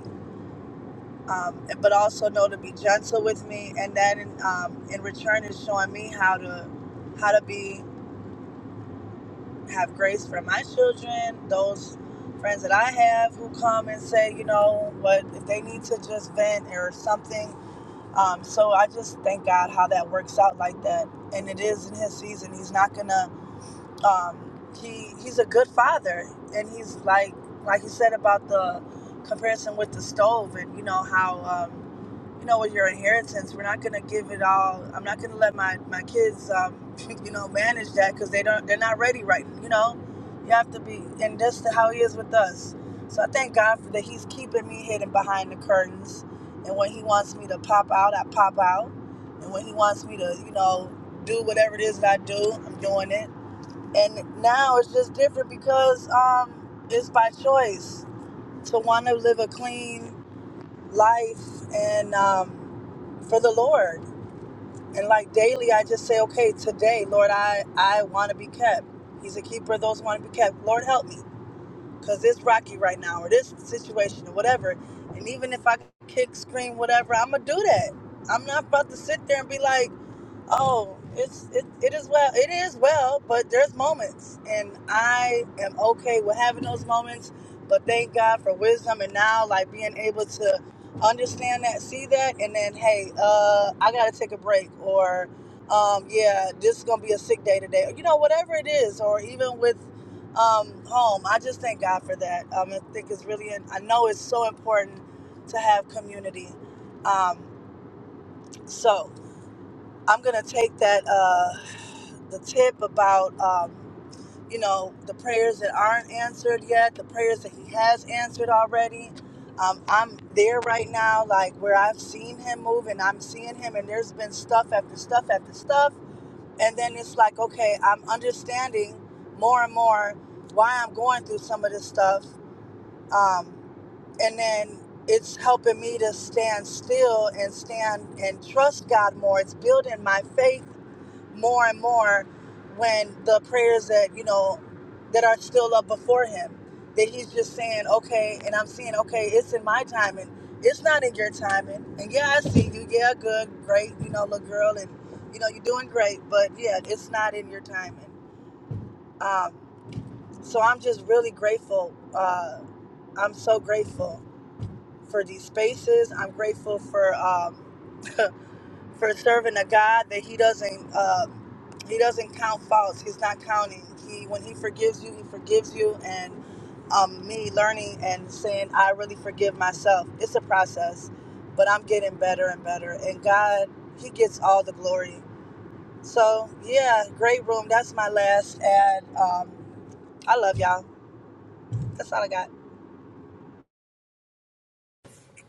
Um, but also know to be gentle with me and that in, um, in return is showing me how to how to be have grace for my children those friends that i have who come and say you know what if they need to just vent or something um, so I just thank God how that works out like that, and it is in His season. He's not gonna. Um, he He's a good father, and he's like like he said about the comparison with the stove, and you know how. Um, you know, with your inheritance, we're not gonna give it all. I'm not gonna let my my kids, um, you know, manage that because they don't. They're not ready right. now, You know, you have to be, and that's the- how He is with us. So I thank God for that. He's keeping me hidden behind the curtains, and when He wants me to pop out, I pop out, and when He wants me to, you know, do whatever it is that I do, I'm doing it. And now it's just different because um, it's by choice to want to live a clean life and um, for the Lord. And like daily, I just say, okay, today, Lord, I, I want to be kept. He's a keeper of those who want to be kept. Lord, help me because it's rocky right now or this situation or whatever. And even if I kick, scream, whatever, I'm going to do that. I'm not about to sit there and be like, Oh, it's it, it is well. It is well, but there's moments, and I am okay with having those moments. But thank God for wisdom, and now like being able to understand that, see that, and then hey, uh, I gotta take a break, or um, yeah, this is gonna be a sick day today, you know, whatever it is, or even with um, home. I just thank God for that. Um, I think it's really, I know it's so important to have community. Um, so. I'm gonna take that uh, the tip about um, you know the prayers that aren't answered yet, the prayers that He has answered already. Um, I'm there right now, like where I've seen Him move, and I'm seeing Him, and there's been stuff after stuff after stuff, and then it's like, okay, I'm understanding more and more why I'm going through some of this stuff, um, and then it's helping me to stand still and stand and trust God more. It's building my faith more and more when the prayers that you know that are still up before him that he's just saying okay and i'm seeing okay it's in my timing it's not in your timing and yeah i see you yeah good great you know little girl and you know you're doing great but yeah it's not in your timing um, so i'm just really grateful uh, i'm so grateful for these spaces i'm grateful for um, for serving a God that He doesn't uh, He doesn't count faults. He's not counting. He when He forgives you, He forgives you. And um, me learning and saying, I really forgive myself. It's a process, but I'm getting better and better. And God, He gets all the glory. So yeah, great room. That's my last ad. Um, I love y'all. That's all I got.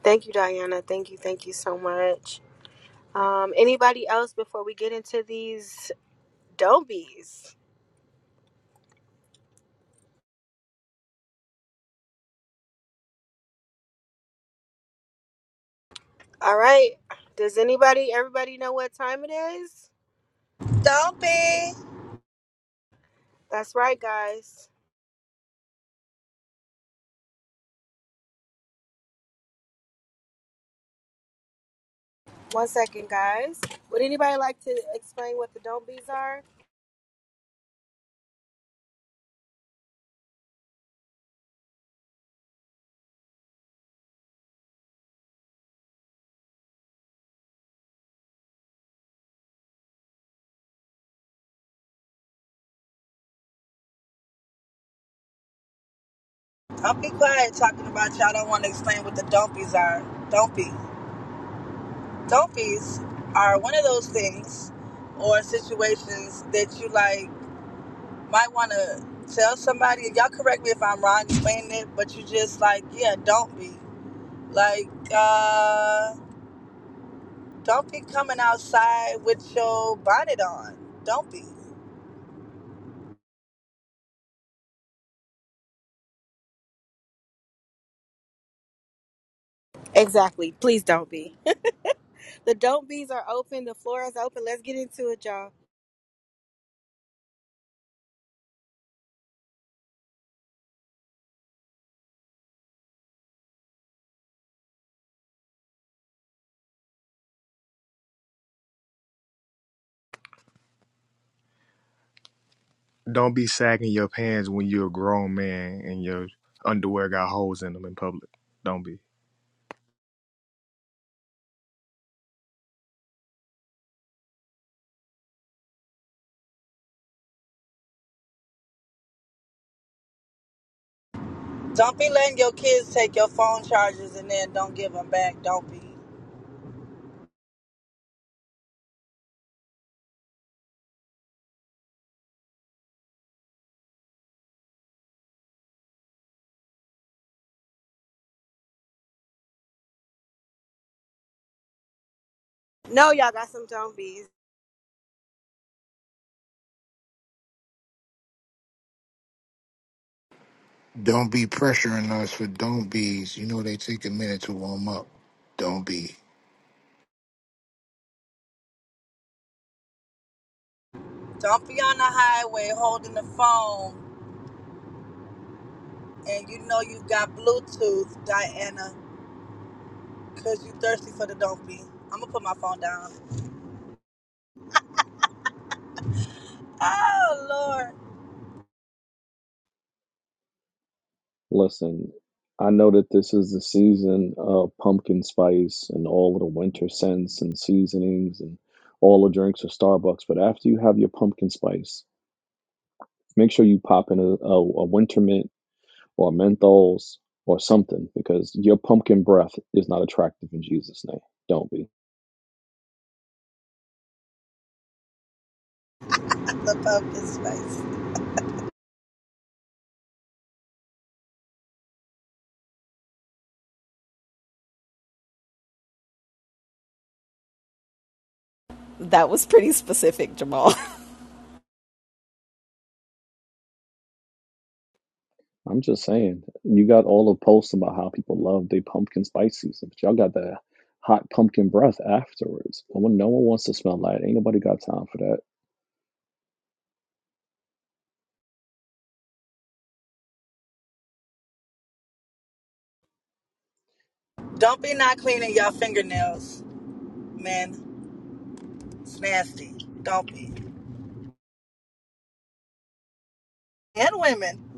Thank you, Diana. Thank you. Thank you so much. Um, anybody else before we get into these dobies? All right. Does anybody, everybody know what time it is?
Don't be,
That's right, guys. One second, guys. Would anybody like to explain what the don't bees are?
don't be quiet talking about y'all. Don't want to explain what the don't be's are. Don't be. don't fees are one of those things or situations that you like might want to tell somebody and y'all correct me if i'm wrong explaining it but you just like yeah don't be like uh don't be coming outside with your bonnet on don't be
Exactly. Please don't be. the don't bees are open. The floor is open. Let's get into it, y'all.
Don't be sagging your pants when you're a grown man and your underwear got holes in them in public. Don't be.
don't be letting your kids take your phone chargers and then don't give them back don't be
No, y'all got some don't bees.
Don't be pressuring us for don't be's. You know they take a minute to warm up. Don't be.
don't be on the highway holding the phone and you know you got bluetooth diana Cause you thirsty for the don't be. I'ma put my phone down. Oh Lord.
Listen, I know that this is the season of pumpkin spice and all of the winter scents and seasonings and all the drinks at Starbucks, but after you have your pumpkin spice, make sure you pop in a, a, a winter mint or menthols or something because your pumpkin breath is not attractive in Jesus' name. Don't be.
The pumpkin spice.
That was pretty specific, Jamal.
I'm just saying. You got all the posts about how people love their pumpkin spices, but y'all got the hot pumpkin breath afterwards. No one, no one wants to smell that. Ain't nobody got time for that.
Don't be not cleaning your fingernails, men. It's nasty. Don't be. And women.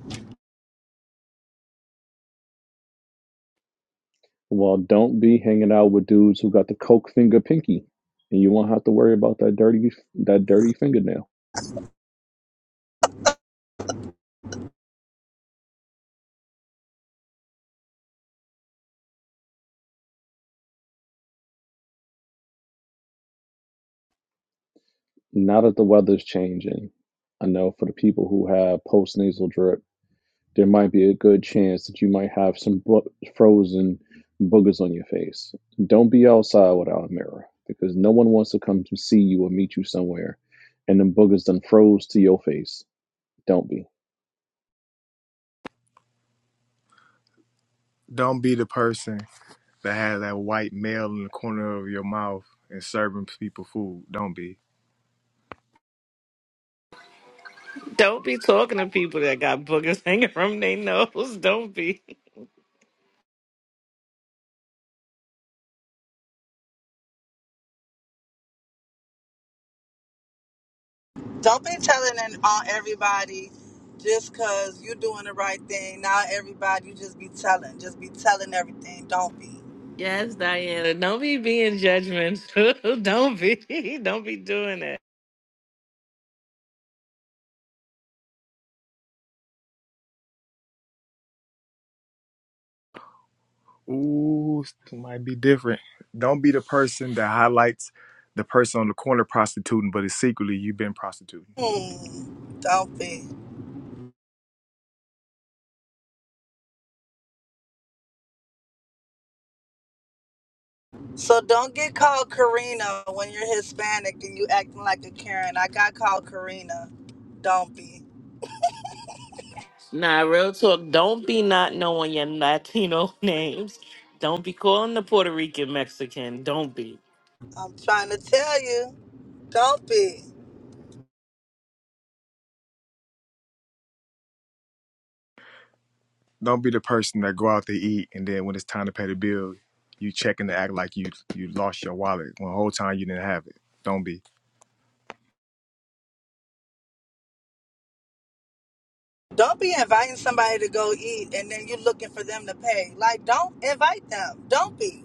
Well, don't be hanging out with dudes who got the coke finger pinky, and you won't have to worry about that dirty that dirty fingernail. Now that the weather's changing, I know for the people who have post nasal drip, there might be a good chance that you might have some bo- frozen boogers on your face. Don't be outside without a mirror because no one wants to come to see you or meet you somewhere, and them boogers done froze to your face. Don't be.
Don't be the person that has that white male in the corner of your mouth and serving people food. Don't be.
Don't be talking to people that got boogers hanging from their nose. Don't be.
Don't be telling and on everybody just cause you doing the right thing. Now everybody you just be telling. Just be telling everything. Don't be.
Yes, Diana. Don't be being judgmental. don't be. Don't be doing that.
Ooh, it might be different. Don't be the person that highlights the person on the corner prostituting, but it's secretly you've been prostituting.
Hmm. Don't be. So don't get called Karina when you're Hispanic and you acting like a Karen. I got called Karina. Don't be.
Nah, real talk. Don't be not knowing your Latino names. Don't be calling the Puerto Rican Mexican. Don't be.
I'm trying to tell you. Don't be.
don't be the person that go out to eat and then when it's time to pay the bill, you checking to act like you you lost your wallet when the whole time you didn't have it. Don't be.
Don't be inviting somebody to go eat and then you looking for them to pay. Like don't invite them. Don't be.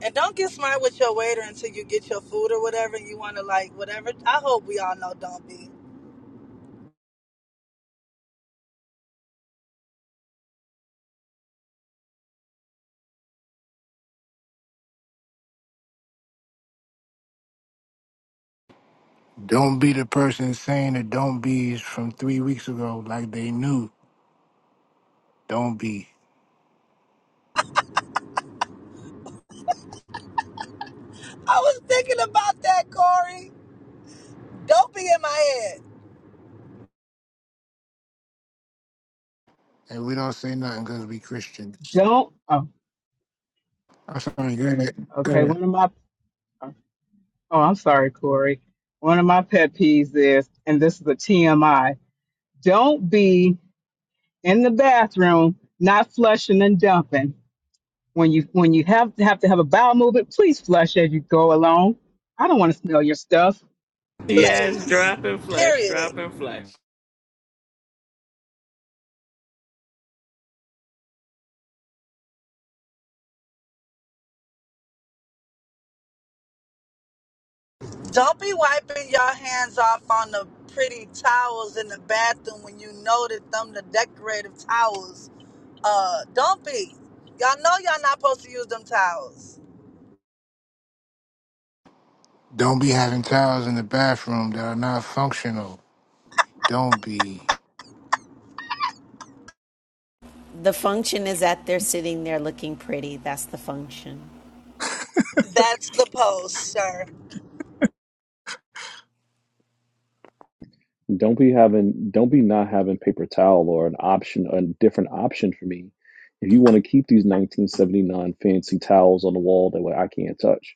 And don't get smart with your waiter until you get your food or whatever and you want to like whatever. I hope we all know don't be.
Don't be the person saying the don't be's from three weeks ago, like they knew. Don't be.
I was thinking about that, Corey. Don't be in my head.
And we don't say nothing because we Christians.
don't oh
I'm sorry, go ahead. Go
okay one
ahead.
of my oh i'm sorry corey one of my pet peeves is and this is a tmi Don't be in the bathroom not flushing and dumping. When you when you have to have to have a bowel movement, please flush as you go along. I don't want to smell your stuff.
Yes,
Please.
dropping flesh.
Period.
Dropping flesh.
Don't be wiping your hands off on the pretty towels in the bathroom when you know that them the decorative towels. Uh, don't be. Y'all know y'all not supposed to use them towels.
Don't be having towels in the bathroom that are not functional. Don't be.
the function is that they're sitting there looking pretty. That's the function.
That's the post, sir.
Don't be having, don't be not having paper towel or an option, a different option for me. If you want to keep these 1979 fancy towels on the wall that way I can't touch,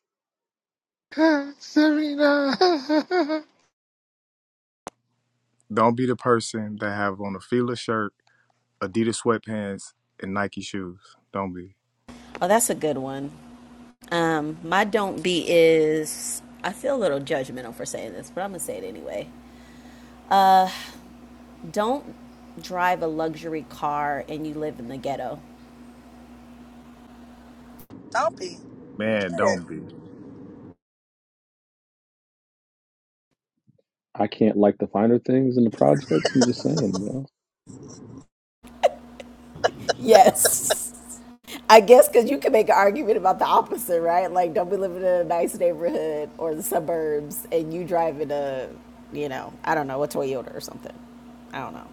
Serena.
Don't be the person that have on a Fila shirt, Adidas sweatpants, and Nike shoes. Don't be.
Oh, that's a good one. Um, my don't be is I feel a little judgmental for saying this, but I'm gonna say it anyway. Don't drive a luxury car and you live in the ghetto.
Don't be.
Man,
Period.
don't be.
I can't like the finer things in the projects. I'm just saying, you know.
Yes. I guess because you can make an argument about the opposite, right? Like, don't we live in a nice neighborhood or the suburbs, and you drive in a, you know, I don't know, a Toyota or something. I don't know.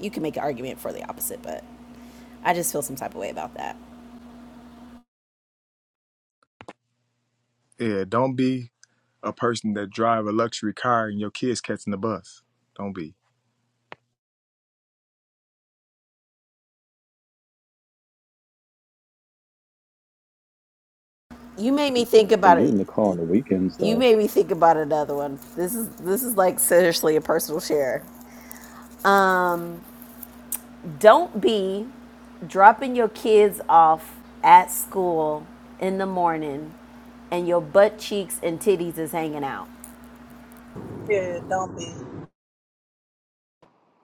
You can make an argument for the opposite, but I just feel some type of way about that.
Yeah, don't be a person that drive a luxury car and your kids catching the bus. Don't be.
You made me think
And
about
get
it.
in the car on the weekends
You
though.
made me think about another one. This is this is like seriously a personal share. Um, Don't be dropping your kids off at school in the morning and your butt cheeks and titties is hanging out.
Period. Don't be.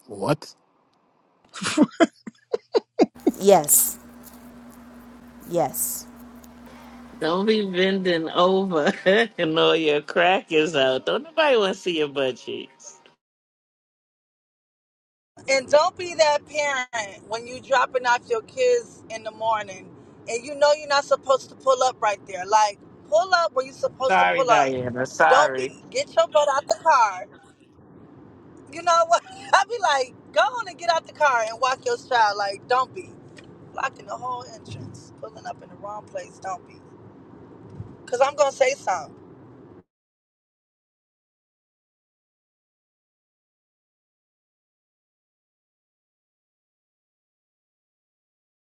what?
Yes, yes.
Don't be bending over and all your crackers out. Don't nobody want to see your butt cheeks.
And don't be that parent when you dropping off your kids in the morning and you know you're not supposed to pull up right there. Like, pull up where you're supposed to
Sorry,
pull up.
Diana.
Don't
Sorry.
be. Get your butt out the car You know what? I be like, go on and get out the car and walk your child. Like, don't be blocking the whole entrance, pulling up in the wrong place. Don't be, cause I'm gonna say something.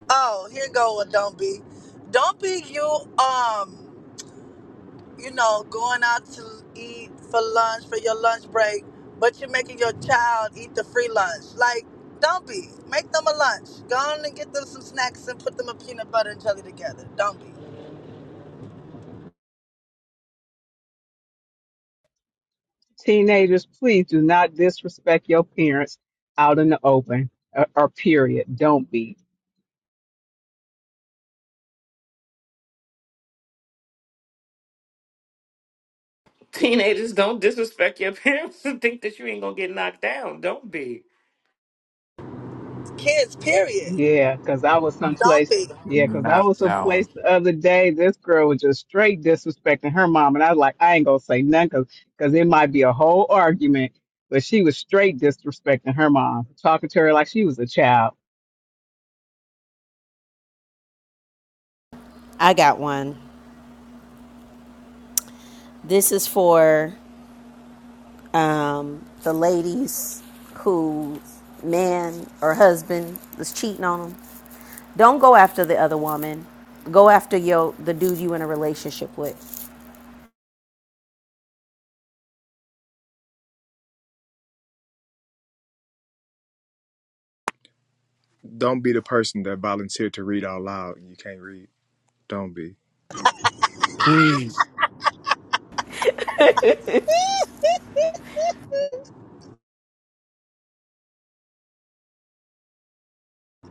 Oh, here go with don't be, don't be you. Um, you know, going out to eat for lunch for your lunch break, but you're making your child eat the free lunch. Like, don't be. Make them a lunch. Go on and get them some snacks and put them a peanut butter and jelly together. Don't be.
Teenagers, please do not disrespect your parents out in the open or, or period. Don't be.
Teenagers, don't disrespect your parents and think that you ain't gonna get knocked down. Don't be.
Kids, period.
Yeah, because I was
Don't
someplace.
be.
Yeah, because I
Knock
was someplace
down.
the other day. This girl was just straight disrespecting her mom. And I was like, I ain't going to say nothing because it might be a whole argument. But she was straight disrespecting her mom, talking to her like she was a child.
I got one. This is for um, the ladies whose man or husband was cheating on them. Don't go after the other woman. Go after your the dude you in a relationship with.
Don't be the person that volunteered to read out loud and you can't read. Don't be.
Please.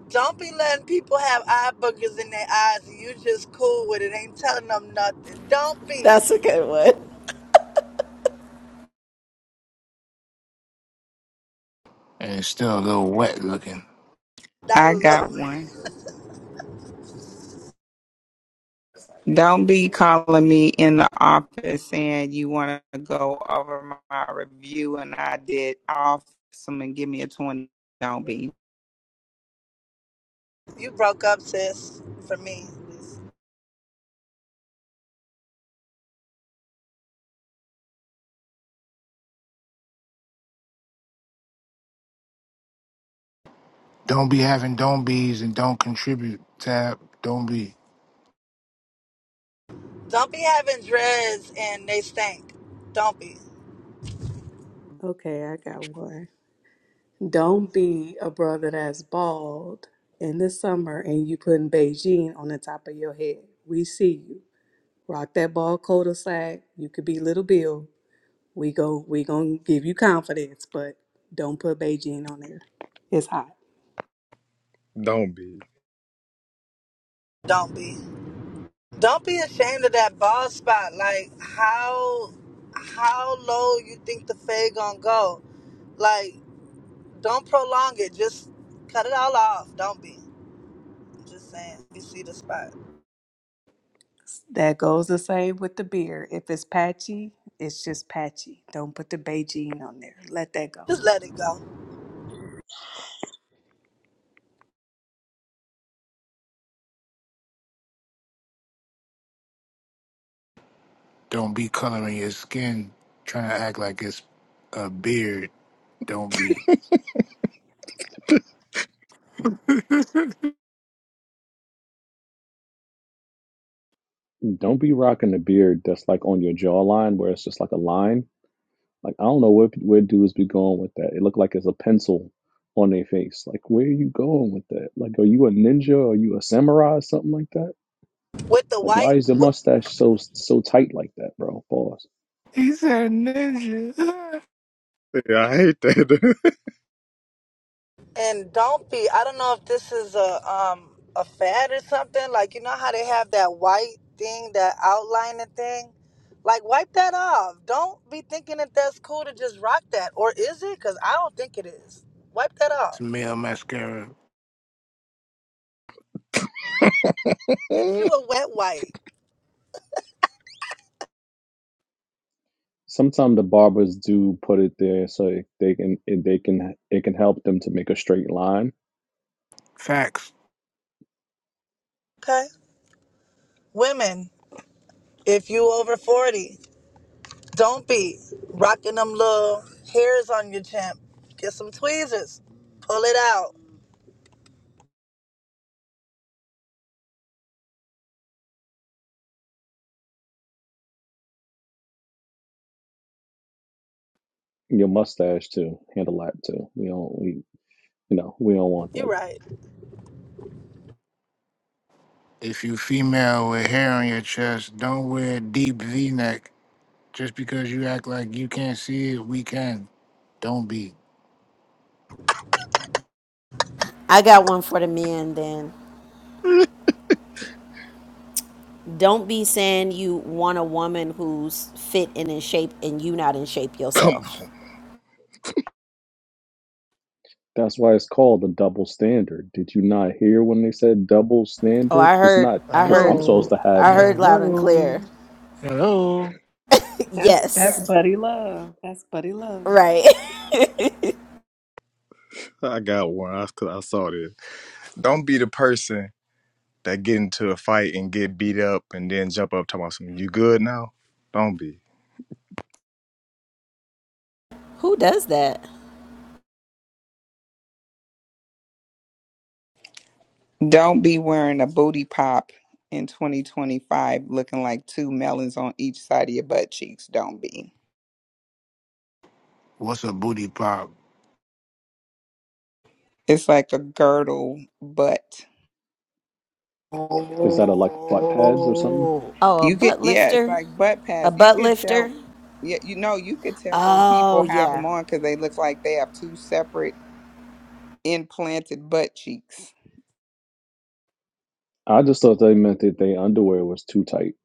Don't be letting people have eye boogers in their eyes and you just cool with it. Ain't telling them nothing. Don't
That's a
be.
good one.
And it's still a little wet looking.
Not a
I got
little.
one. Don't be calling me in the office saying you want to go over my, my review and I did off some and give me a 20. Don't be.
You broke up, sis, for me.
Don't be having don't be's and don't contribute. Tab, don't be.
Don't be having dreads and they stink. Don't be.
Okay, I got one. Don't be a brother that's bald in the summer and you putting Beijing on the top of your head. We see you. Rock that bald cul-de-sac. You could be little Bill. We go we gonna give you confidence, but don't put Beijing on there. It's hot.
Don't be.
Don't be. Don't be ashamed of that bald spot. Like how how low you think the fade gonna go. Like, don't prolong it. Just cut it all off. Don't be. I'm Just saying. You see the spot.
That goes the same with the beard. If it's patchy, it's just patchy. Don't put the Beijing on there. Let that go.
Just let it go.
Don't be coloring your skin, trying to act like it's a beard. Don't be.
Don't be rocking a beard that's like on your jawline where it's just like a line. Like I don't know where where dudes be going with that. It look like it's a pencil on their face. Like where are you going with that? Like are you a ninja? Are you a samurai or something like that?
With the
Like,
white
why is the mustache so so tight like that, bro? Pause.
He said ninja.
Yeah, I hate that.
And don't be. I don't know if this is a um a fad or something. Like you know how they have that white thing, that outlining thing. Like wipe that off. Don't be thinking that that's cool to just rock that, or is it? Because I don't think it is. Wipe that
it's
off.
male mascara.
Get you a wet wipe,
Sometimes the barbers do put it there so it- they can it, they can it can help them to make a straight line.
Facts.
okay? Women, if you over forty, don't be rocking them little hairs on your chin. Get some tweezers. Pull it out.
Your mustache too, handle that too. We don't we, You know, we don't want
You
that.
right.
If you female with hair on your chest, don't wear a deep V-neck. Just because you act like you can't see it, we can. Don't be.
I got one for the men then. Don't be saying you want a woman who's fit and in shape and you not in shape
Come
yourself.
That's why it's called a double standard. Did you not hear when they said double
Oh,
standard?
I
It's
heard
not
I
because I'm
heard
supposed
Hello.
to have.
I heard loud and
Hello.
clear.
Hello.
That's
Yes.
that's buddy love. That's buddy love.
Right.
I got one. I, I saw this. Don't be the person that get into a fight and get beat up and then jump up talking about something. You good now? Don't be.
Who does that?
Don't be wearing a booty pop in 2025 looking like two melons on each side of your butt cheeks. Don't be.
What's a booty pop?
It's like a girdle butt
Is that a, like butt pads or something?
Oh.
A
You could,
butt
yeah, it's
lifter?
like butt
A
pads. You
butt
could
lifter?
tell, yeah, you know, you could tell when
Oh,
people have
yeah.
them on because they look like they have two separate implanted butt cheeks.
I just thought they meant that their underwear was too tight.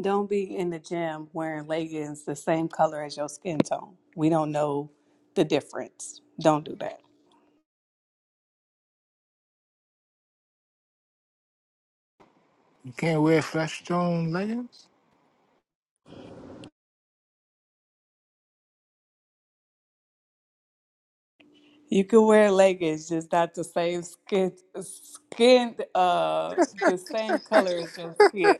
Don't be in the gym wearing leggings the same color as your skin tone. We don't know the difference. Don't do that.
You can't wear flesh tone leggings?
You can wear leggings, just not the same skin skin uh the same color as your skin.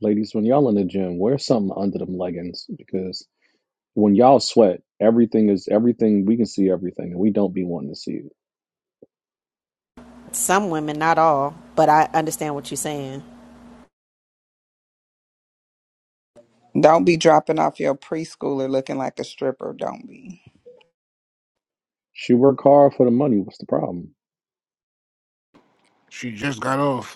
Ladies, when y'all in the gym, wear something under them leggings because When y'all sweat, everything is everything. We can see everything, and we don't be wanting to see it.
Some women, not all, but I understand what you're saying.
Don't be dropping off your preschooler looking like a stripper. Don't be.
She work hard for the money. What's the problem?
She just got off.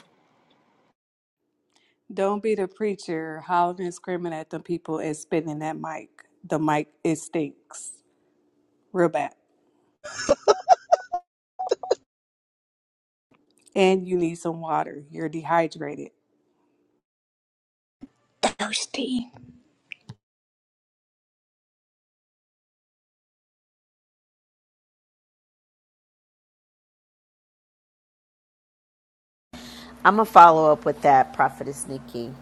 Don't be the preacher howling and screaming at the people and spitting that mic. The mic it stinks real bad. And you need some water. You're dehydrated.
Thirsty.
I'm going to follow up with that, Prophetess Nikki.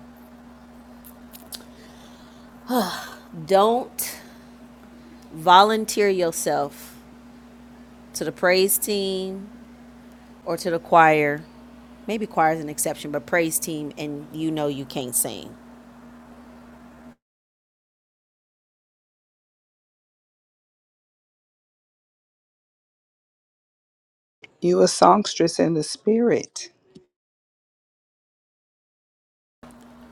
Don't volunteer yourself to the praise team or to the choir. Maybe choir is an exception, but praise team, and you know you can't sing.
You a songstress in the spirit.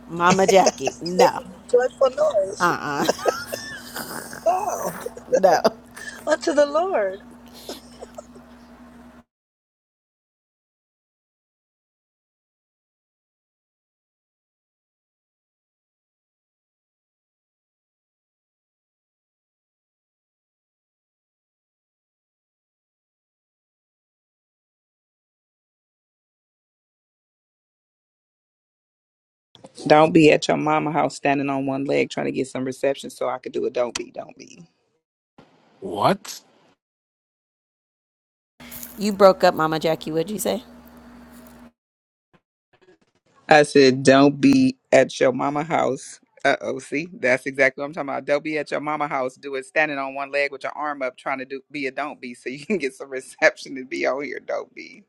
Mama Jackie,
Make
no,
a joyful noise. Wow.
no.
Unto the Lord.
Don't be at your mama house standing on one leg trying to get some reception so I could do it. Don't be, don't be.
What?
You broke up, Mama Jackie, what'd you say?
I said, don't be at your mama house. Uh oh, see, that's exactly what I'm talking about. Don't be at your mama house, do it standing on one leg with your arm up trying to do be a don't be so you can get some reception and be on here. Don't be.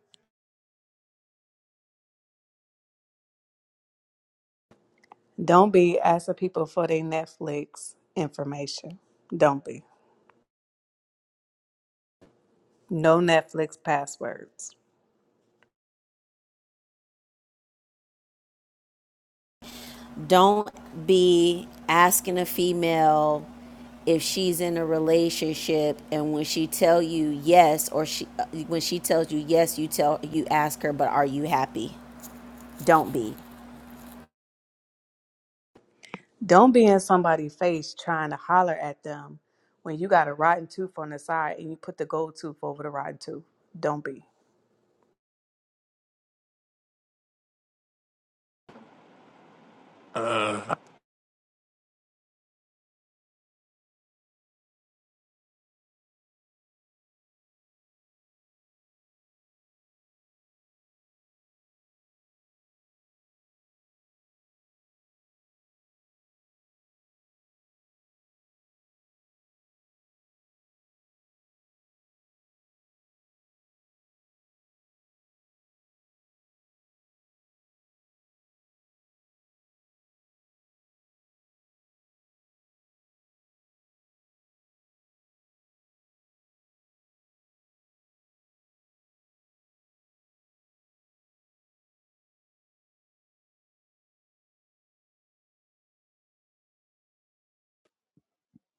Don't be asking people for their Netflix information. Don't be. No Netflix passwords.
don't be asking a female if she's in a relationship and when she tell you yes or she uh, when she tells you yes you tell you ask her but are you happy don't be
Don't be in somebody's face trying to holler at them when you got a rotten tooth on the side and you put the gold tooth over the rotten tooth. Don't be.
Uh,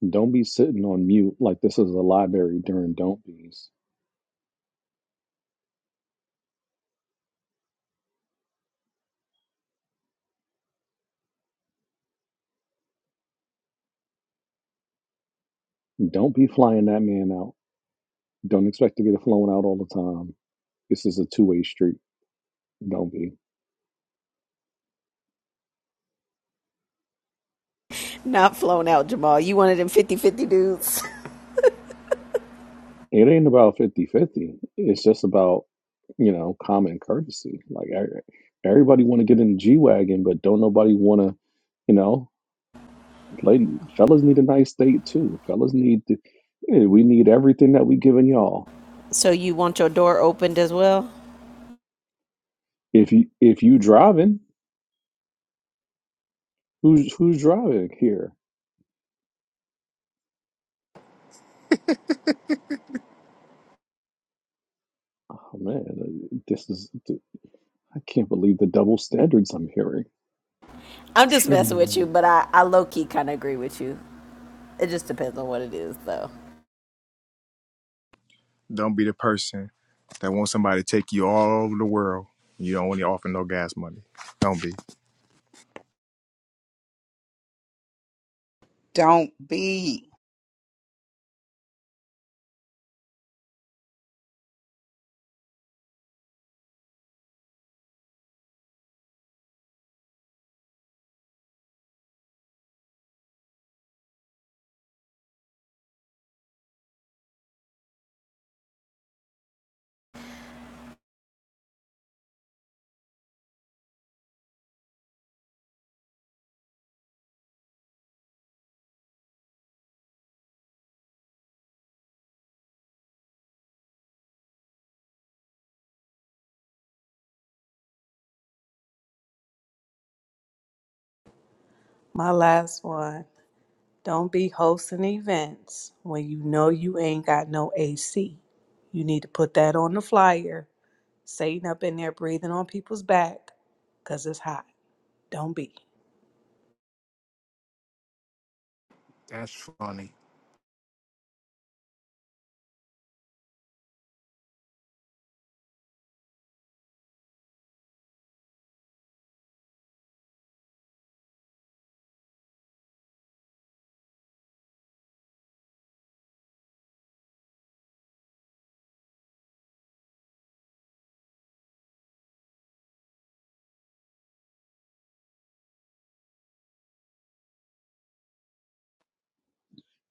Don't be sitting on mute like this is a library during don't be's. Don't be flying that man out. Don't expect to get it flown out all the time. This is a two way street. Don't be.
not flown out jamal you one of them fifty-fifty dudes
It ain't about fifty-fifty. It's just about you know common courtesy like e- everybody want to get in the g-wagon but don't nobody want to you know Ladies, fellas need a nice date too. Fellas need to, yeah, we need everything that we giving y'all.
so you want your door opened as well
If you if you driving, who's who's driving here? Oh man, this is I can't believe the double standards I'm hearing.
i'm just messing with you
shim,
but i, I low-key kind of agree with you it just depends on what it is though
Don't be the person that wants somebody to take you all over the world. You don't want to offer no gas money. Don't be.
Don't be.
My last one. Don't be hosting events when you know you ain't got no AC. You need to put that on the flyer. Satan up in there breathing on people's back because it's hot. Don't be.
that's funny.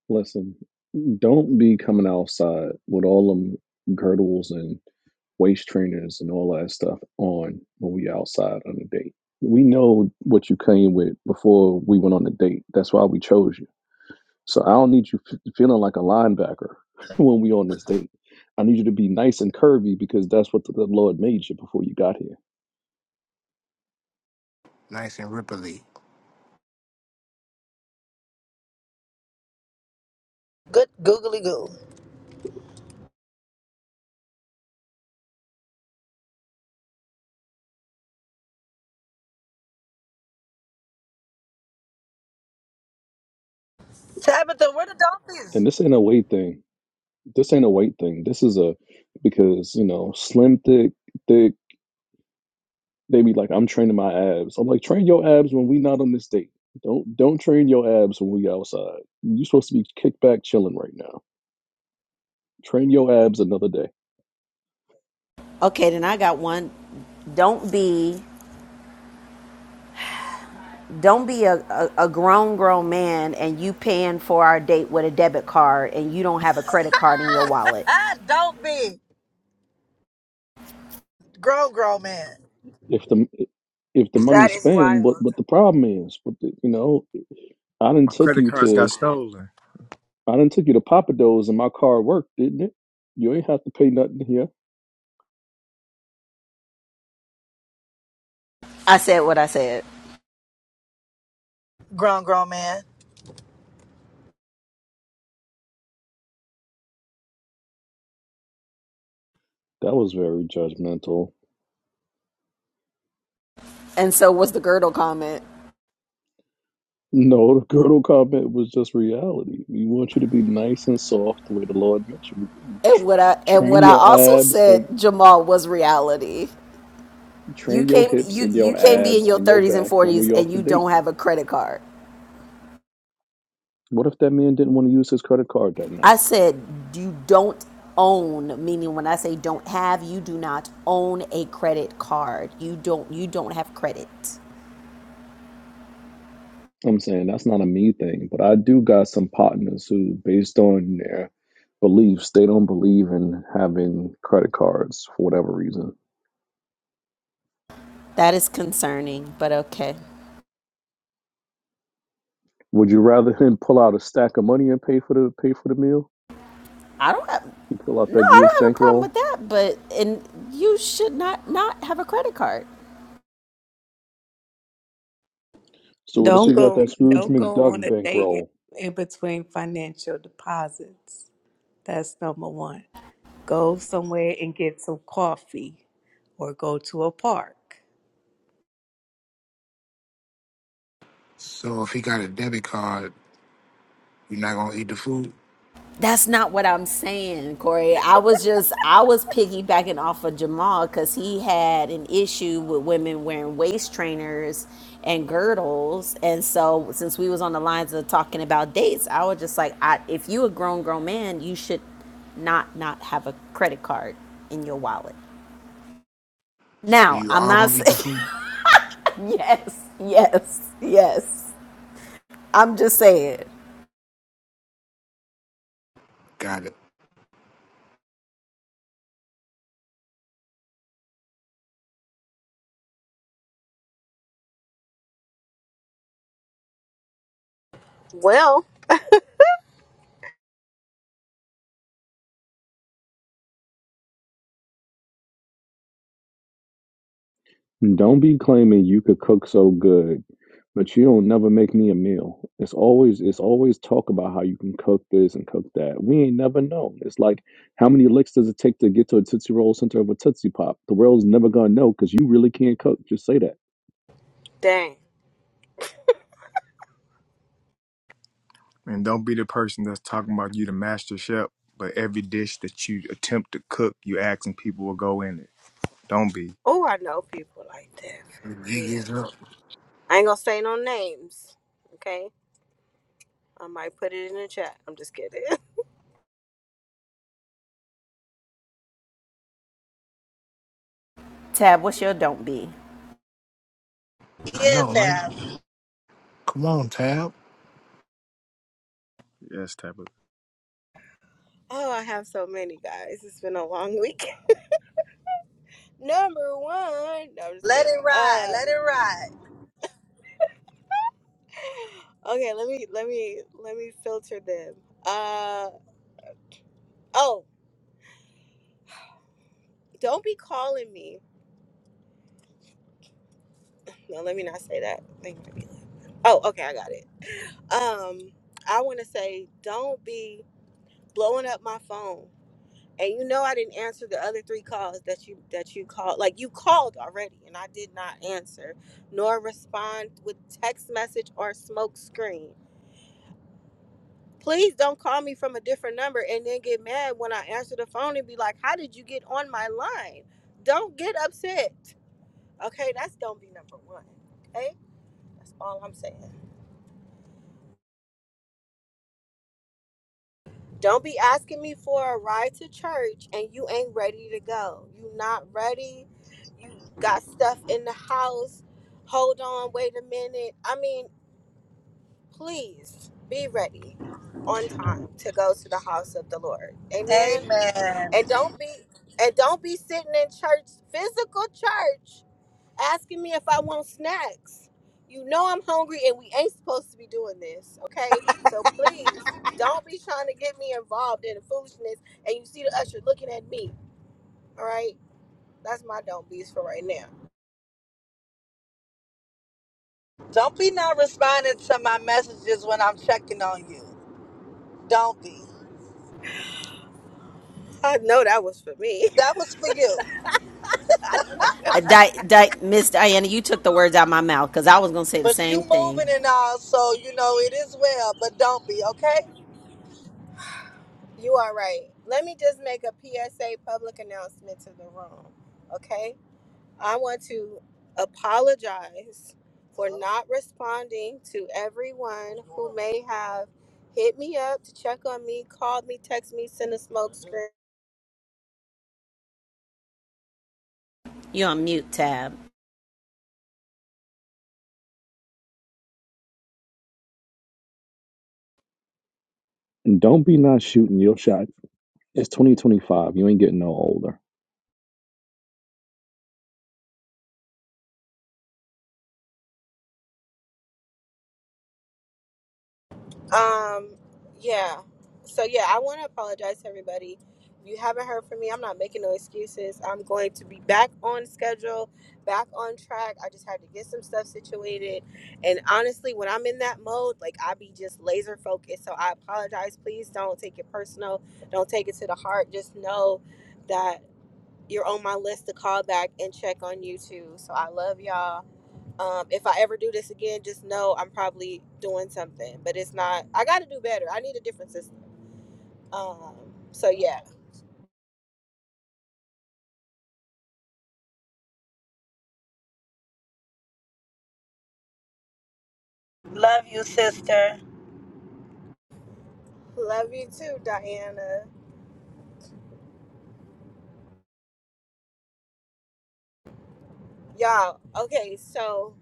Listen, don't be coming outside with all them girdles and waist trainers and all that stuff on when we outside on a date. We know what you came with before we went on the date. That's why we chose you. So I don't need you f- feeling like a linebacker when we on this date. I need you to be nice and curvy because that's what the, the Lord made you before you got here.
Nice and ripply.
Good googly goo. Tabitha, where the donkeys?
And this ain't a weight thing. This ain't a weight thing. This is a because you know slim, thick, thick. They be like, I'm training my abs. I'm like, train your abs when we not on this date. Don't don't train your abs when we outside. you supposed to be kick back chilling right now. Train your abs another day.
okay then i got one don't be Don't be a, a, a grown, grown man and you paying for our date with a debit card and you don't have a credit card in your wallet.
Ah, don't be. Grown, grown man.
If the if the money
That is
spent, what
wild.
what the problem is? What the, you know? I didn't
My
took
credit
you
cards got
to
stolen.
I didn't took you to Papa Do's and my car worked, didn't it? You ain't have to pay nothing here.
I said what I said.
Grown, grown man.
That was very judgmental.
And so was the girdle comment.
No, the girdle comment was just reality. We want you to be nice and soft the way the Lord meant you.
And
Tr-
what I and
Train
what I
your
also
abs and
said, Jamal, was reality. You
train your
can't
hips
you
and
you
your
can't be in
abs
your
and your
thirties and
back when
forties
we off
and
the
you
date.
don't have a credit card.
What if that man didn't want to use his credit card that night?
I said you don't own, meaning when I say don't have, you do not own a credit card. You don't you don't have credit.
I'm saying that's not a me thing, but I do got some partners who, based on their beliefs, they don't believe in having credit cards for whatever reason.
That is concerning, but okay.
Would you rather him pull out a stack of money and pay for the pay for the meal?
I don't have.
He pull out
No,
that
I
Jewish
don't have a problem
bankroll?
with that, but and you should not not have a credit card.
So what if
Don't
you got
go
that Scrooge
don't go
McDuck
on a date in,
bankroll?
in between financial deposits. That's number one. Go somewhere and get some coffee or go to a park.
So if he got a debit card, you're not gonna eat the food.
That's not what I'm saying, Corey. I was just I was piggybacking off of Jamal because he had an issue with women wearing waist trainers and girdles, and so since we was on the lines of talking about dates, I was just like, I, if you a grown grown man, you should not not have a credit card in your wallet.
So
Now,
you
I'm
are
not
gonna eat the
saying
food.
yes, yes, yes. I'm just saying
Got it.
Well,
Don't be claiming you could cook so good, but you don't never make me a meal. It's always it's always talk about how you can cook this and cook that. We ain't never known. It's like how many licks does it take to get to a Tootsie Roll center of a Tootsie Pop? The world's never gonna know because you really can't cook. Just say that.
dang.
And don't be the person that's talking about you the master chef, but every dish that you attempt to cook, you asking people will go in it. Don't be.
Oh, I know people like that for
He
real.
gives up.
I ain't gonna say no names. Okay. I might put it in the chat. I'm just kidding.
Tab, what's your don't be?
I know,
Yes,
right?
Tab.
Come on, Tab.
That's type of
Oh, I have so many guys. It's been a long week. Number one. No, I'm just
Let
kidding.
it ride.
Uh,
Let it ride.
okay. Let me let me let me filter them. Uh, oh, don't be calling me. No, let me not say that. Thank you. Oh, okay. I got it. Um, I want to say don't be blowing up my phone. and you know I didn't answer the other three calls that you that you called. Like you called already, and I did not answer nor respond with text message or smoke screen. Please don't call me from a different number and then get mad when I answer the phone and be like, "How did you get on my line?" Don't get upset. Okay, that's don't be number one. Okay, that's all I'm saying. Don't be asking me for a ride to church and you ain't ready to go. You not ready. You got stuff in the house. Hold on, wait a minute. I mean, please be ready on time to go to the house of the Lord. Amen.
Amen.
And don't be and don't be sitting in church, physical church asking me if I want snacks. You know I'm hungry and we ain't supposed to be doing this, okay? So please don't be trying to get me involved in the foolishness and you see the usher looking at me, all right? That's my don't be's for right now.
Don't be not responding to my messages when I'm checking on you. Don't be.
I know that was for me.
That was for you.
Uh, Di- Di- Miss Diana, you took the words out of my mouth because I was gonna say the
But you
same thing.
moving and all, so you know it is well, but don't be, okay?
You are right. Let me just make a PSA public announcement to the room, okay? I want to apologize for not responding to everyone who may have hit me up to check on me, called me, text me, sent a smoke
You on mute, Tab.
And don't be not shooting your shot. It's 2025. You ain't getting no older.
Um, yeah. So yeah, I want to apologize to everybody. If you haven't heard from me, I'm not making no excuses. I'm going to be back on schedule, back on track. I just had to get some stuff situated. And honestly, when I'm in that mode, like I be just laser focused. So I apologize. Please don't take it personal. Don't take it to the heart. Just know that you're on my list to call back and check on you too. So I love y'all um, if I ever do this again, just know I'm probably doing something, but it's not. I got to do better. I need a different system. Um, so yeah,
Love you, sister.
love you too, Diana. Y'all, okay. So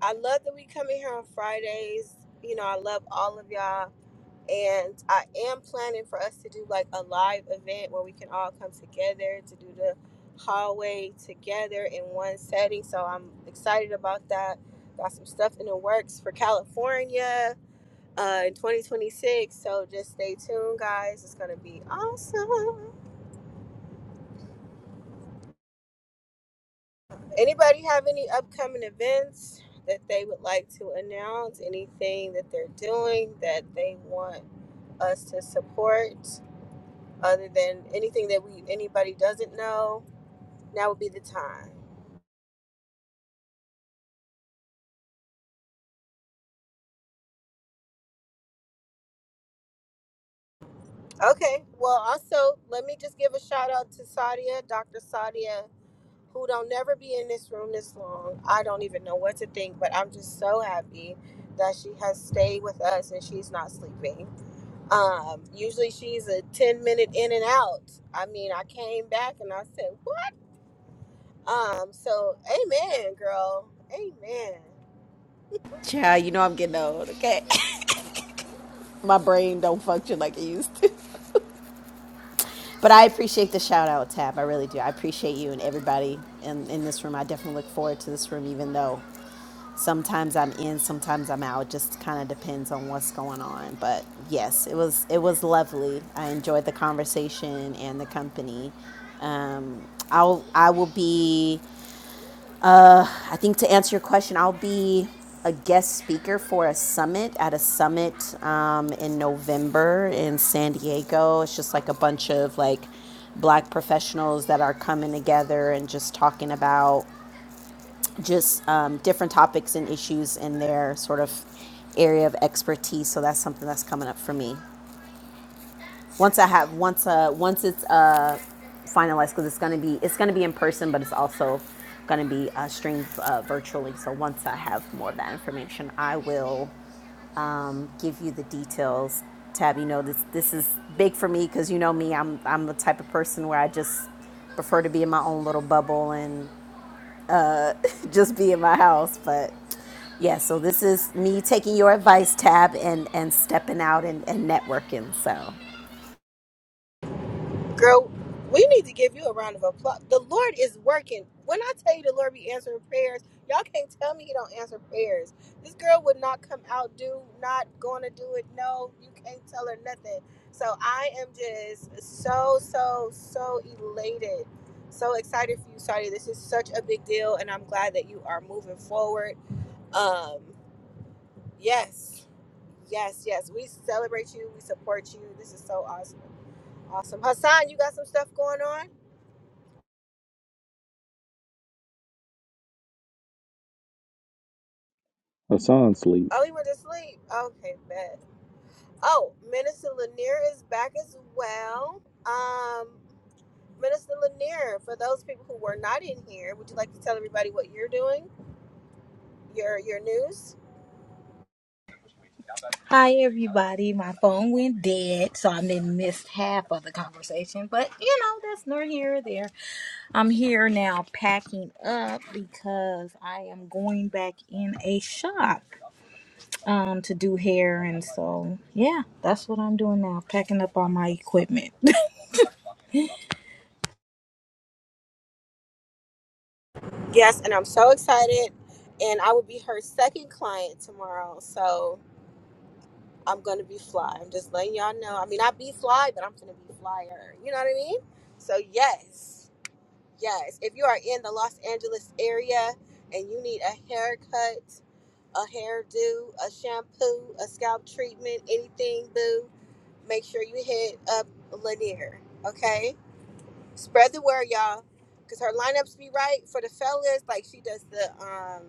I love that we come in here on Fridays. You know, I love all of y'all, and I am planning for us to do like a live event where we can all come together to do the hallway together in one setting. So I'm excited about that. Got some stuff in the works for California uh, in 2026. So just stay tuned, guys. It's gonna be awesome. Anybody have any upcoming events that they would like to announce? Anything that they're doing that they want us to support, other than anything that we anybody doesn't know? Now would be the time. Okay. Well, also let me just give a shout out to Sadia, Dr. Sadia. who don't never be in this room this long. I don't even know what to think, but I'm just so happy that she has stayed with us and she's not sleeping. Um, usually she's a 10 minute in and out. I mean, I came back and I said, "Whoop." um, so amen, girl. Amen.
Child, you know I'm getting old. Okay, my brain don't function like it used to. But I appreciate the shout out, Tab. I really do. I appreciate you and everybody in, in this room. I definitely look forward to this room, even though sometimes I'm in, sometimes I'm out. Just kind of depends on what's going on. But yes, it was it was lovely. I enjoyed the conversation and the company. Um, I'll I will be. I think to answer your question, I'll be a guest speaker for a summit at a summit um, in November in San Diego. It's just like a bunch of like black professionals that are coming together and just talking about just um, different topics and issues in their sort of area of expertise. So that's something that's coming up for me. Once I have once uh once it's uh finalized because it's gonna be it's gonna be in person, but it's also gonna be uh, streamed uh, virtually. So once I have more of that information, I will um, give you the details. Tab, you know this this is big for me because you know me. I'm I'm the type of person where I just prefer to be in my own little bubble and just be in my house. But yeah, so this is me taking your advice tab and and stepping out and, and networking. So
Girl, we need to give you a round of applause. The Lord is working. When I tell you the Lord be answering prayers, y'all can't tell me He don't answer prayers. This girl would not come out, do not gonna do it. No, you can't tell her nothing. So I am just so, so, so elated. So excited for you, Saudi. This is such a big deal, and I'm glad that you are moving forward. Um, yes, yes, yes. We celebrate you. We support you. This is so awesome. Awesome. Hassan, you got some stuff going on?
Hassan sleep.
Oh, he went to sleep. Okay, bet. Oh, Minister Lanier is back as well. Um, Minister Lanier, for those people who were not in here, would you like to tell everybody what you're doing? Your your news?
Hi, everybody. My phone went dead, so I may missed half of the conversation, but you know, that's nor here or there. I'm here now packing up because I am going back in a shop um, to do hair. And so, yeah, that's what I'm doing now, packing up all my equipment.
Yes, and I'm so excited. And I will be her second client tomorrow. So I'm gonna be fly. I'm just letting y'all know. I mean I be fly, but I'm gonna be flyer. You know what I mean? So yes. Yes. If you are in the Los Angeles area and you need a haircut, a hairdo, a shampoo, a scalp treatment, anything, boo, make sure you hit up Lanier. Okay? Spread the word, y'all. Cause her lineups be right for the fellas. Like she does the um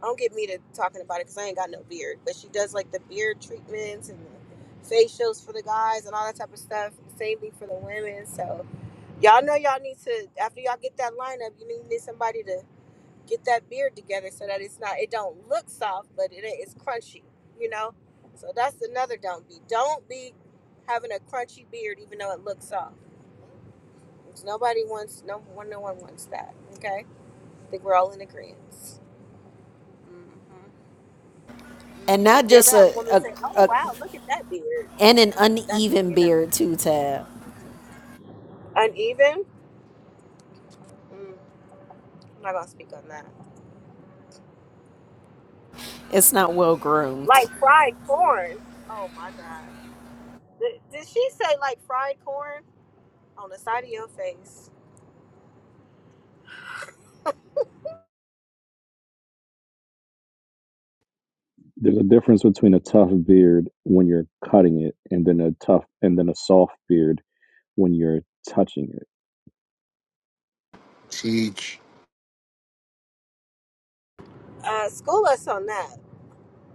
don't get me to talking about it because I ain't got no beard. But she does like the beard treatments and the facials for the guys and all that type of stuff. Same thing for the women. So y'all know y'all need to after y'all get that lineup, you need, need somebody to get that beard together so that it's not it don't look soft but it is crunchy you know so that's another don't be don't be having a crunchy beard even though it looks soft 'Cause nobody wants no one no one wants that okay i think we're all in agreement mm-hmm.
and
Mm-hmm.
not
you ever
just
have a woman
a, a
say oh
a
wow look at that beard
and an
that's when
uneven
you know
beard too, Tab.
uneven mm, i'm not gonna speak on that
It's not well groomed.
like fried corn oh my god did, did she say like fried corn on the side of your face
There's a difference between a tough beard when you're cutting it and then a tough and then a soft beard when you're touching it.
Teach.
Uh, school us on that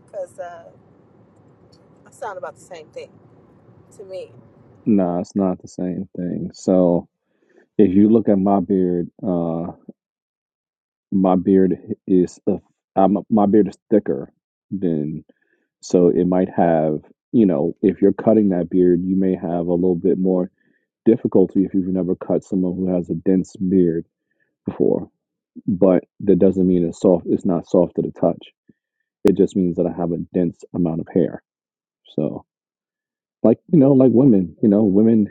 because uh, I sound about the same thing to me.
Nah, it's not the same thing. So if you look at my beard, uh, my beard is a, I'm, my beard is thicker than so it might have you know if you're cutting that beard, you may have a little bit more difficulty if you've never cut someone who has a dense beard before. But that doesn't mean it's soft. It's not soft to the touch. It just means that I have a dense amount of hair. So like you know like women, you know women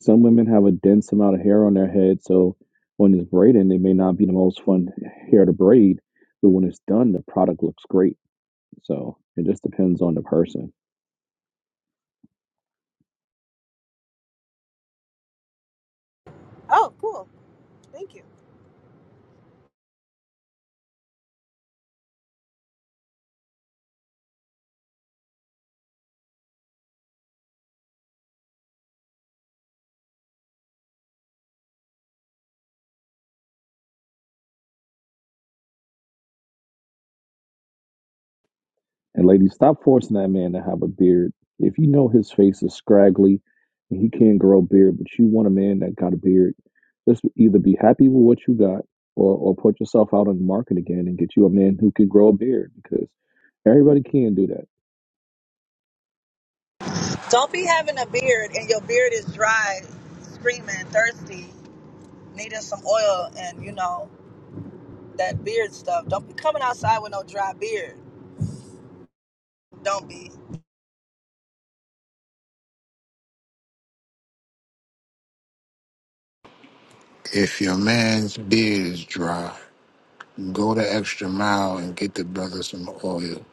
Some women have a dense amount of hair on their head, so when it's braiding, it may not be the most fun hair to braid, but when it's done, the product looks great. So it just depends on the person.
Oh, cool. Thank you.
And ladies, stop forcing that man to have a beard. If you know his face is scraggly and he can't grow a beard, but you want a man that got a beard, just either be happy with what you got or, or put yourself out on the market again and get you a man who can grow a beard because everybody can do that.
Don't be having a beard and your beard is dry, screaming, thirsty. needing some oil and you know that beard stuff. Don't be coming outside with no dry beard. Don't be.
If your man's beard is dry, go the extra mile and get the brother some oil.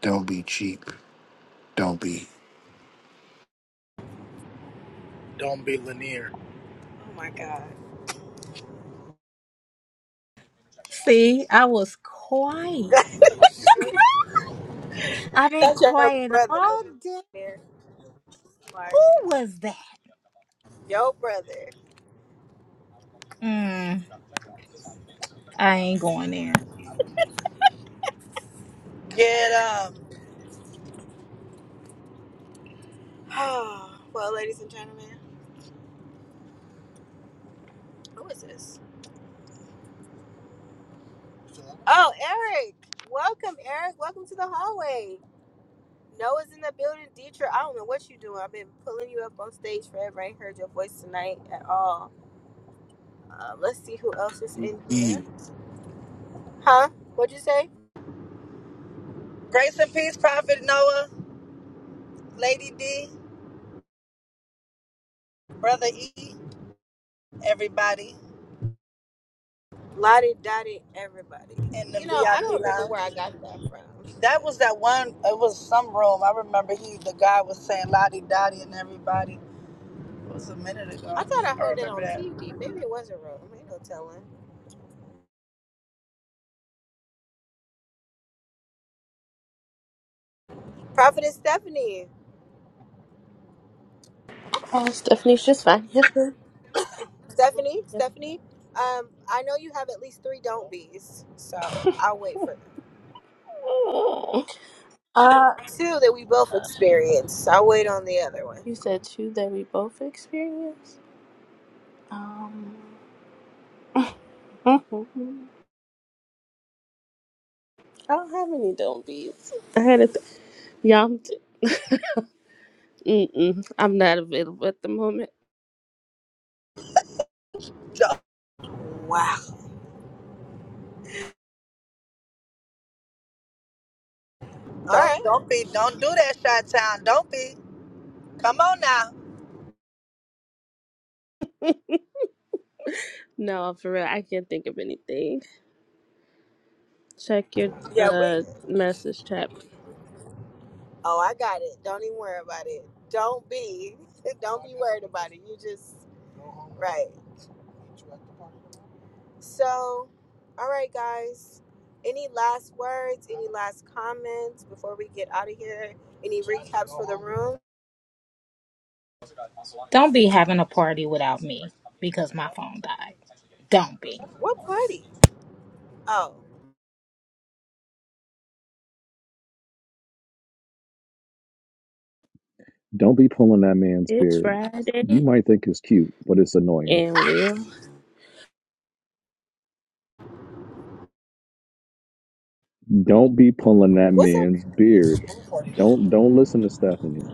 Don't be cheap. Don't be
Oh my God.
See, I was quiet. I've been
That's your
quiet
brother,
all day.
Lanier. Oh my
Who
God.
was that?
Your brother.
Mm, I ain't going there.
Get um
Oh, well, ladies and gentlemen, who is this? Oh, Eric. Welcome, Eric. Welcome to the hallway. Noah's in the building. Dietrich, I don't know what you doing. I've been pulling you up on stage forever. I ain't heard your voice tonight at all. Uh, let's see who else is in here.
mean.
Huh? What'd you say?
grace and peace, Prophet Noah, Lady D, Brother E, everybody
Lottie Dottie Everybody.
in the
You know, I don't
VIP
remember
lounge.
where I got that from,
That
but
was that one. It was some room. I remember he the guy was saying Lottie Dottie and everybody. It was a minute
I
ago.
thought I
I
heard it
remember
on
that.
TV. Maybe it wasn't wrong. Ain't no telling. Prophetess Stephanie.
Oh, Stephanie, she's fine. Yes, ma'am. Yes, ma'am.
Stephanie,
Yes, ma'am.
Stephanie, um, I know you have at least three don't be's, so I'll wait for them.
Uh,
Two that we both experienced. I'll wait on the other one.
you said two that we both experienced? Um, I don't have any don't bees. I had a th- yeah. I'm, t- mm-mm, I'm not available at the moment.
Don't
Wow. All right.
don't, don't be don't do that, Shot Town. Don't be. Come on now.
No, for real, I can't think of anything. Check your
Yeah, we
uh message chat.
oh I got it. Don't even worry about it. Don't be don't be worried about it. You just right. So, all right, guys. Any last words? Any last comments before we get out of here? Any recaps for the room?
Don't be having a party without me because my phone died. Don't be.
What party? Oh,
Don't be pulling that man's
It's
beard. You
Friday,
might think it's cute, but it's annoying.
and we'll
Don't be pulling that
what's up?
man's beard. Don't don't listen to Stephanie.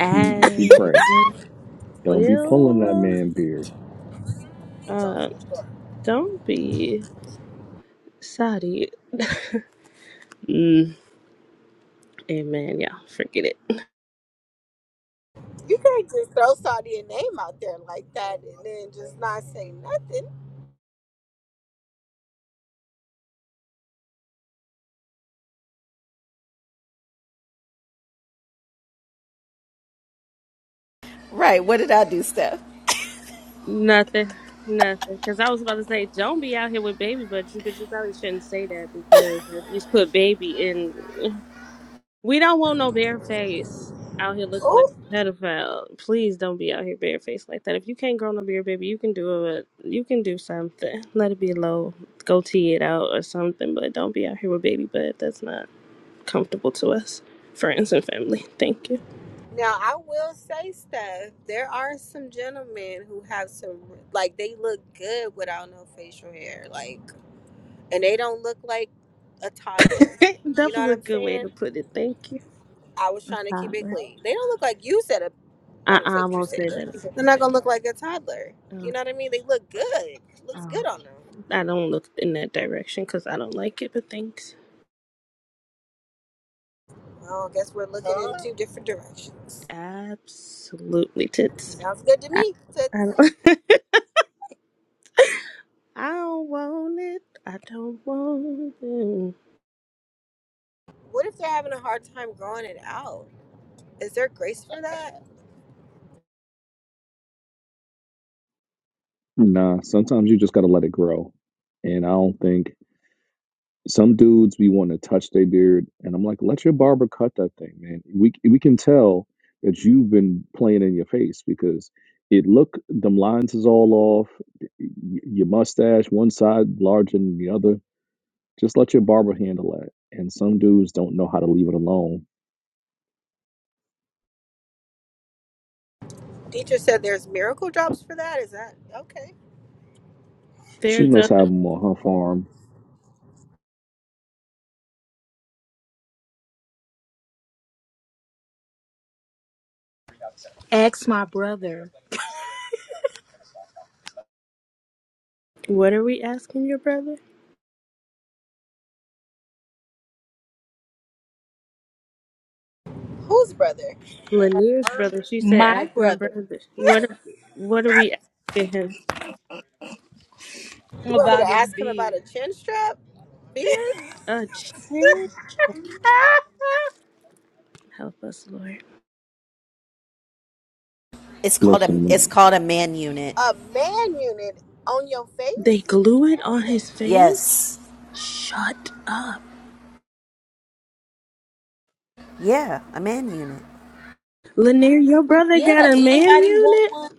She she cray. Don't be pulling that
we'll
man beard.
uh don't be sorry. Mm, amen. Yeah, forget it.
You can't just throw Saudi a name out there like that and then just not say nothing.
Right. What did I do, Steph?
Nothing, nothing. Because I was about to say, don't be out here with baby, but you, but you probably shouldn't say that because you just put baby in. We don't want no bareface out here looking like
Oh,
a pedophile. Please don't be out here barefaced like that. If you can't grow no beard, baby, you can do it. You can do something. Let it be low. Go tee it out or something, but don't be out here with baby. butt. that's not comfortable to us, friends and family. Thank you.
now I will say stuff. There are some gentlemen who have some like they look good without no facial hair, like, and they don't look like a toddler. You
that
know what
was a
I'm
good way
saying?
to put it. Thank you.
I was
A
trying to keep it
toddler.
clean. They don't look like you said. ai ain't I'm
I
gonna say
I
what you
won't
said,
say that
but
again.
they're not gonna look like a toddler. You
Oh,
know what I mean? They look good. Looks
oh.
good on them.
I don't look in that direction because I don't like it, but thanks.
Well, I guess we're looking in two different directions.
Absolutely tits.
Sounds good to
I,
me. So,
I, don't, I don't want it. I don't want it.
what if they're having a hard time growing it out? Is there grace for that?
Nah, sometimes you just gotta let it grow. And I don't think some dudes we want to touch their beard, and I'm like, let your barber cut that thing, man. We we can tell that you've been playing in your face because it look them lines is all off. y- Your mustache, one side larger than the other Just let your barber handle it. And some dudes don't know how to leave it alone.
Teacher said there's miracle drops for that. Is that okay?
She
There's
must
a.
have them on her farm.
Ask my brother,
What are we asking your brother?
Whose brother?
Lanier's brother. She said,
my
ask my
brother,
brother. What, what are we asking him?
You want me to
about his
ask him about
beard.
a chin strap, beard,
A chin? Help us, Lord.
It's called a
Listen,
it's
when-
called a man unit.
a man unit on your
They
face?
glue it on his face?
Yes,
Shut up.
yeah, a man unit
Lanier, your brother
yeah,
got a man
anybody want
unit?
one?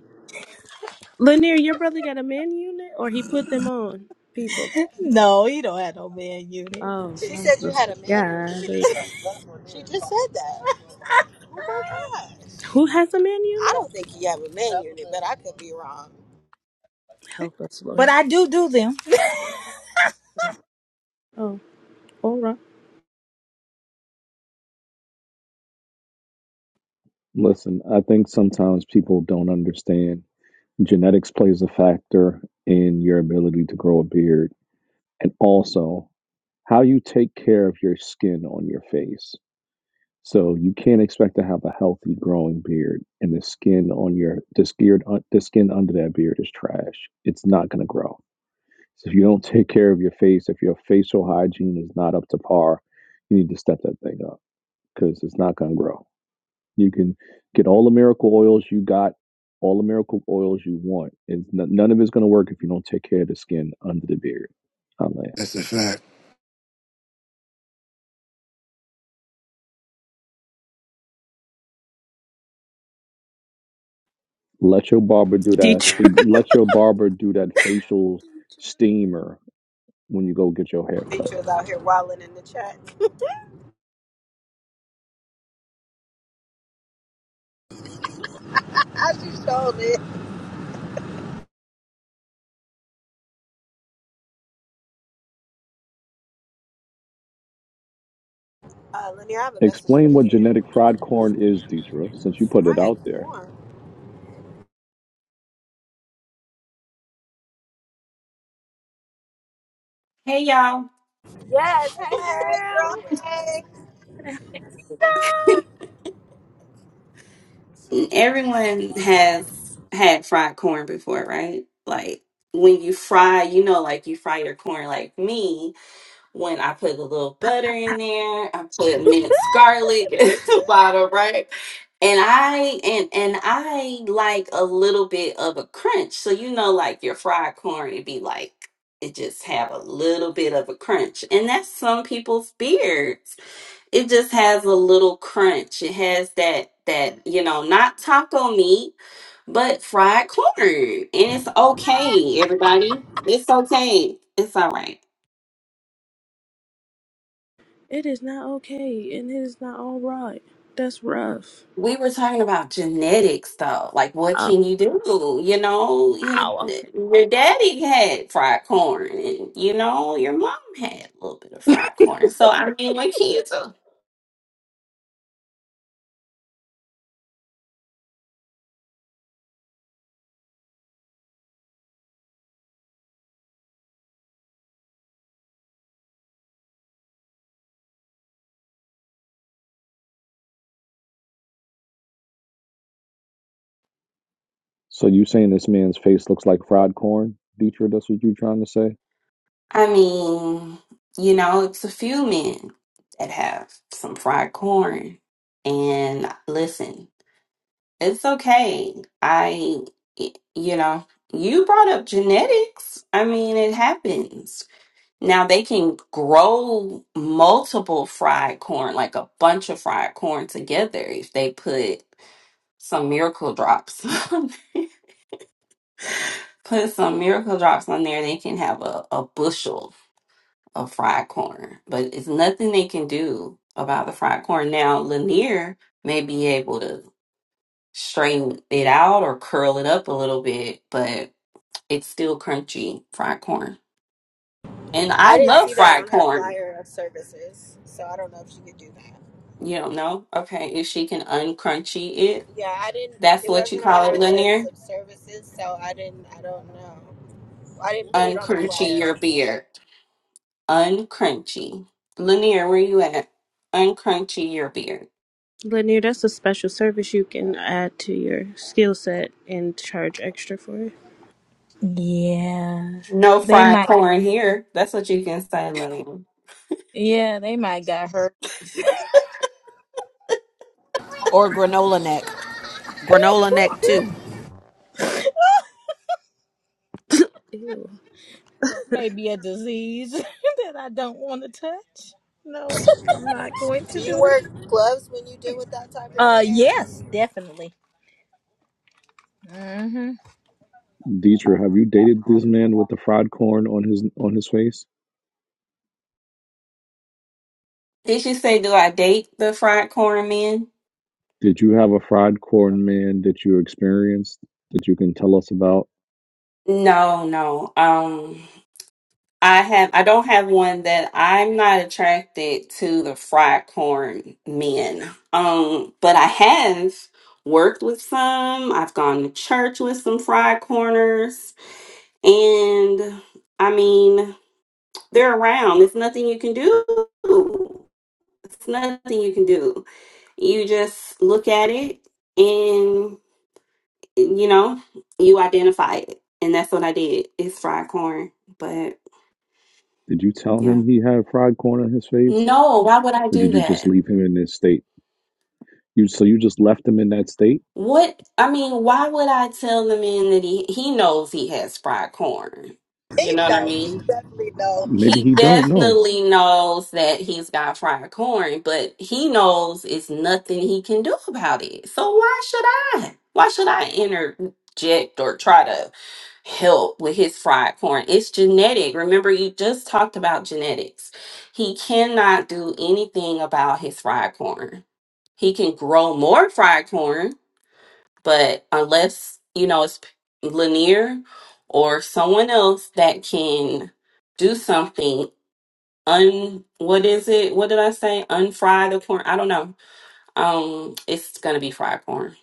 Lanier, your brother got a man unit or he put them on people.
No, he don't have no man unit.
Oh,
She
I was
said you had a
listening.
man unit.
Golly.
She just said that. Oh my gosh.
Who has a man
I
unit?
don't think he have a man unit, but I could be wrong.
Help us,
But
Lord.
I do do them.
Oh, all right.
listen. I think sometimes people don't understand genetics plays a factor in your ability to grow a beard, and also how you take care of your skin on your face. So you can't expect to have a healthy growing beard, and the skin on your the skin the skin under that beard is trash. It's not going to grow. So if you don't take care of your face, if your facial hygiene is not up to par, you need to step that thing up because it's not going to grow. You can get all the miracle oils you got, all the miracle oils you want. It's n- none of it's going to work if you don't take care of the skin under the beard. I'm like,
That's a fact.
let your barber do that.
Dietrich.
Let your barber do that facial steamer when you go get your hair cut.
Features out here wilding in the chat.
I just showed it.
Uh, Lenny, I have a message for
Explain what
you.
genetic fried corn is, Deidre, since you put it
Hi,
out there.
Lauren.
Hey y'all.
Yes, hey
Hey
girl.
girl, hey.
Everyone has had fried corn before, right? Like when you fry, you know, like you fry your corn like me, when I put a little butter in there, I put minced garlic in the bottom, right? And I and and I like a little bit of a crunch. So you know like your fried corn it'd be like it just have a little bit of a crunch. And that's some people's beard. it just has a little crunch. It has that that you know, not taco meat, but fried corn, and it's okay, everybody. It's okay. It's all right.
It is not okay and it is not all right. That's rough.
We were talking about genetics, though. Like, what
Oh,
can you do? You know, your,
ow, okay.
your daddy had fried corn, and you know, your mom had a little bit of fried corn. So, I mean, what can you do?
So you saying this man's face looks like fried corn, Dietra? That's what you're trying to say,
I mean, you know, it's a few men that have some fried corn. And listen, it's okay. I, y- you know, you brought up genetics. I mean, it happens. Now they can grow multiple fried corn, like a bunch of fried corn together if they put some miracle drops. on there. put some miracle drops on there, they can have a, a bushel of fried corn, but it's nothing they can do about the fried corn. Now, Lanier may be able to straighten it out or curl it up a little bit, but it's still crunchy fried corn. And I
I didn't
love
see that
fried
on her
corn.
flyer of services, so I don't know if she could do that.
You don't know? Okay, if she can uncrunchy it,
Yeah, I didn't.
that's
It
what you
wasn't on
call
her
it,
list
Lanier.
of services, so I didn't. I don't know. I didn't put it on the
Uncrunchy
flyer.
your beard. Uncrunchy. Lanier, where you at? Uncrunchy your beard.
Lanier, that's a special service you can add to your skill set and charge extra for.
Yeah,
No
they
fried
might.
corn here. That's what you can say, Lanier.
Yeah, they might got hurt.
or granola neck. Granola neck
Woo.
too.
Ew.
That may be a disease that I don't want to touch. No, I'm not going
Do
to
you
do it.
wear gloves when you deal with that type of
Uh,
hair?
yes, definitely. Mm-hmm.
Dietra? Have you dated this man with the fried corn on his on his face?
Did she say, do I date the fried corn men?
Did you have a fried corn man that you experienced that you can tell us about?
No, no. Um, I have, I don't have one that I'm not attracted to the fried corn men. Um, but I have worked with some. I've gone to church with some fried corners, and I mean, they're around. It's nothing you can do. It's nothing you can do. You just look at it and. you know, you identify it. And that's what I did. It's fried corn. But
Did you tell
yeah.
him he had fried corn on his face,
No, why would I
or
do
did you just
that?
leave him in this state? You so you just left him in that state?
What I mean, why would I tell the man that he he knows he has fried corn? You
He
know what I
know. He
mean?
definitely know.
Maybe
He
he don't know.
definitely knows that he's got fried corn, but he knows it's nothing he can do about it. So why should I? Why should I interject or try to help with his fried corn? It's genetic. Remember, you just talked about genetics. He cannot do anything about his fried corn. He can grow more fried corn, but unless, you know, it's Lanier or someone else that can do something un what is it? What did I say? Unfry the corn. I don't know. Um, it's gonna be fried corn.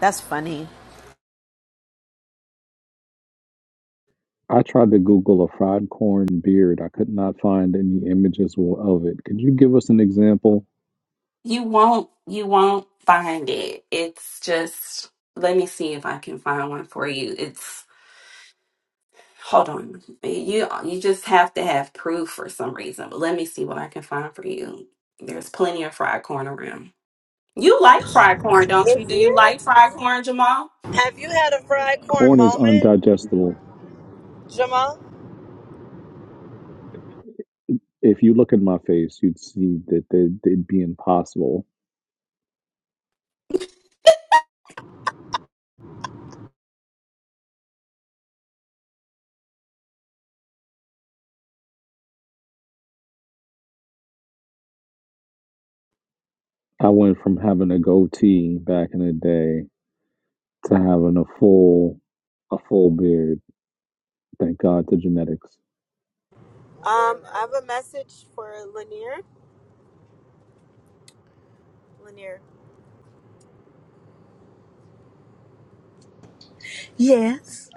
That's funny.
I tried to Google a fried corn beard. I could not find any images of it. Could you give us an example?
You won't you won't find it. It's just let me see if I can find one for you. It's hold on. You you just have to have proof for some reason. But let me see what I can find for you. There's plenty of fried corn around. You like fried corn, don't you? Do
In
you
here?
like fried corn, Jamal?
Have you had a fried corn
Corn is
moment,
undigestible.
Jamal?
If you look in my face, you'd see that it- it'd be impossible. I went from having a goatee back in the day to having a full a full beard. Thank God to genetics.
Um, I have a message for Lanier. Lanier.
Yes.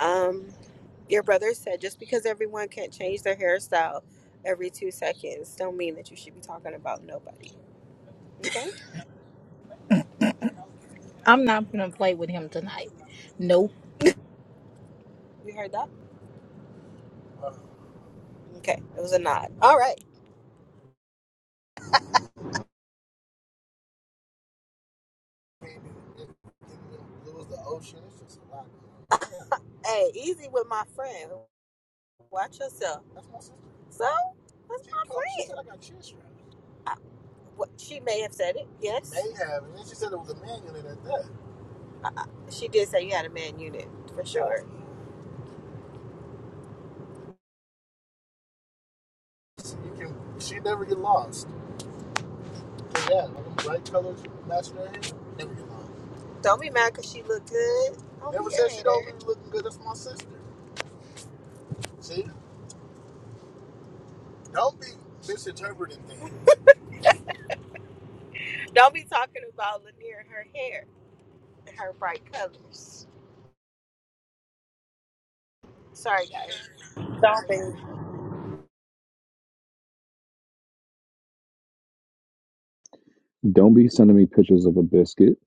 Um, your brother said just because everyone can't change their hairstyle every two seconds don't mean that you should be talking about nobody. Okay?
I'm not gonna play with him tonight. Nope.
You heard that? Okay. It was a nod. All right. Hey, easy with my friend. Watch yourself. So, that's my friend. She said I- got chest wrapped. I, what, she may have said it, yes. may I- I- She said it was a man unit at that. Uh, She did say you had a man unit, for sure. Don't be mad because she looked good. Don't Never be mad my sister. Don't be talking about Lanier and her hair and her bright colors. Sorry, guys.
Don't be.
Don't be sending me pictures of a biscuit.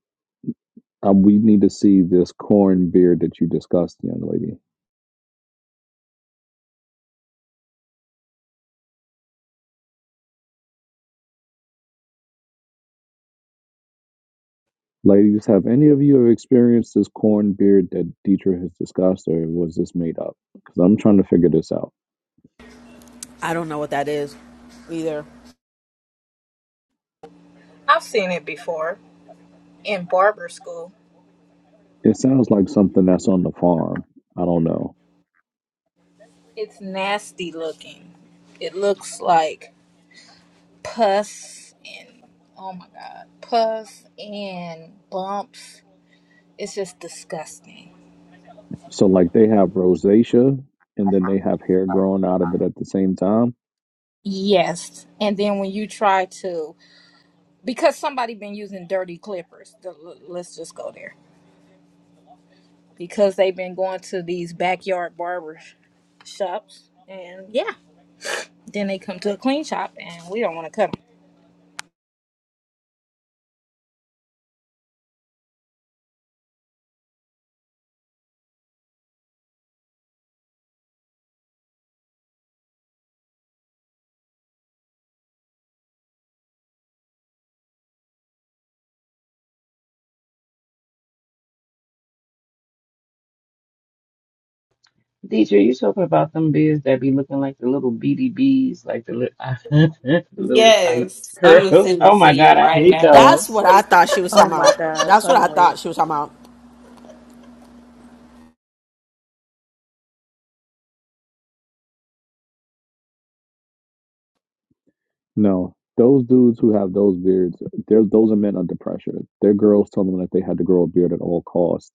Um, we need to see this corn beard that you discussed, young lady. Ladies, have any of you ever experienced this corn beard that Dietrich has discussed, or was this made up? Because I'm trying to figure this out.
I don't know what that is either.
I've seen it before in barber school.
It sounds like something that's on the farm. I don't know.
It's nasty looking. It looks like pus and oh my god, pus and bumps. It's just disgusting.
So like they have rosacea and then they have hair growing out of it at the same time.
Yes, and then when you try to, because somebody been using dirty clippers. the- l- Let's just go there because they've been going to these backyard barber sh- shops, and yeah. Then they come to a clean shop and we don't want to cut them.
Deidre, you talking about them beards that be looking like the little beady bees, like the, li- the little tight
Yes. I'm gonna
curls.
send it
Oh my
to
God,
you
I
right
hate
now.
That's
those.
what I thought she was
Oh
talking
my
about.
God,
That's
so
what I
weak.
thought she was talking about.
No, those dudes who have those beards, they're, those are men under pressure. Their girls told them that they had to grow a beard at all costs,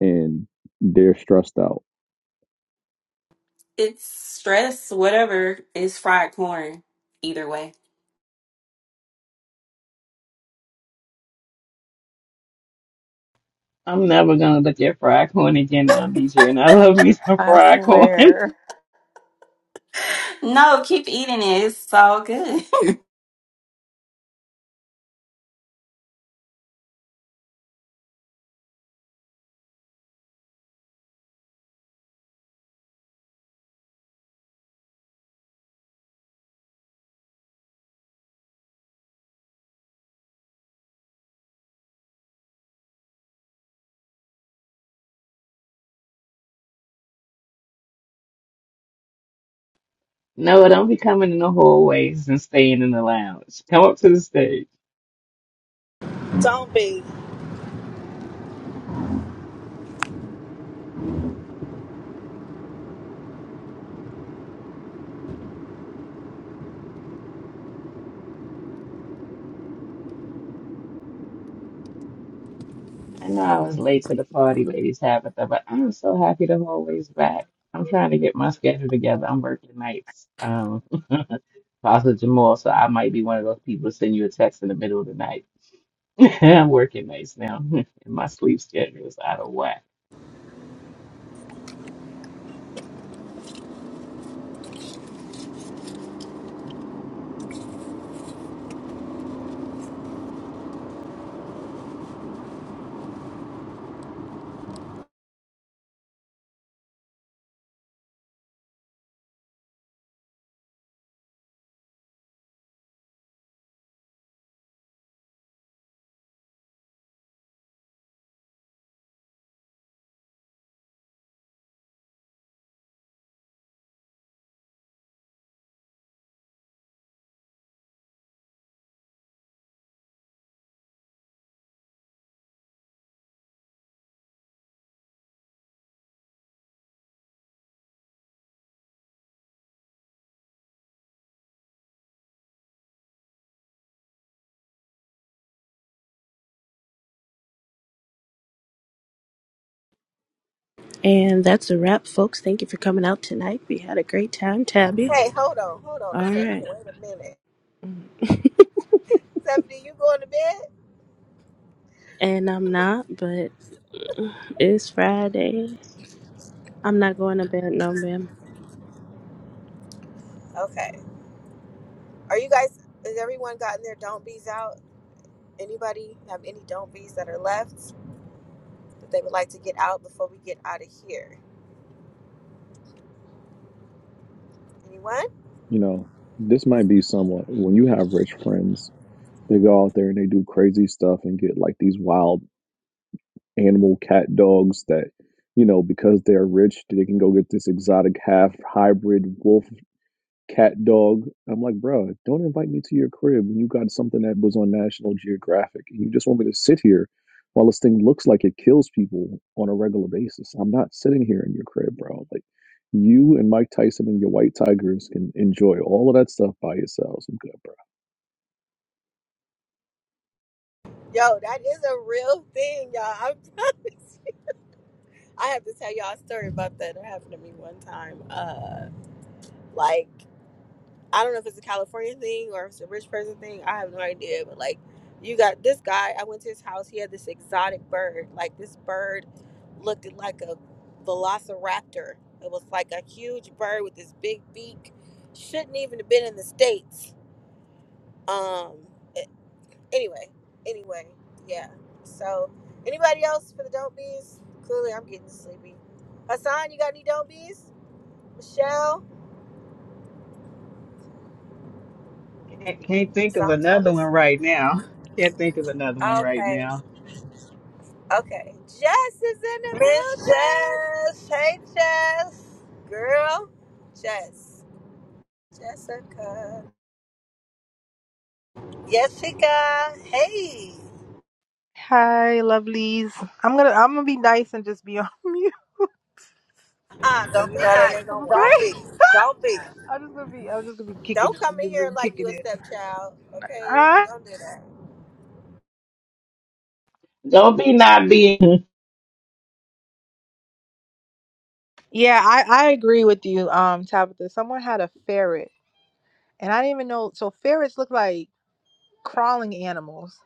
and they're stressed out.
It's stress, whatever. It's fried corn. Either way.
I'm never gonna look at fried corn again now, Deidre, and I love me some
I
fried corn.
swear.
No, keep eating it. It's all good.
No, don't be coming in the hallways and staying in the lounge. Come up to the stage.
Don't be.
I know I was late to the party, ladies Tabitha, but I'm so happy the whole way's back. I'm trying to get my schedule together. I'm working nights, um, Pastor Jamal, so I might be one of those people to send you a text in the middle of the night. I'm working nights now, and my sleep schedule is out of whack.
And that's a wrap, folks. Thank you for coming out tonight. We had a great time, Tabby.
Hey, hold on, hold on
All
a second.
right.
Wait a minute. Seventy, you going to bed?
And I'm not, but it's Friday. I'm not going to bed, no, ma'am.
Okay. Are you guys? Has everyone gotten their don't be's out? Anybody have any don't be's that are left that they would like to get out before we get out of here? Anyone?
You know, this might be somewhat when you have rich friends, they go out there and they do crazy stuff and get like these wild animal cat dogs that. You know, because they're rich, they can go get this exotic half hybrid wolf cat dog. I'm like, bro, don't invite me to your crib when you got something that was on National Geographic and you just want me to sit here while this thing looks like it kills people on a regular basis. I'm not sitting here in your crib, bro. Like you and Mike Tyson and your white tigers can enjoy all of that stuff by yourselves. I'm good, bro.
Yo, that is a real thing, y'all. I'm I have to tell y'all a story about that. It happened to me one time. Uh, like. I don't know if it's a California thing or if it's a rich person thing. I have no idea. But like, you got this guy. I went to his house. He had this exotic bird. Like this bird looked like a velociraptor. It was like a huge bird with this big beak. Shouldn't even have been in the states. Um. a- Anyway. Anyway. Yeah. So, anybody else for the don't bees? Clearly, I'm getting sleepy. Hassan, you got any don't bees? Michelle,
Can't, can't think of
Hassan's
another
probably
one right now. Can't think of another one right
okay.
now.
Okay, Jess is in the
Miss
building,
Jess. Hey, Jess.
girl. Jess, Jessica.
Jessica. Hey.
Hi, lovelies. I'm gonna I'm gonna be nice and just be on mute.
Ah,
And
don't
You
be
know that
nice.
ain't
I'm
gonna
gonna
work.
Don't
play.
be. Don't be.
I'm just gonna be I'm just gonna be kicking
Don't
it,
come in
just
here
be
like you
kicking
a
it.
stepchild. Okay,
Ah.
don't do that.
Don't be not being
yeah, I I agree with you, um, Tabitha. Someone had a ferret, and I didn't even know. So ferrets look like crawling animals.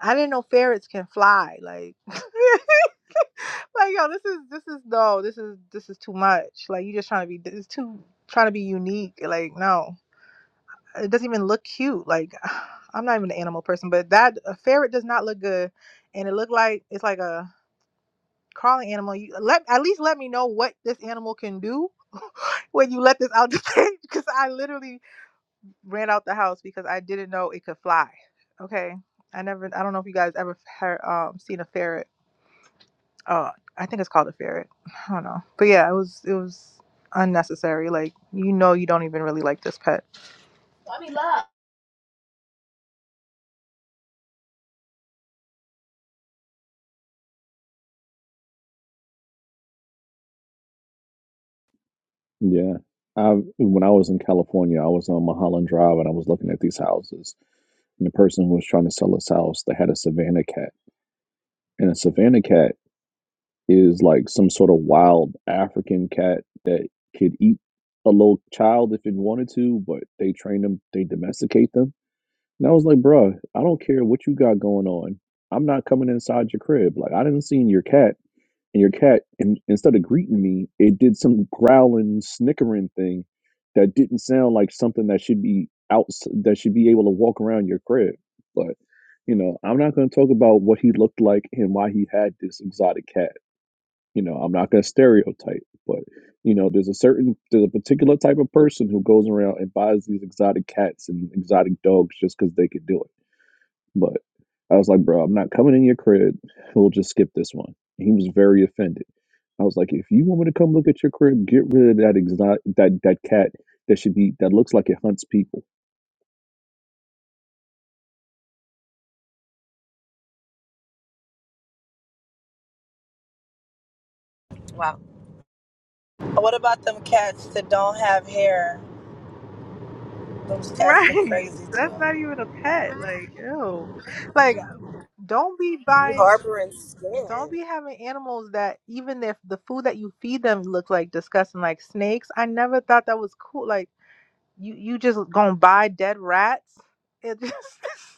I didn't know ferrets can fly. Like, like yo, this is this is no, this is this is too much. Like you just trying to be this too trying to be unique. Like no. it doesn't even look cute. Like I'm not even an animal person, but that a ferret does not look good, and it looked like it's like a crawling animal. You let at least let me know what this animal can do when you let this out the cage, because I literally ran out the house because I didn't know it could fly. Okay, I never. I don't know if you guys ever heard, um seen a ferret. Uh, I think it's called a ferret. I don't know, but yeah, it was it was unnecessary. Like you know, you don't even really like this pet.
Yeah. I when I was in California, I was on Mulholland Drive and I was looking at these houses. And the person who was trying to sell this house, they had a Savannah cat. And a Savannah cat is like some sort of wild African cat that could eat a little child if it wanted to, but they train them, they domesticate them. And I was like, bruh, I don't care what you got going on. I'm not coming inside your crib. Like I didn't seen your cat, and your cat, and instead of greeting me, it did some growling, snickering thing that didn't sound like something that should be out, that should be able to walk around your crib. But you know, I'm not going to talk about what he looked like and why he had this exotic cat you know i'm not going to stereotype but you know there's a certain there's a particular type of person who goes around and buys these exotic cats and exotic dogs just because they could do it but i was like bro i'm not coming in your crib we'll just skip this one and he was very offended i was like if you want me to come look at your crib get rid of that exotic that that cat that should be that looks like it hunts people
Wow,
What about them cats that don't have hair? Those cats look
Right.
crazy
That's not
too.
even a pet. Like, ew. Like, don't be
you
buying,
harboring
don't
skin.
be having animals that even if the food that you feed them look like disgusting, like snakes. I never thought that was cool. Like, you you just gonna buy dead rats and just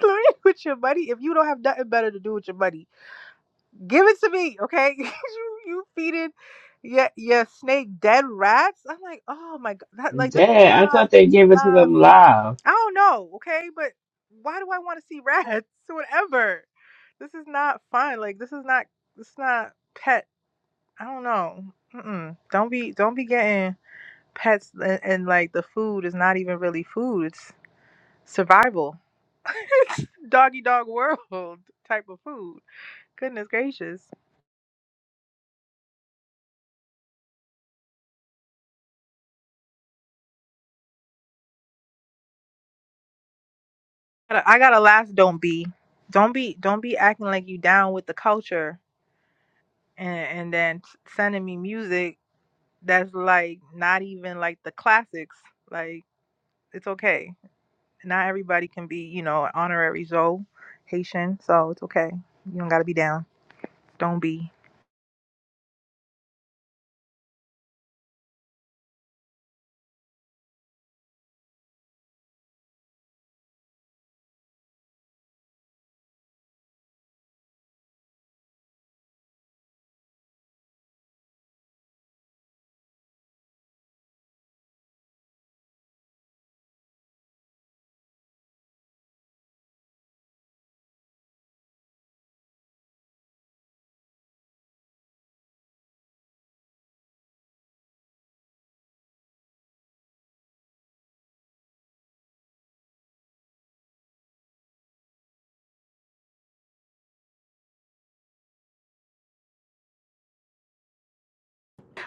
slay it with your money if you don't have nothing better to do with your money. Give it to me, okay? you, you feeding your your snake dead rats. I'm like, oh my god, that, like this is
dead. I
not
thought they
this is
gave it to
not.
them live.
I don't know, okay? But why do I want to see rats? Whatever. This is not fun. Like this is not this is not pet. I don't know. Mm-mm. Don't be don't be getting pets and, and like the food is not even really food. It's survival. Doggy dog world type of food. Goodness gracious. I gotta I gotta last don't be. Don't be don't be acting like you down with the culture and and then sending me music that's like not even like the classics. Like. it's okay. Not everybody can be, you know, an honorary Zoe Haitian, so it's okay. You don't gotta be down. Don't be.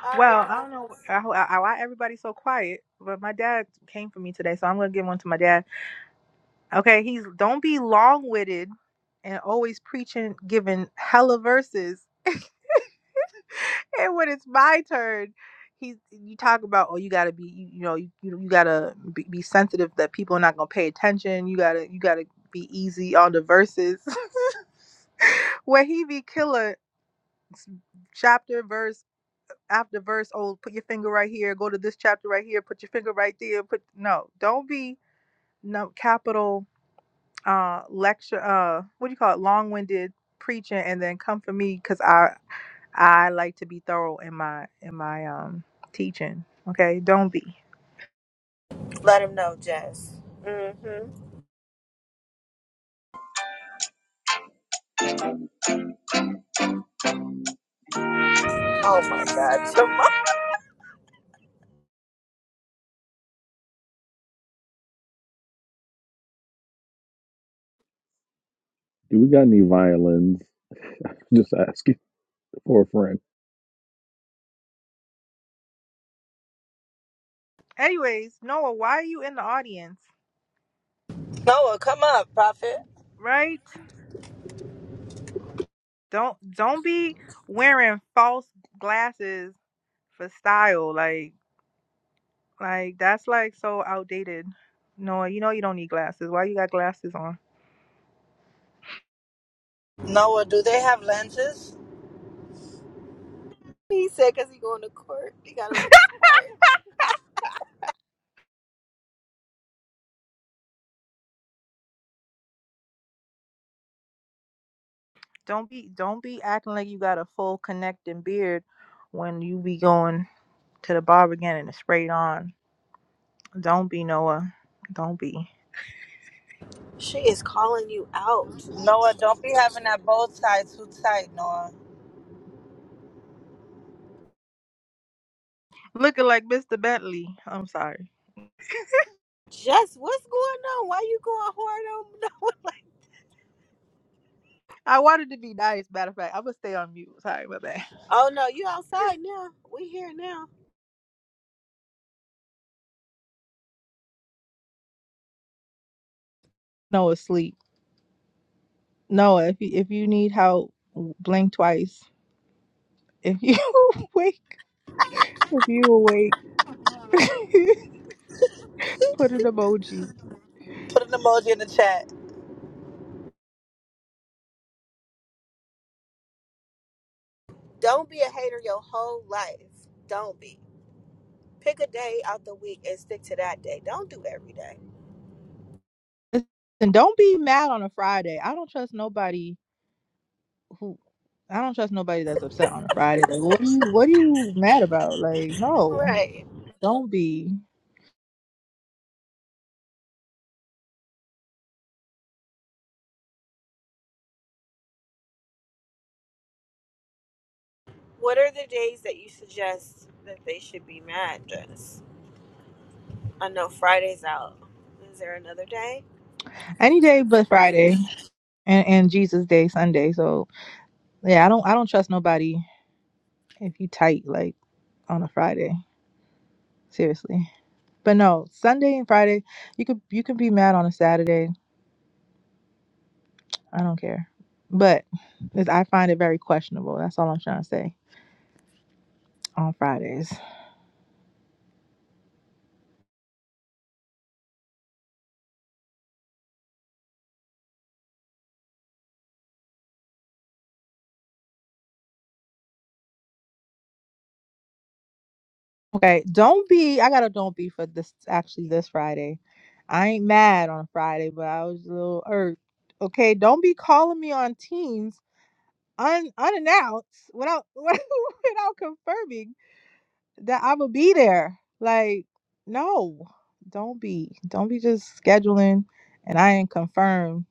All right,
Well, I don't know
y'all.
how, how- why everybody's so quiet, but my dad came for me today, so I'm gonna give one to my dad. Okay, he's don't be long witted and always preaching, giving hella verses. and when it's my turn, he's you talk about oh you gotta be you, you know you you you gotta be, be sensitive that people are not gonna pay attention. You gotta you gotta be easy on the verses. Where he be killer chapter verse after verse. Oh, put your finger right here. Go to this chapter right here. Put your finger right there. Put no, don't be no capital uh lecture uh what do you call it long winded preaching and then come for me because I I like to be thorough in my in my um teaching. Okay, don't be.
Let him know, Jess. Mm-hmm. Oh my God, Jamal.
do we got any violins just asking for a friend
Anyways, Noah, why are you in the audience?
Noah, come up, Prophet.
Right? Don't don't be wearing false glasses for style. Like like that's like so outdated. Noah, you know you don't need glasses. Why you got glasses on?
Noah, do they have lenses?
He said because he going to court, he gotta look smart.
Don't be don't be acting like you got a full connecting beard when you be going to the barber again and it's sprayed on. Don't be Noah. Don't be
She is calling you out,
Noah, don't be having that bow tie too tight, Noah.
looking like Mr. Bentley. I'm sorry.
Jess. What's going on? Why you going hard on no? one
I wanted to be nice. Matter of fact, I'm gonna stay on mute. Sorry, my bad.
Oh no, you outside now. We here now.
Noah, sleep. Noah, if you if you need help, blink twice. If you awake, if you awake, put an emoji.
Put an emoji in the chat.
Don't be a hater your whole life. Don't be. Pick a day out the week and stick to that day. Don't do every day.
And don't be mad on a Friday. I don't trust nobody who I don't trust nobody that's upset on a Friday. Like, what are you what are you mad about? Like, no,
Right.
don't be
What are the days that you suggest that they should be mad just? I know Friday's out. Is there another day?
any day but Friday and and Jesus Day Sunday. So yeah, I don't I don't trust nobody if you tight like on a Friday. Seriously, but no Sunday and Friday you could you could be mad on a Saturday. I don't care, but 'cause I find it very questionable. That's all I'm trying to say on Fridays. Okay, don't be. I got a don't be for this actually this Friday. I ain't mad on Friday, but I was a little irked. Okay, don't be calling me on Teams un unannounced without without confirming that i will be there. Like, no, don't be. Don't be just scheduling and I ain't confirmed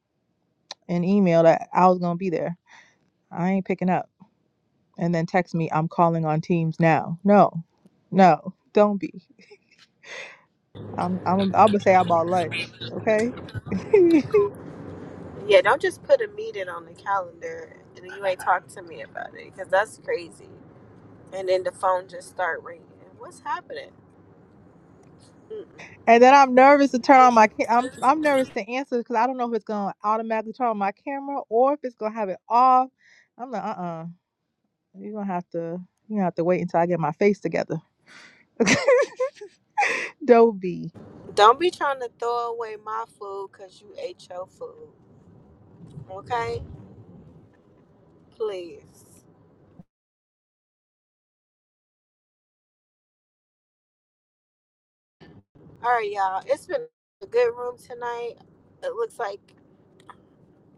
an email that I was gonna be there. I ain't picking up and then text me I'm calling on Teams now. No, no, don't be. I'm I'm I'm gonna say I bought lunch, okay? and
Yeah, don't just put a meeting on the calendar and you ain't talk to me about it because that's crazy. And then the phone just start ringing. What's happening? Mm-mm.
then I'm nervous to turn on my ca- I'm I'm nervous to answer because I don't know if it's gonna automatically turn on my camera or if it's gonna have it off. I'm like, uh uh you are gonna have to you gonna have to wait until I get my face together. Dobie.
Don't be trying to throw away my food because you ate your food. Okay, please. All right, y'all. It's been a good room tonight. It looks like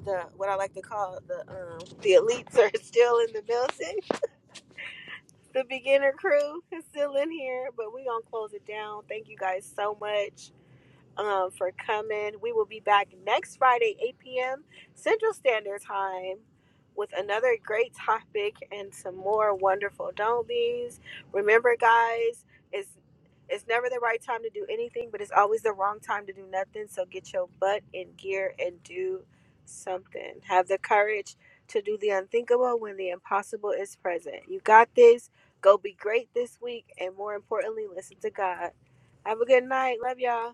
the what I like to call the um the elites are still in the building. The beginner crew is still in here, but we gonna close it down. Thank you guys so much. um, for coming. We will be back next Friday, 8 p.m. Central Standard Time, with another great topic and some more wonderful don't be's. Remember, guys, it's it's never the right time to do anything, but it's always the wrong time to do nothing. So get your butt in gear and do something. Have the courage to do the unthinkable when the impossible is present. You got this. Go be great this week, and more importantly, listen to God. Have a good night. Love y'all.